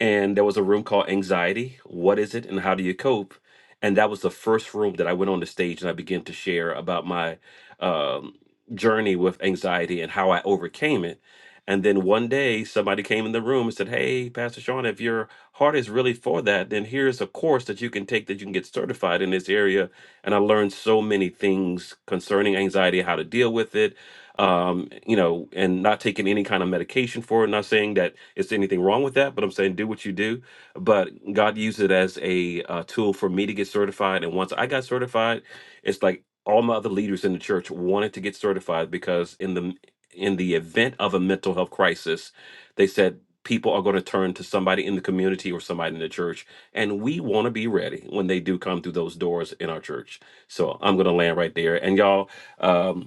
S4: and there was a room called anxiety what is it and how do you cope and that was the first room that i went on the stage and i began to share about my um, journey with anxiety and how i overcame it and then one day somebody came in the room and said hey pastor sean if your heart is really for that then here's a course that you can take that you can get certified in this area and i learned so many things concerning anxiety how to deal with it um, you know, and not taking any kind of medication for it. Not saying that it's anything wrong with that, but I'm saying do what you do. But God used it as a uh, tool for me to get certified. And once I got certified, it's like all my other leaders in the church wanted to get certified because in the in the event of a mental health crisis, they said people are going to turn to somebody in the community or somebody in the church, and we want to be ready when they do come through those doors in our church. So I'm going to land right there. And y'all. Um,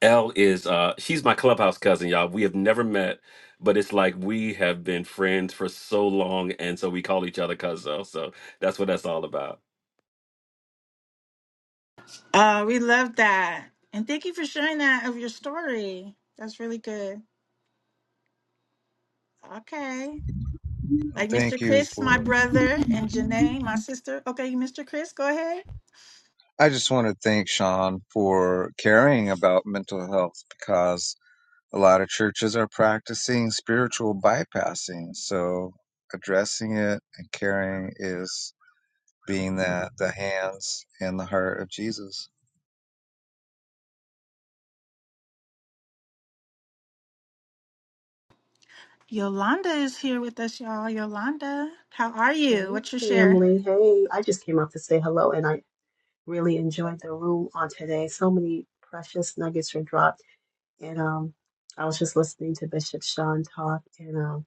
S4: L is uh she's my clubhouse cousin, y'all. We have never met, but it's like we have been friends for so long, and so we call each other cousin. So that's what that's all about.
S1: Uh, we love that. And thank you for sharing that of your story. That's really good. Okay.
S3: And
S1: Like
S3: Thank
S1: Mr.
S3: you
S1: Chris, my
S3: for,
S1: brother, and Janae, my sister. Okay, Mr. Chris, go ahead.
S3: I just want to thank Sean for caring about mental health because. A lot of churches are practicing spiritual bypassing, so addressing it and caring is being that the hands and the heart of Jesus.
S1: Yolanda is here with us, y'all. Yolanda, how are you?
S10: Hey,
S1: What's your share?
S10: family. Hey, I just came out to say hello, and I really enjoyed the room on today. So many precious nuggets were dropped, and um, I was just listening to Bishop Sean talk, and um,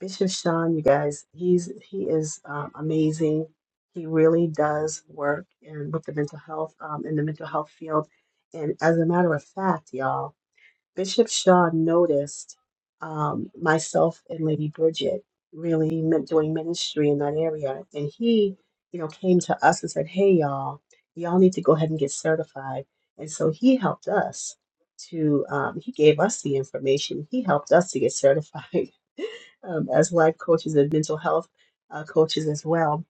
S10: Bishop Sean, you guys, he's he is um, amazing. He really does work and with the mental health um, in the mental health field, and as a matter of fact, y'all. Bishop Shaw noticed um, myself and Lady Bridget really men- doing ministry in that area, and he, you know, came to us and said, "Hey, y'all, y'all need to go ahead and get certified." And so he helped us to. Um, he gave us the information. He helped us to get certified um, as life coaches and mental health uh, coaches as well.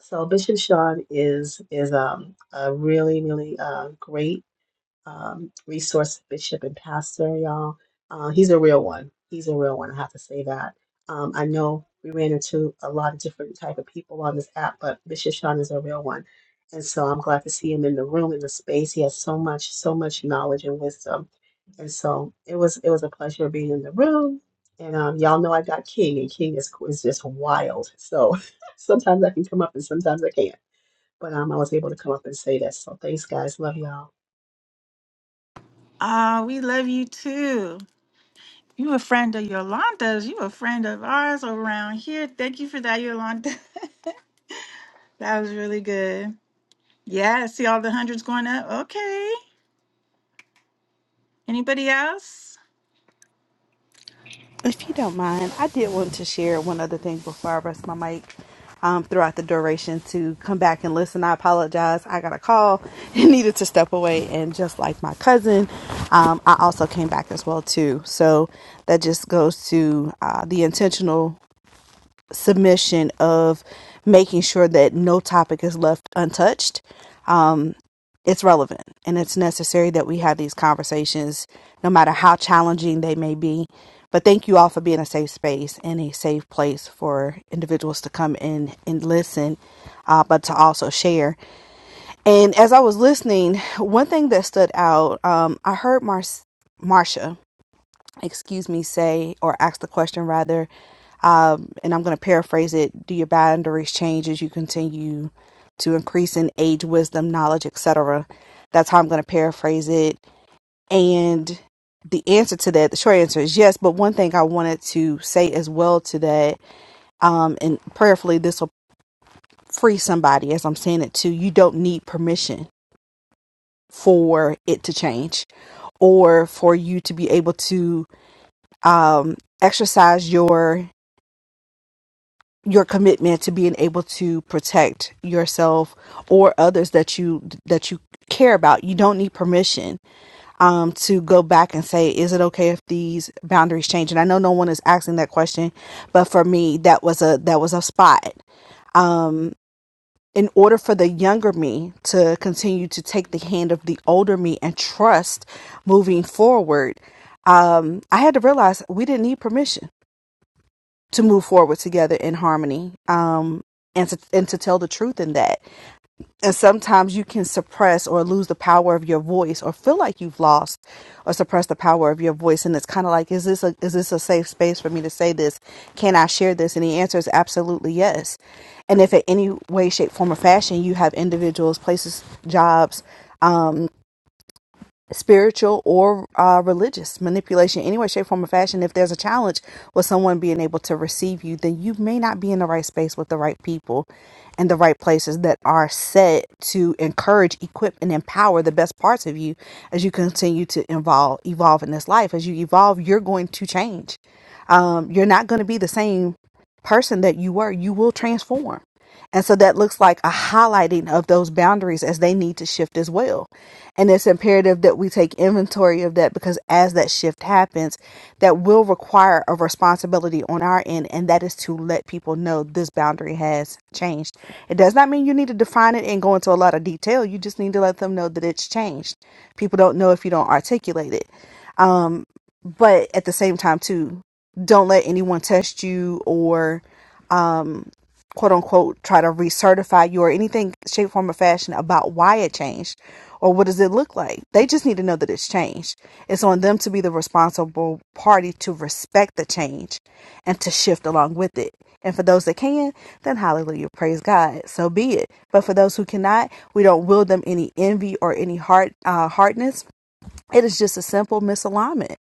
S10: So Bishop Sean is is um, a really really uh, great um, resource bishop and pastor, y'all. Uh, he's a real one. He's a real one. I have to say that. Um, I know we ran into a lot of different type of people on this app, but Bishop Sean is a real one, and so I'm glad to see him in the room in the space. He has so much, so much knowledge and wisdom, and so it was it was a pleasure being in the room. And um, y'all know I got King, and King is is just wild. So sometimes I can come up, and sometimes I can't. But um, I was able to come up and say that. So thanks, guys. Love y'all.
S1: Ah, we love you too. You a friend of Yolanda's. You a friend of ours around here. Thank you for that, Yolanda. that was really good. Yeah, see all the hundreds going up. Okay. Anybody else?
S7: If you don't mind, I did want to share one other thing before I rest my mic um, throughout the duration to come back and listen. I apologize. I got a call and needed to step away. And just like my cousin, um, I also came back as well, too. So that just goes to uh, the intentional submission of making sure that no topic is left untouched, it's relevant and it's necessary that we have these conversations, no matter how challenging they may be. But thank you all for being a safe space and a safe place for individuals to come in and listen, uh, but to also share. And as I was listening, one thing that stood out, um, I heard Mar- Marsha, excuse me, say or ask the question rather um, and I'm going to paraphrase it. Do your boundaries change as you continue to increase in age, wisdom, knowledge, etc.? That's how I'm going to paraphrase it. And the answer to that, the short answer is yes. But one thing I wanted to say as well to that, um, and prayerfully, this will free somebody as I'm saying it too. You don't need permission for it to change or for you to be able to um, exercise your your commitment to being able to protect yourself or others that you that you care about you don't need permission um to go back and say is it okay if these boundaries change and i know no one is asking that question but for me that was a that was a spot um in order for the younger me to continue to take the hand of the older me and trust moving forward um i had to realize we didn't need permission to move forward together in harmony um, and to, and to tell the truth in that. And sometimes you can suppress or lose the power of your voice or feel like you've lost or suppressed the power of your voice. And it's kind of like, is this a, is this a safe space for me to say this? Can I share this? And the answer is absolutely yes. And if in any way, shape, form, or fashion you have individuals, places, jobs, um, spiritual or uh, religious manipulation, any way, shape, form, or fashion. If there's a challenge with someone being able to receive you, then you may not be in the right space with the right people and the right places that are set to encourage, equip, and empower the best parts of you as you continue to evolve, evolve in this life. As you evolve, you're going to change um, you're not going to be the same person that you were. You will transform. And so that looks like a highlighting of those boundaries as they need to shift as well. And it's imperative that we take inventory of that because as that shift happens, that will require a responsibility on our end. And that is to let people know this boundary has changed. It does not mean you need to define it and go into a lot of detail. You just need to let them know that it's changed. People don't know if you don't articulate it. But at the same time, too, don't let anyone test you or quote unquote try to recertify you or anything shape, form, or fashion about why it changed or what does it look like. They just need to know that it's changed. It's on them to be the responsible party to respect the change and to shift along with it. And for those that can, then hallelujah, praise God. So be it. But for those who cannot, we don't will them any envy or any hard uh, hardness it is just a simple misalignment,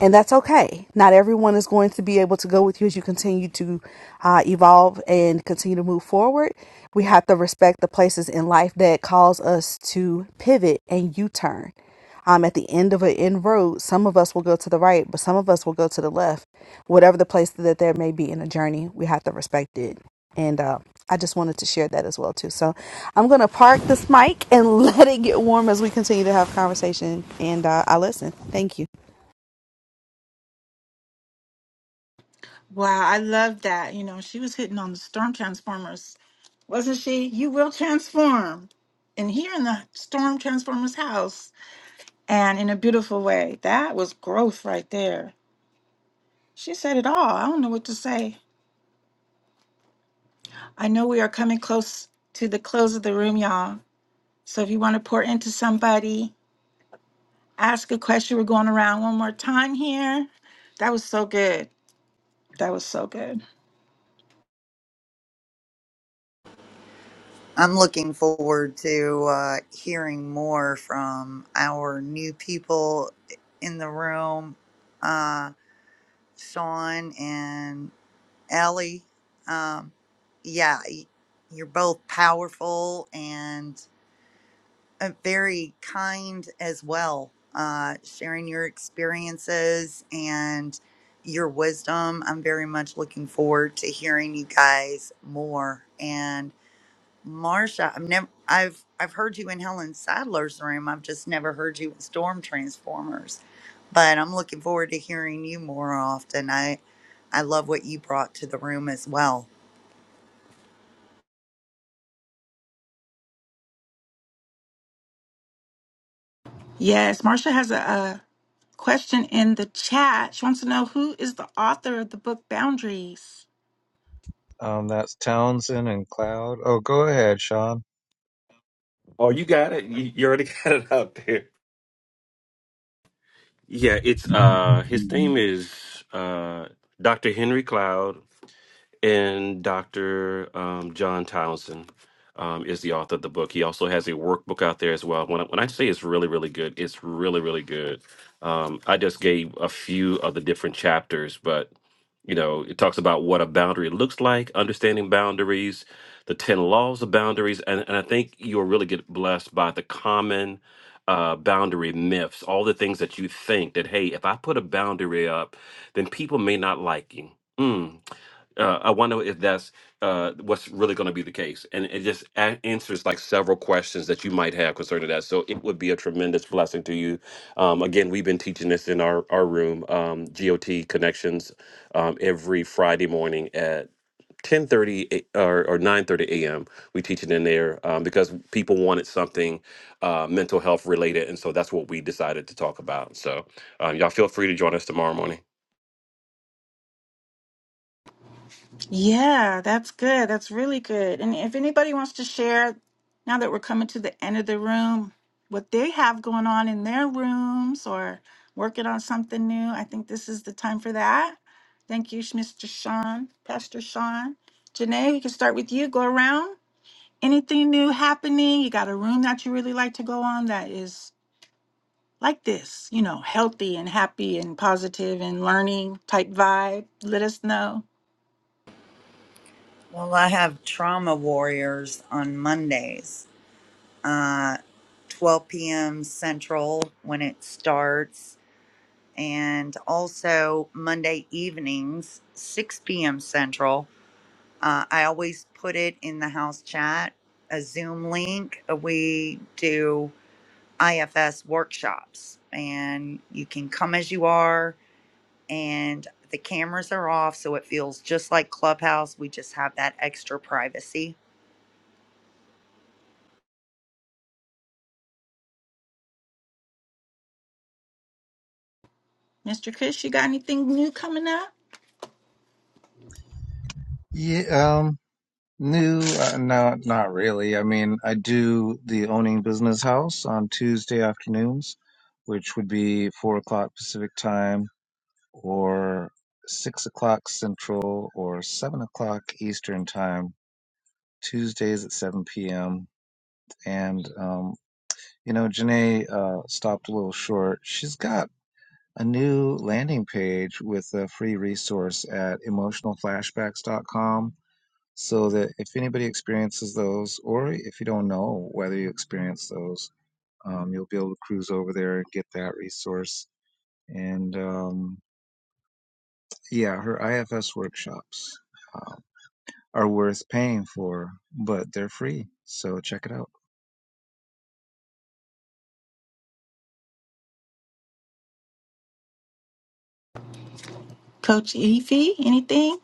S7: and that's okay. Not everyone is going to be able to go with you as you continue to uh, evolve and continue to move forward. We have to respect the places in life that cause us to pivot and U turn. Um, at the end of an end road, some of us will go to the right, but some of us will go to the left. Whatever the place that there may be in a journey, we have to respect it and uh, I just wanted to share that as well too. So I'm going to park this mic and let it get warm as we continue to have conversation. And uh, I listen. Thank you.
S1: Wow, I love that. You know, she was hitting on the storm transformers, wasn't she? You will transform. And here in the storm transformers house and in a beautiful way. That was growth right there. She said it all. I don't know what to say. I know we are coming close to the close of the room, y'all. So if you want to pour into somebody, ask a question. We're going around one more time here. That was so good. That was so good.
S2: I'm looking forward to uh, hearing more from our new people in the room, uh, Sean and Ellie. Um, yeah, y- you're both powerful and. uh, very kind as well, uh, sharing your experiences and your wisdom. I'm very much looking forward to hearing you guys more. And Marsha, I've never, I've, I've heard you in Helen Sadler's room. I've just never heard you in Storm Transformers, but I'm looking forward to hearing you more often. I, I love what you brought to the room as well.
S1: Yes, Marcia has a, a question in the chat. She wants to know who is the author of the book Boundaries.
S3: Um, that's Townsend and Cloud. Oh, go ahead, Sean.
S4: Oh, you got it. You, you already got it out there. Yeah, it's uh his name is uh Dr. Henry Cloud and Dr. Um, John Townsend um, is the author of the book. He also has a workbook out there as well. When I, when I say it's really, really good, it's really, really good. Um, I just gave a few of the different chapters, but you know, it talks about what a boundary looks like, understanding boundaries, the ten laws of boundaries, and, and I think you'll really get blessed by the common uh, boundary myths, all the things that you think that hey, if I put a boundary up, then people may not like you. Mm, uh, I wonder if that's uh, what's really going to be the case. And it just a- answers like several questions that you might have concerning that. So it would be a tremendous blessing to you. Um, again, we've been teaching this in our, our room, um, GOT Connections, um, every Friday morning at 10.30 a- or, or 9.30 a.m. We teach it in there um, because people wanted something uh, mental health related. And so that's what we decided to talk about. So um, y'all feel free to join us tomorrow morning.
S1: Yeah, that's good. That's really good. And if anybody wants to share, now that we're coming to the end of the room, what they have going on in their rooms or working on something new, I think this is the time for that. Thank you, Mr. Sean, Pastor Sean. Janae, we can start with you. Go around. Anything new happening? You got a room that you really like to go on that is like this, you know, healthy and happy and positive and learning type vibe, let us know.
S2: Well, I have trauma warriors on Mondays uh, 12 p.m. Central when it starts, and also Monday evenings, 6 p.m. Central. Uh, I always put it in the house chat, a Zoom link. Uh, We do IFS workshops, and you can come as you are, and the cameras are off, so it feels just like Clubhouse. We just have that extra privacy
S1: Mr. Chris, you got anything new coming up?
S3: Yeah, um, new, uh, no, not really. I mean, I do the Owning Business House on Tuesday afternoons, which would be four o'clock Pacific time or 6 o'clock Central or 7 o'clock Eastern Time, Tuesdays at 7 p.m. And, um, you know, Janae uh, stopped a little short. She's got a new landing page with a free resource at emotionalflashbacks.com so that if anybody experiences those, or if you don't know whether you experience those, um, you'll be able to cruise over there and get that resource. And um, yeah, her IFS workshops. Uh, are worth paying for, but they're free. So check it out.
S1: Coach Evie, anything?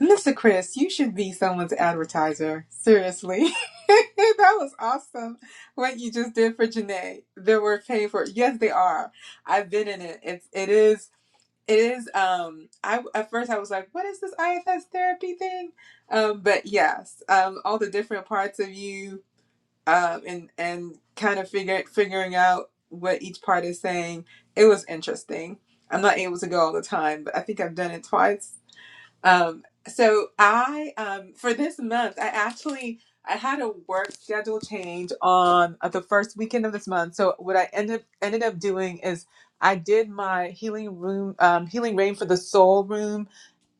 S8: Mr. Chris, you should be someone's advertiser. Seriously. that was awesome what you just did for Janae. They were paying for it. Yes, they are. I've been in it. It's it is it is um I at first I was like, what is this IFS therapy thing? Um but yes, um all the different parts of you um and and kind of figure figuring out what each part is saying. It was interesting. I'm not able to go all the time, but I think I've done it twice um, so I, um, for this month, I actually I had a work schedule change on uh, the first weekend of this month. So what I ended ended up doing is I did my healing room, um, healing rain for the soul room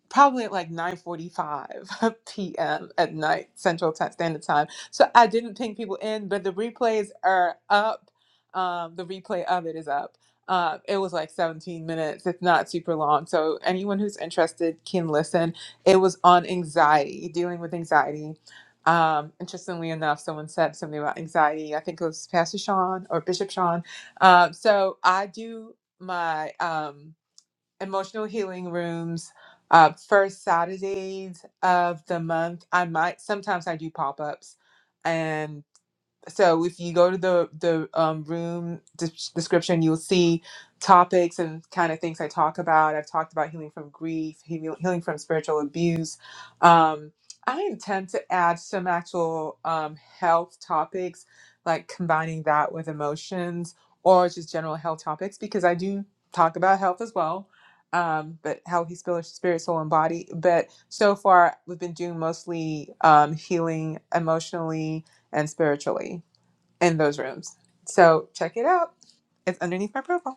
S8: probably at like 9.45 p.m at night central Ti- standard time so i didn't ping people in but the replays are up um, the replay of it is up uh, it was like 17 minutes it's not super long so anyone who's interested can listen it was on anxiety dealing with anxiety um, interestingly enough someone said something about anxiety i think it was pastor sean or bishop sean um, so i do my um, emotional healing rooms uh first saturdays of the month i might sometimes i do pop-ups so if you go to the the um, room des- description you'll see topics and kind of things i talk about i've talked about healing from grief heal- healing from spiritual abuse um, i intend to add some actual um, health topics like combining that with emotions or just general health topics because i do talk about health as well um, but healthy spirit, spirit soul and body but so far we've been doing mostly um, healing emotionally and spiritually in those rooms. So check it out. It's underneath my profile.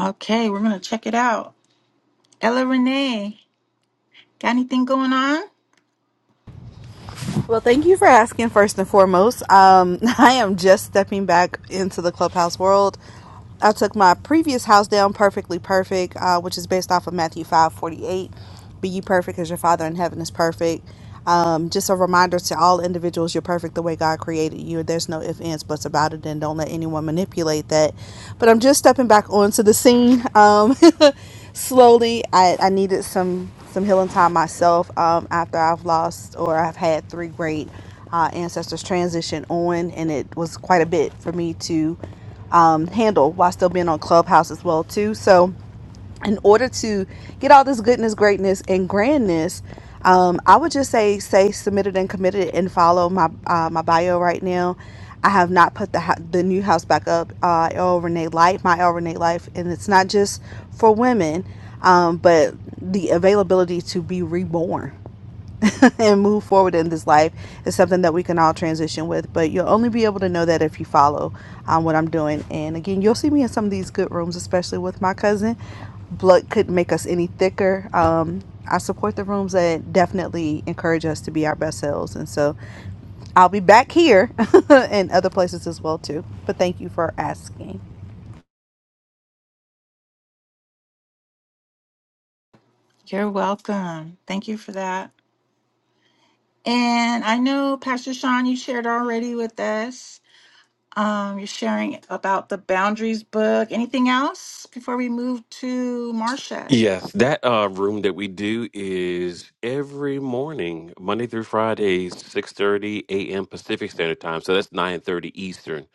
S1: Okay, we're going to check it out. Ella Renee, got anything going on?
S7: Well, thank you for asking first and foremost. Um, I am just stepping back into the clubhouse world. I took my previous house down, Perfectly Perfect, uh, which is based off of Matthew five forty eight. Be ye perfect as your Father in heaven is perfect. Um, just a reminder to all individuals, you're perfect the way God created you. There's no ifs, ands, buts about it, and don't let anyone manipulate that. But I'm just stepping back onto the scene. Um, slowly I, I needed some some healing time myself um, after I've lost or I've had three great uh, ancestors transition on and it was quite a bit for me to um, handle while still being on clubhouse as well too so in order to get all this goodness, greatness, and grandness, um, I would just say say submitted and committed and follow my uh, my bio right now. I have not put the ho- the new house back up. Uh, El Renee Life, my El Renee Life, and it's not just for women, um, but the availability to be reborn. and move forward in this life is something that we can all transition with. But you'll only be able to know that if you follow um, what I'm doing. And again, you'll see me in some of these good rooms, especially with my cousin. Blood couldn't make us any thicker. Um, I support the rooms that definitely encourage us to be our best selves. And so I'll be back here and other places as well, too. But thank you for asking.
S1: You're welcome. Thank you for that. And I know, Pastor Sean, you shared already with us. Um, you're sharing about the Boundaries book. Anything else before we move to Marcia?
S4: Yes, that uh, room that we do is every morning, Monday through Friday, six thirty a.m. Pacific Standard Time. So that's nine thirty Eastern,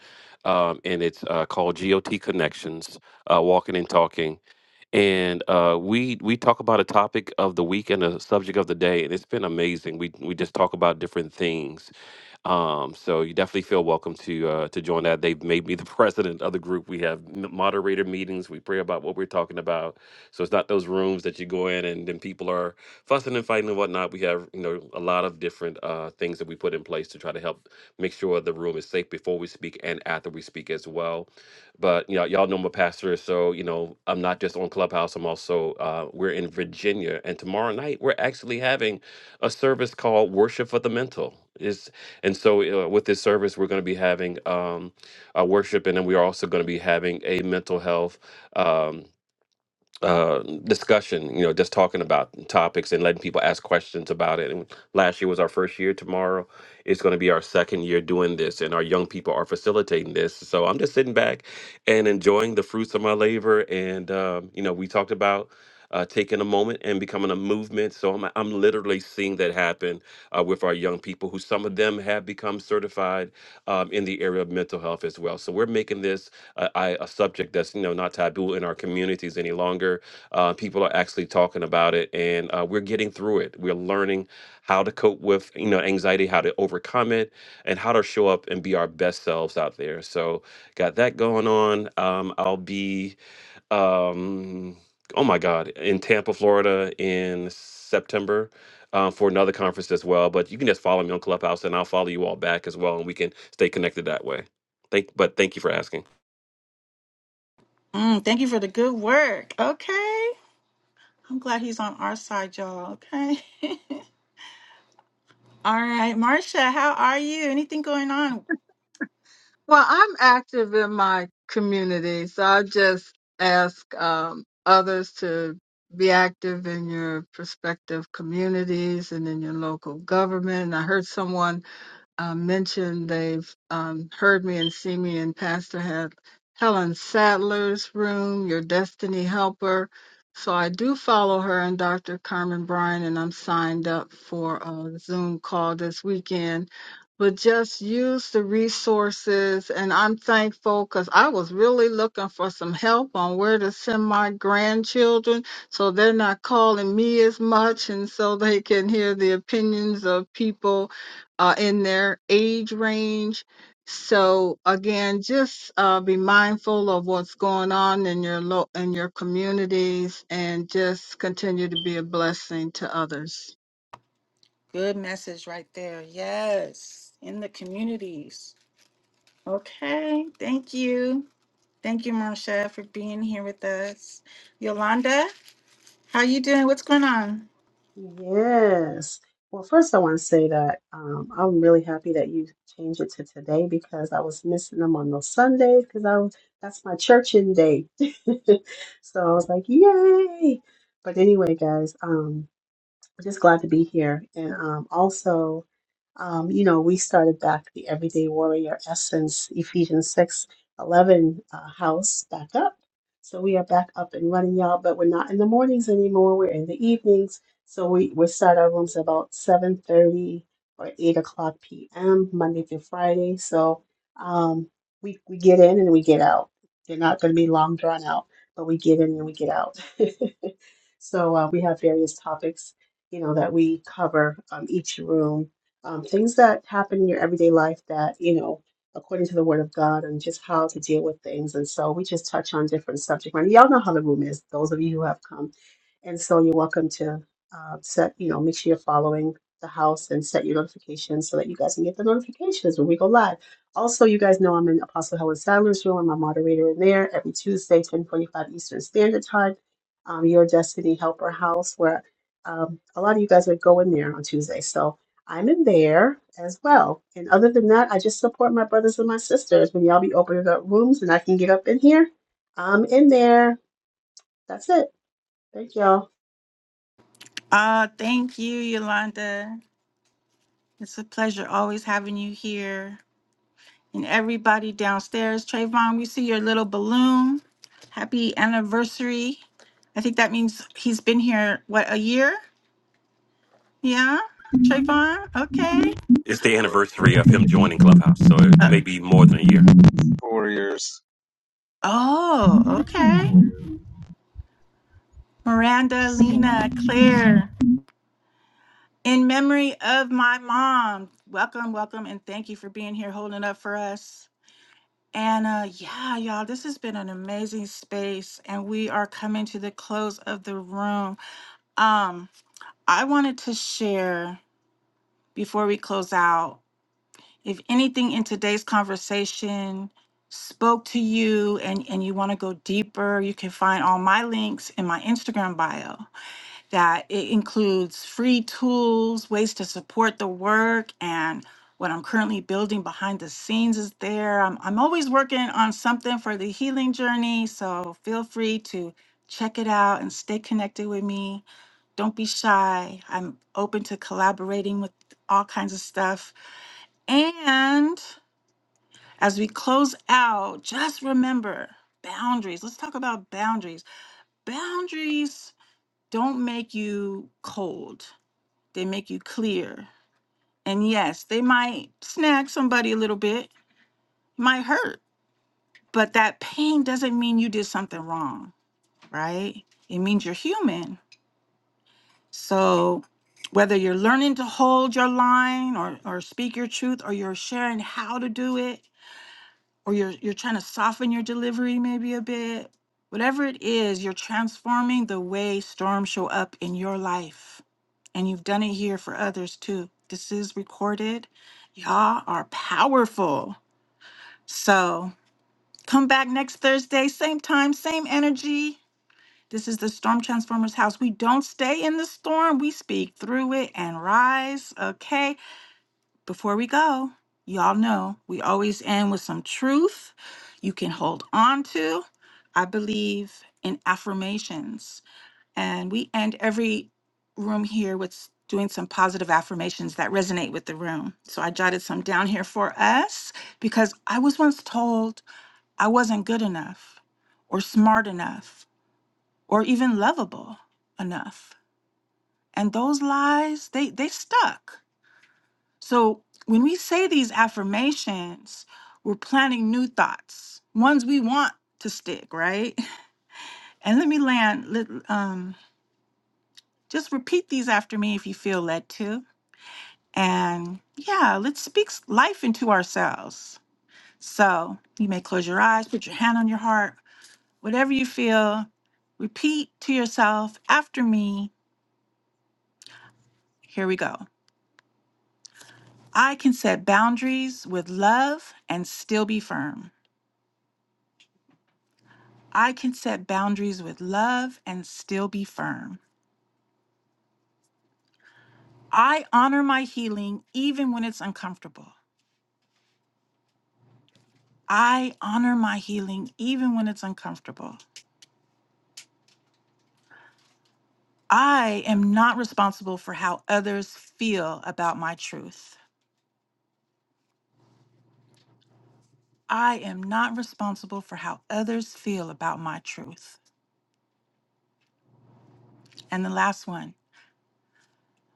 S4: um, and it's uh, called GOT Connections, uh, Walking and Talking. And uh, we we talk about a topic of the week and a subject of the day, and it's been amazing. We we just talk about different things, um, so you definitely feel welcome to uh, to join that. They've made me the president of the group. We have m- moderator meetings. We pray about what we're talking about. So it's not those rooms that you go in and then people are fussing and fighting and whatnot. We have you know a lot of different uh, things that we put in place to try to help make sure the room is safe before we speak and after we speak as well. But you know y'all know I'm a pastor, so you know I'm not just on Clubhouse. I'm also uh, we're in Virginia, and tomorrow night we're actually having a service called Worship for the Mental. And so, uh, with this service, we're going to be having um, uh, worship, and then we are also going to be having a mental health. Um, uh, discussion, you know, just talking about topics and letting people ask questions about it. And last year was our first year. Tomorrow is going to be our second year doing this, and our young people are facilitating this. So I'm just sitting back and enjoying the fruits of my labor. And um, you know, we talked about. Uh, taking a moment and becoming a movement, so I'm I'm literally seeing that happen uh, with our young people, who some of them have become certified um, in the area of mental health as well. So we're making this a, I, a subject that's you know not taboo in our communities any longer. Uh, people are actually talking about it, and uh, we're getting through it. We're learning how to cope with you know anxiety, how to overcome it, and how to show up and be our best selves out there. So got that going on. Um, I'll be um, oh my god in Tampa, Florida in September. Uh, for another conference as well, but you can just follow me on Clubhouse, and I'll follow you all back as well, and we can stay connected that way. Thank, but thank you for asking.
S1: Mm, thank you for the good work. Okay. I'm glad he's on our side, y'all. Okay. All right, Marcia, how are you? Anything going on?
S9: Well, I'm active in my community, so I just ask um, others to be active in your prospective communities and in your local government. And I heard someone um, mentioned they've um, heard me and see me in Pastor Hel- Helen Sadler's room, Your Destiny Helper. So I do follow her and Dr. Carmen Bryan, and I'm signed up for a Zoom call this weekend. But just use the resources, and I'm thankful because I was really looking for some help on where to send my grandchildren so they're not calling me as much, and so they can hear the opinions of people uh, in their age range. So again, just uh, be mindful of what's going on in your lo- in your communities, and just continue to be a blessing to others.
S1: Good message right there. Yes, in the communities. Okay, thank you. Thank you, Marcia, for being here with us. Yolanda, how you doing? What's going on?
S10: Yes. Well, first I want to say that um, I'm really happy that you changed it to today because I was missing them on those Sundays because I was that's my churching day. So I was like, yay! But anyway, guys, um, I'm just glad to be here. And um, also. Um, you know, we started back the Everyday Warrior Essence Ephesians 6 11 uh, house back up. So we are back up and running, y'all, but we're not in the mornings anymore. We're in the evenings. So we, we start our rooms about 7.30 or 8 o'clock p.m., Monday through Friday. So um, we, we get in and we get out. They're not going to be long drawn out, but we get in and we get out. so uh, we have various topics, you know, that we cover um, each room um, things that happen in your everyday life that, you know, according to the word of God and just how to deal with things. And so we just touch on different subject matter. Y'all know how the room is, those of you who have come. And so you're welcome to uh, set, you know, make sure you're following the house and set your notifications so that you guys can get the notifications when we go live. Also, you guys know I'm in Apostle Helen Sadler's room. I'm a moderator in there every Tuesday, 1045 Eastern Standard Time. Um, your Destiny Helper House, where um, a lot of you guys would go in there on Tuesday. So I'm in there as well. And other than that, I just support my brothers and my sisters. When y'all be opening up rooms and I can get up in here, I'm in there. That's it. Thank y'all.
S1: Uh, thank you, Yolanda. It's a pleasure always having you here. and everybody downstairs. Trayvon, we see your little balloon. Happy anniversary. I think that means he's been here, what, a year? Yeah, Trayvon? Okay.
S4: It's the anniversary of him joining Clubhouse, so it, it
S1: Uh,
S4: may be more than a year.
S3: warriors.
S1: oh, okay.
S3: Warriors.
S1: Miranda, Lena, Claire, in memory of my mom. Welcome, welcome, and thank you for being here holding up for us. And uh, yeah, y'all, this has been an amazing space, and we are coming to the close of the room. Um, I wanted to share before we close out if anything in today's conversation spoke to you and, and you want to go deeper, you can find all my links in my Instagram bio. That it includes free tools, ways to support the work, and what I'm currently building behind the scenes is there. I'm, I'm always working on something for the healing journey, so feel free to check it out and stay connected with me. Don't be shy. I'm open to collaborating with all kinds of stuff. And as we close out, just remember boundaries. Let's talk about boundaries. Boundaries don't make you cold, they make you clear. And yes, they might snag somebody a little bit, might hurt, but that pain doesn't mean you did something wrong, right? It means you're human So, whether you're learning to hold your line or, or speak your truth, or you're sharing how to do it, or you're, you're trying to soften your delivery maybe a bit, whatever it is, you're transforming the way storms show up in your life. And you've done it here for others too. This is recorded. Y'all are powerful. So, come back next Thursday, same time, same energy. This is the Storm Transformers house. We don't stay in the storm, we speak through it and rise. Okay, before we go, y'all know we always end with some truth you can hold on to. I believe in affirmations, and we end every room here with s- doing some positive affirmations that resonate with the room. So I jotted some down here for us because I was once told I wasn't good enough or smart enough or even lovable enough. And those lies, they they stuck. So when we say these affirmations, we're planting new thoughts, ones we want to stick, right? And let me land. Let, um, just repeat these after me if you feel led to. And yeah, let's speak s- life into ourselves. So you may close your eyes, put your hand on your heart, whatever you feel. Repeat to yourself after me. Here we go. I can set boundaries with love and still be firm. I can set boundaries with love and still be firm. I honor my healing even when it's uncomfortable. I honor my healing even when it's uncomfortable. I am not responsible for how others feel about my truth. I am not responsible for how others feel about my truth. And the last one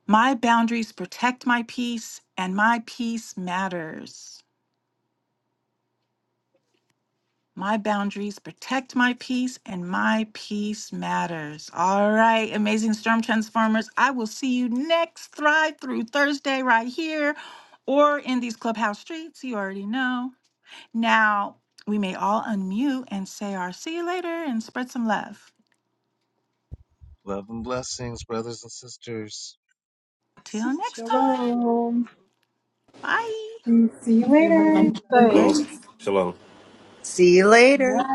S1: my boundaries protect my peace, and my peace matters. My boundaries protect my peace, and my peace matters. All right, amazing storm transformers. I will see you next Thrive Through Thursday right here or in these clubhouse streets. You already know. Now, we may all unmute and say our see you later and spread some love.
S3: Love and blessings, brothers and sisters.
S1: Till next time.
S10: Shalom.
S1: Bye.
S9: Remain
S7: Abundance and
S9: safe.
S4: Shalom,
S7: grace.
S4: shalom.
S2: See you later.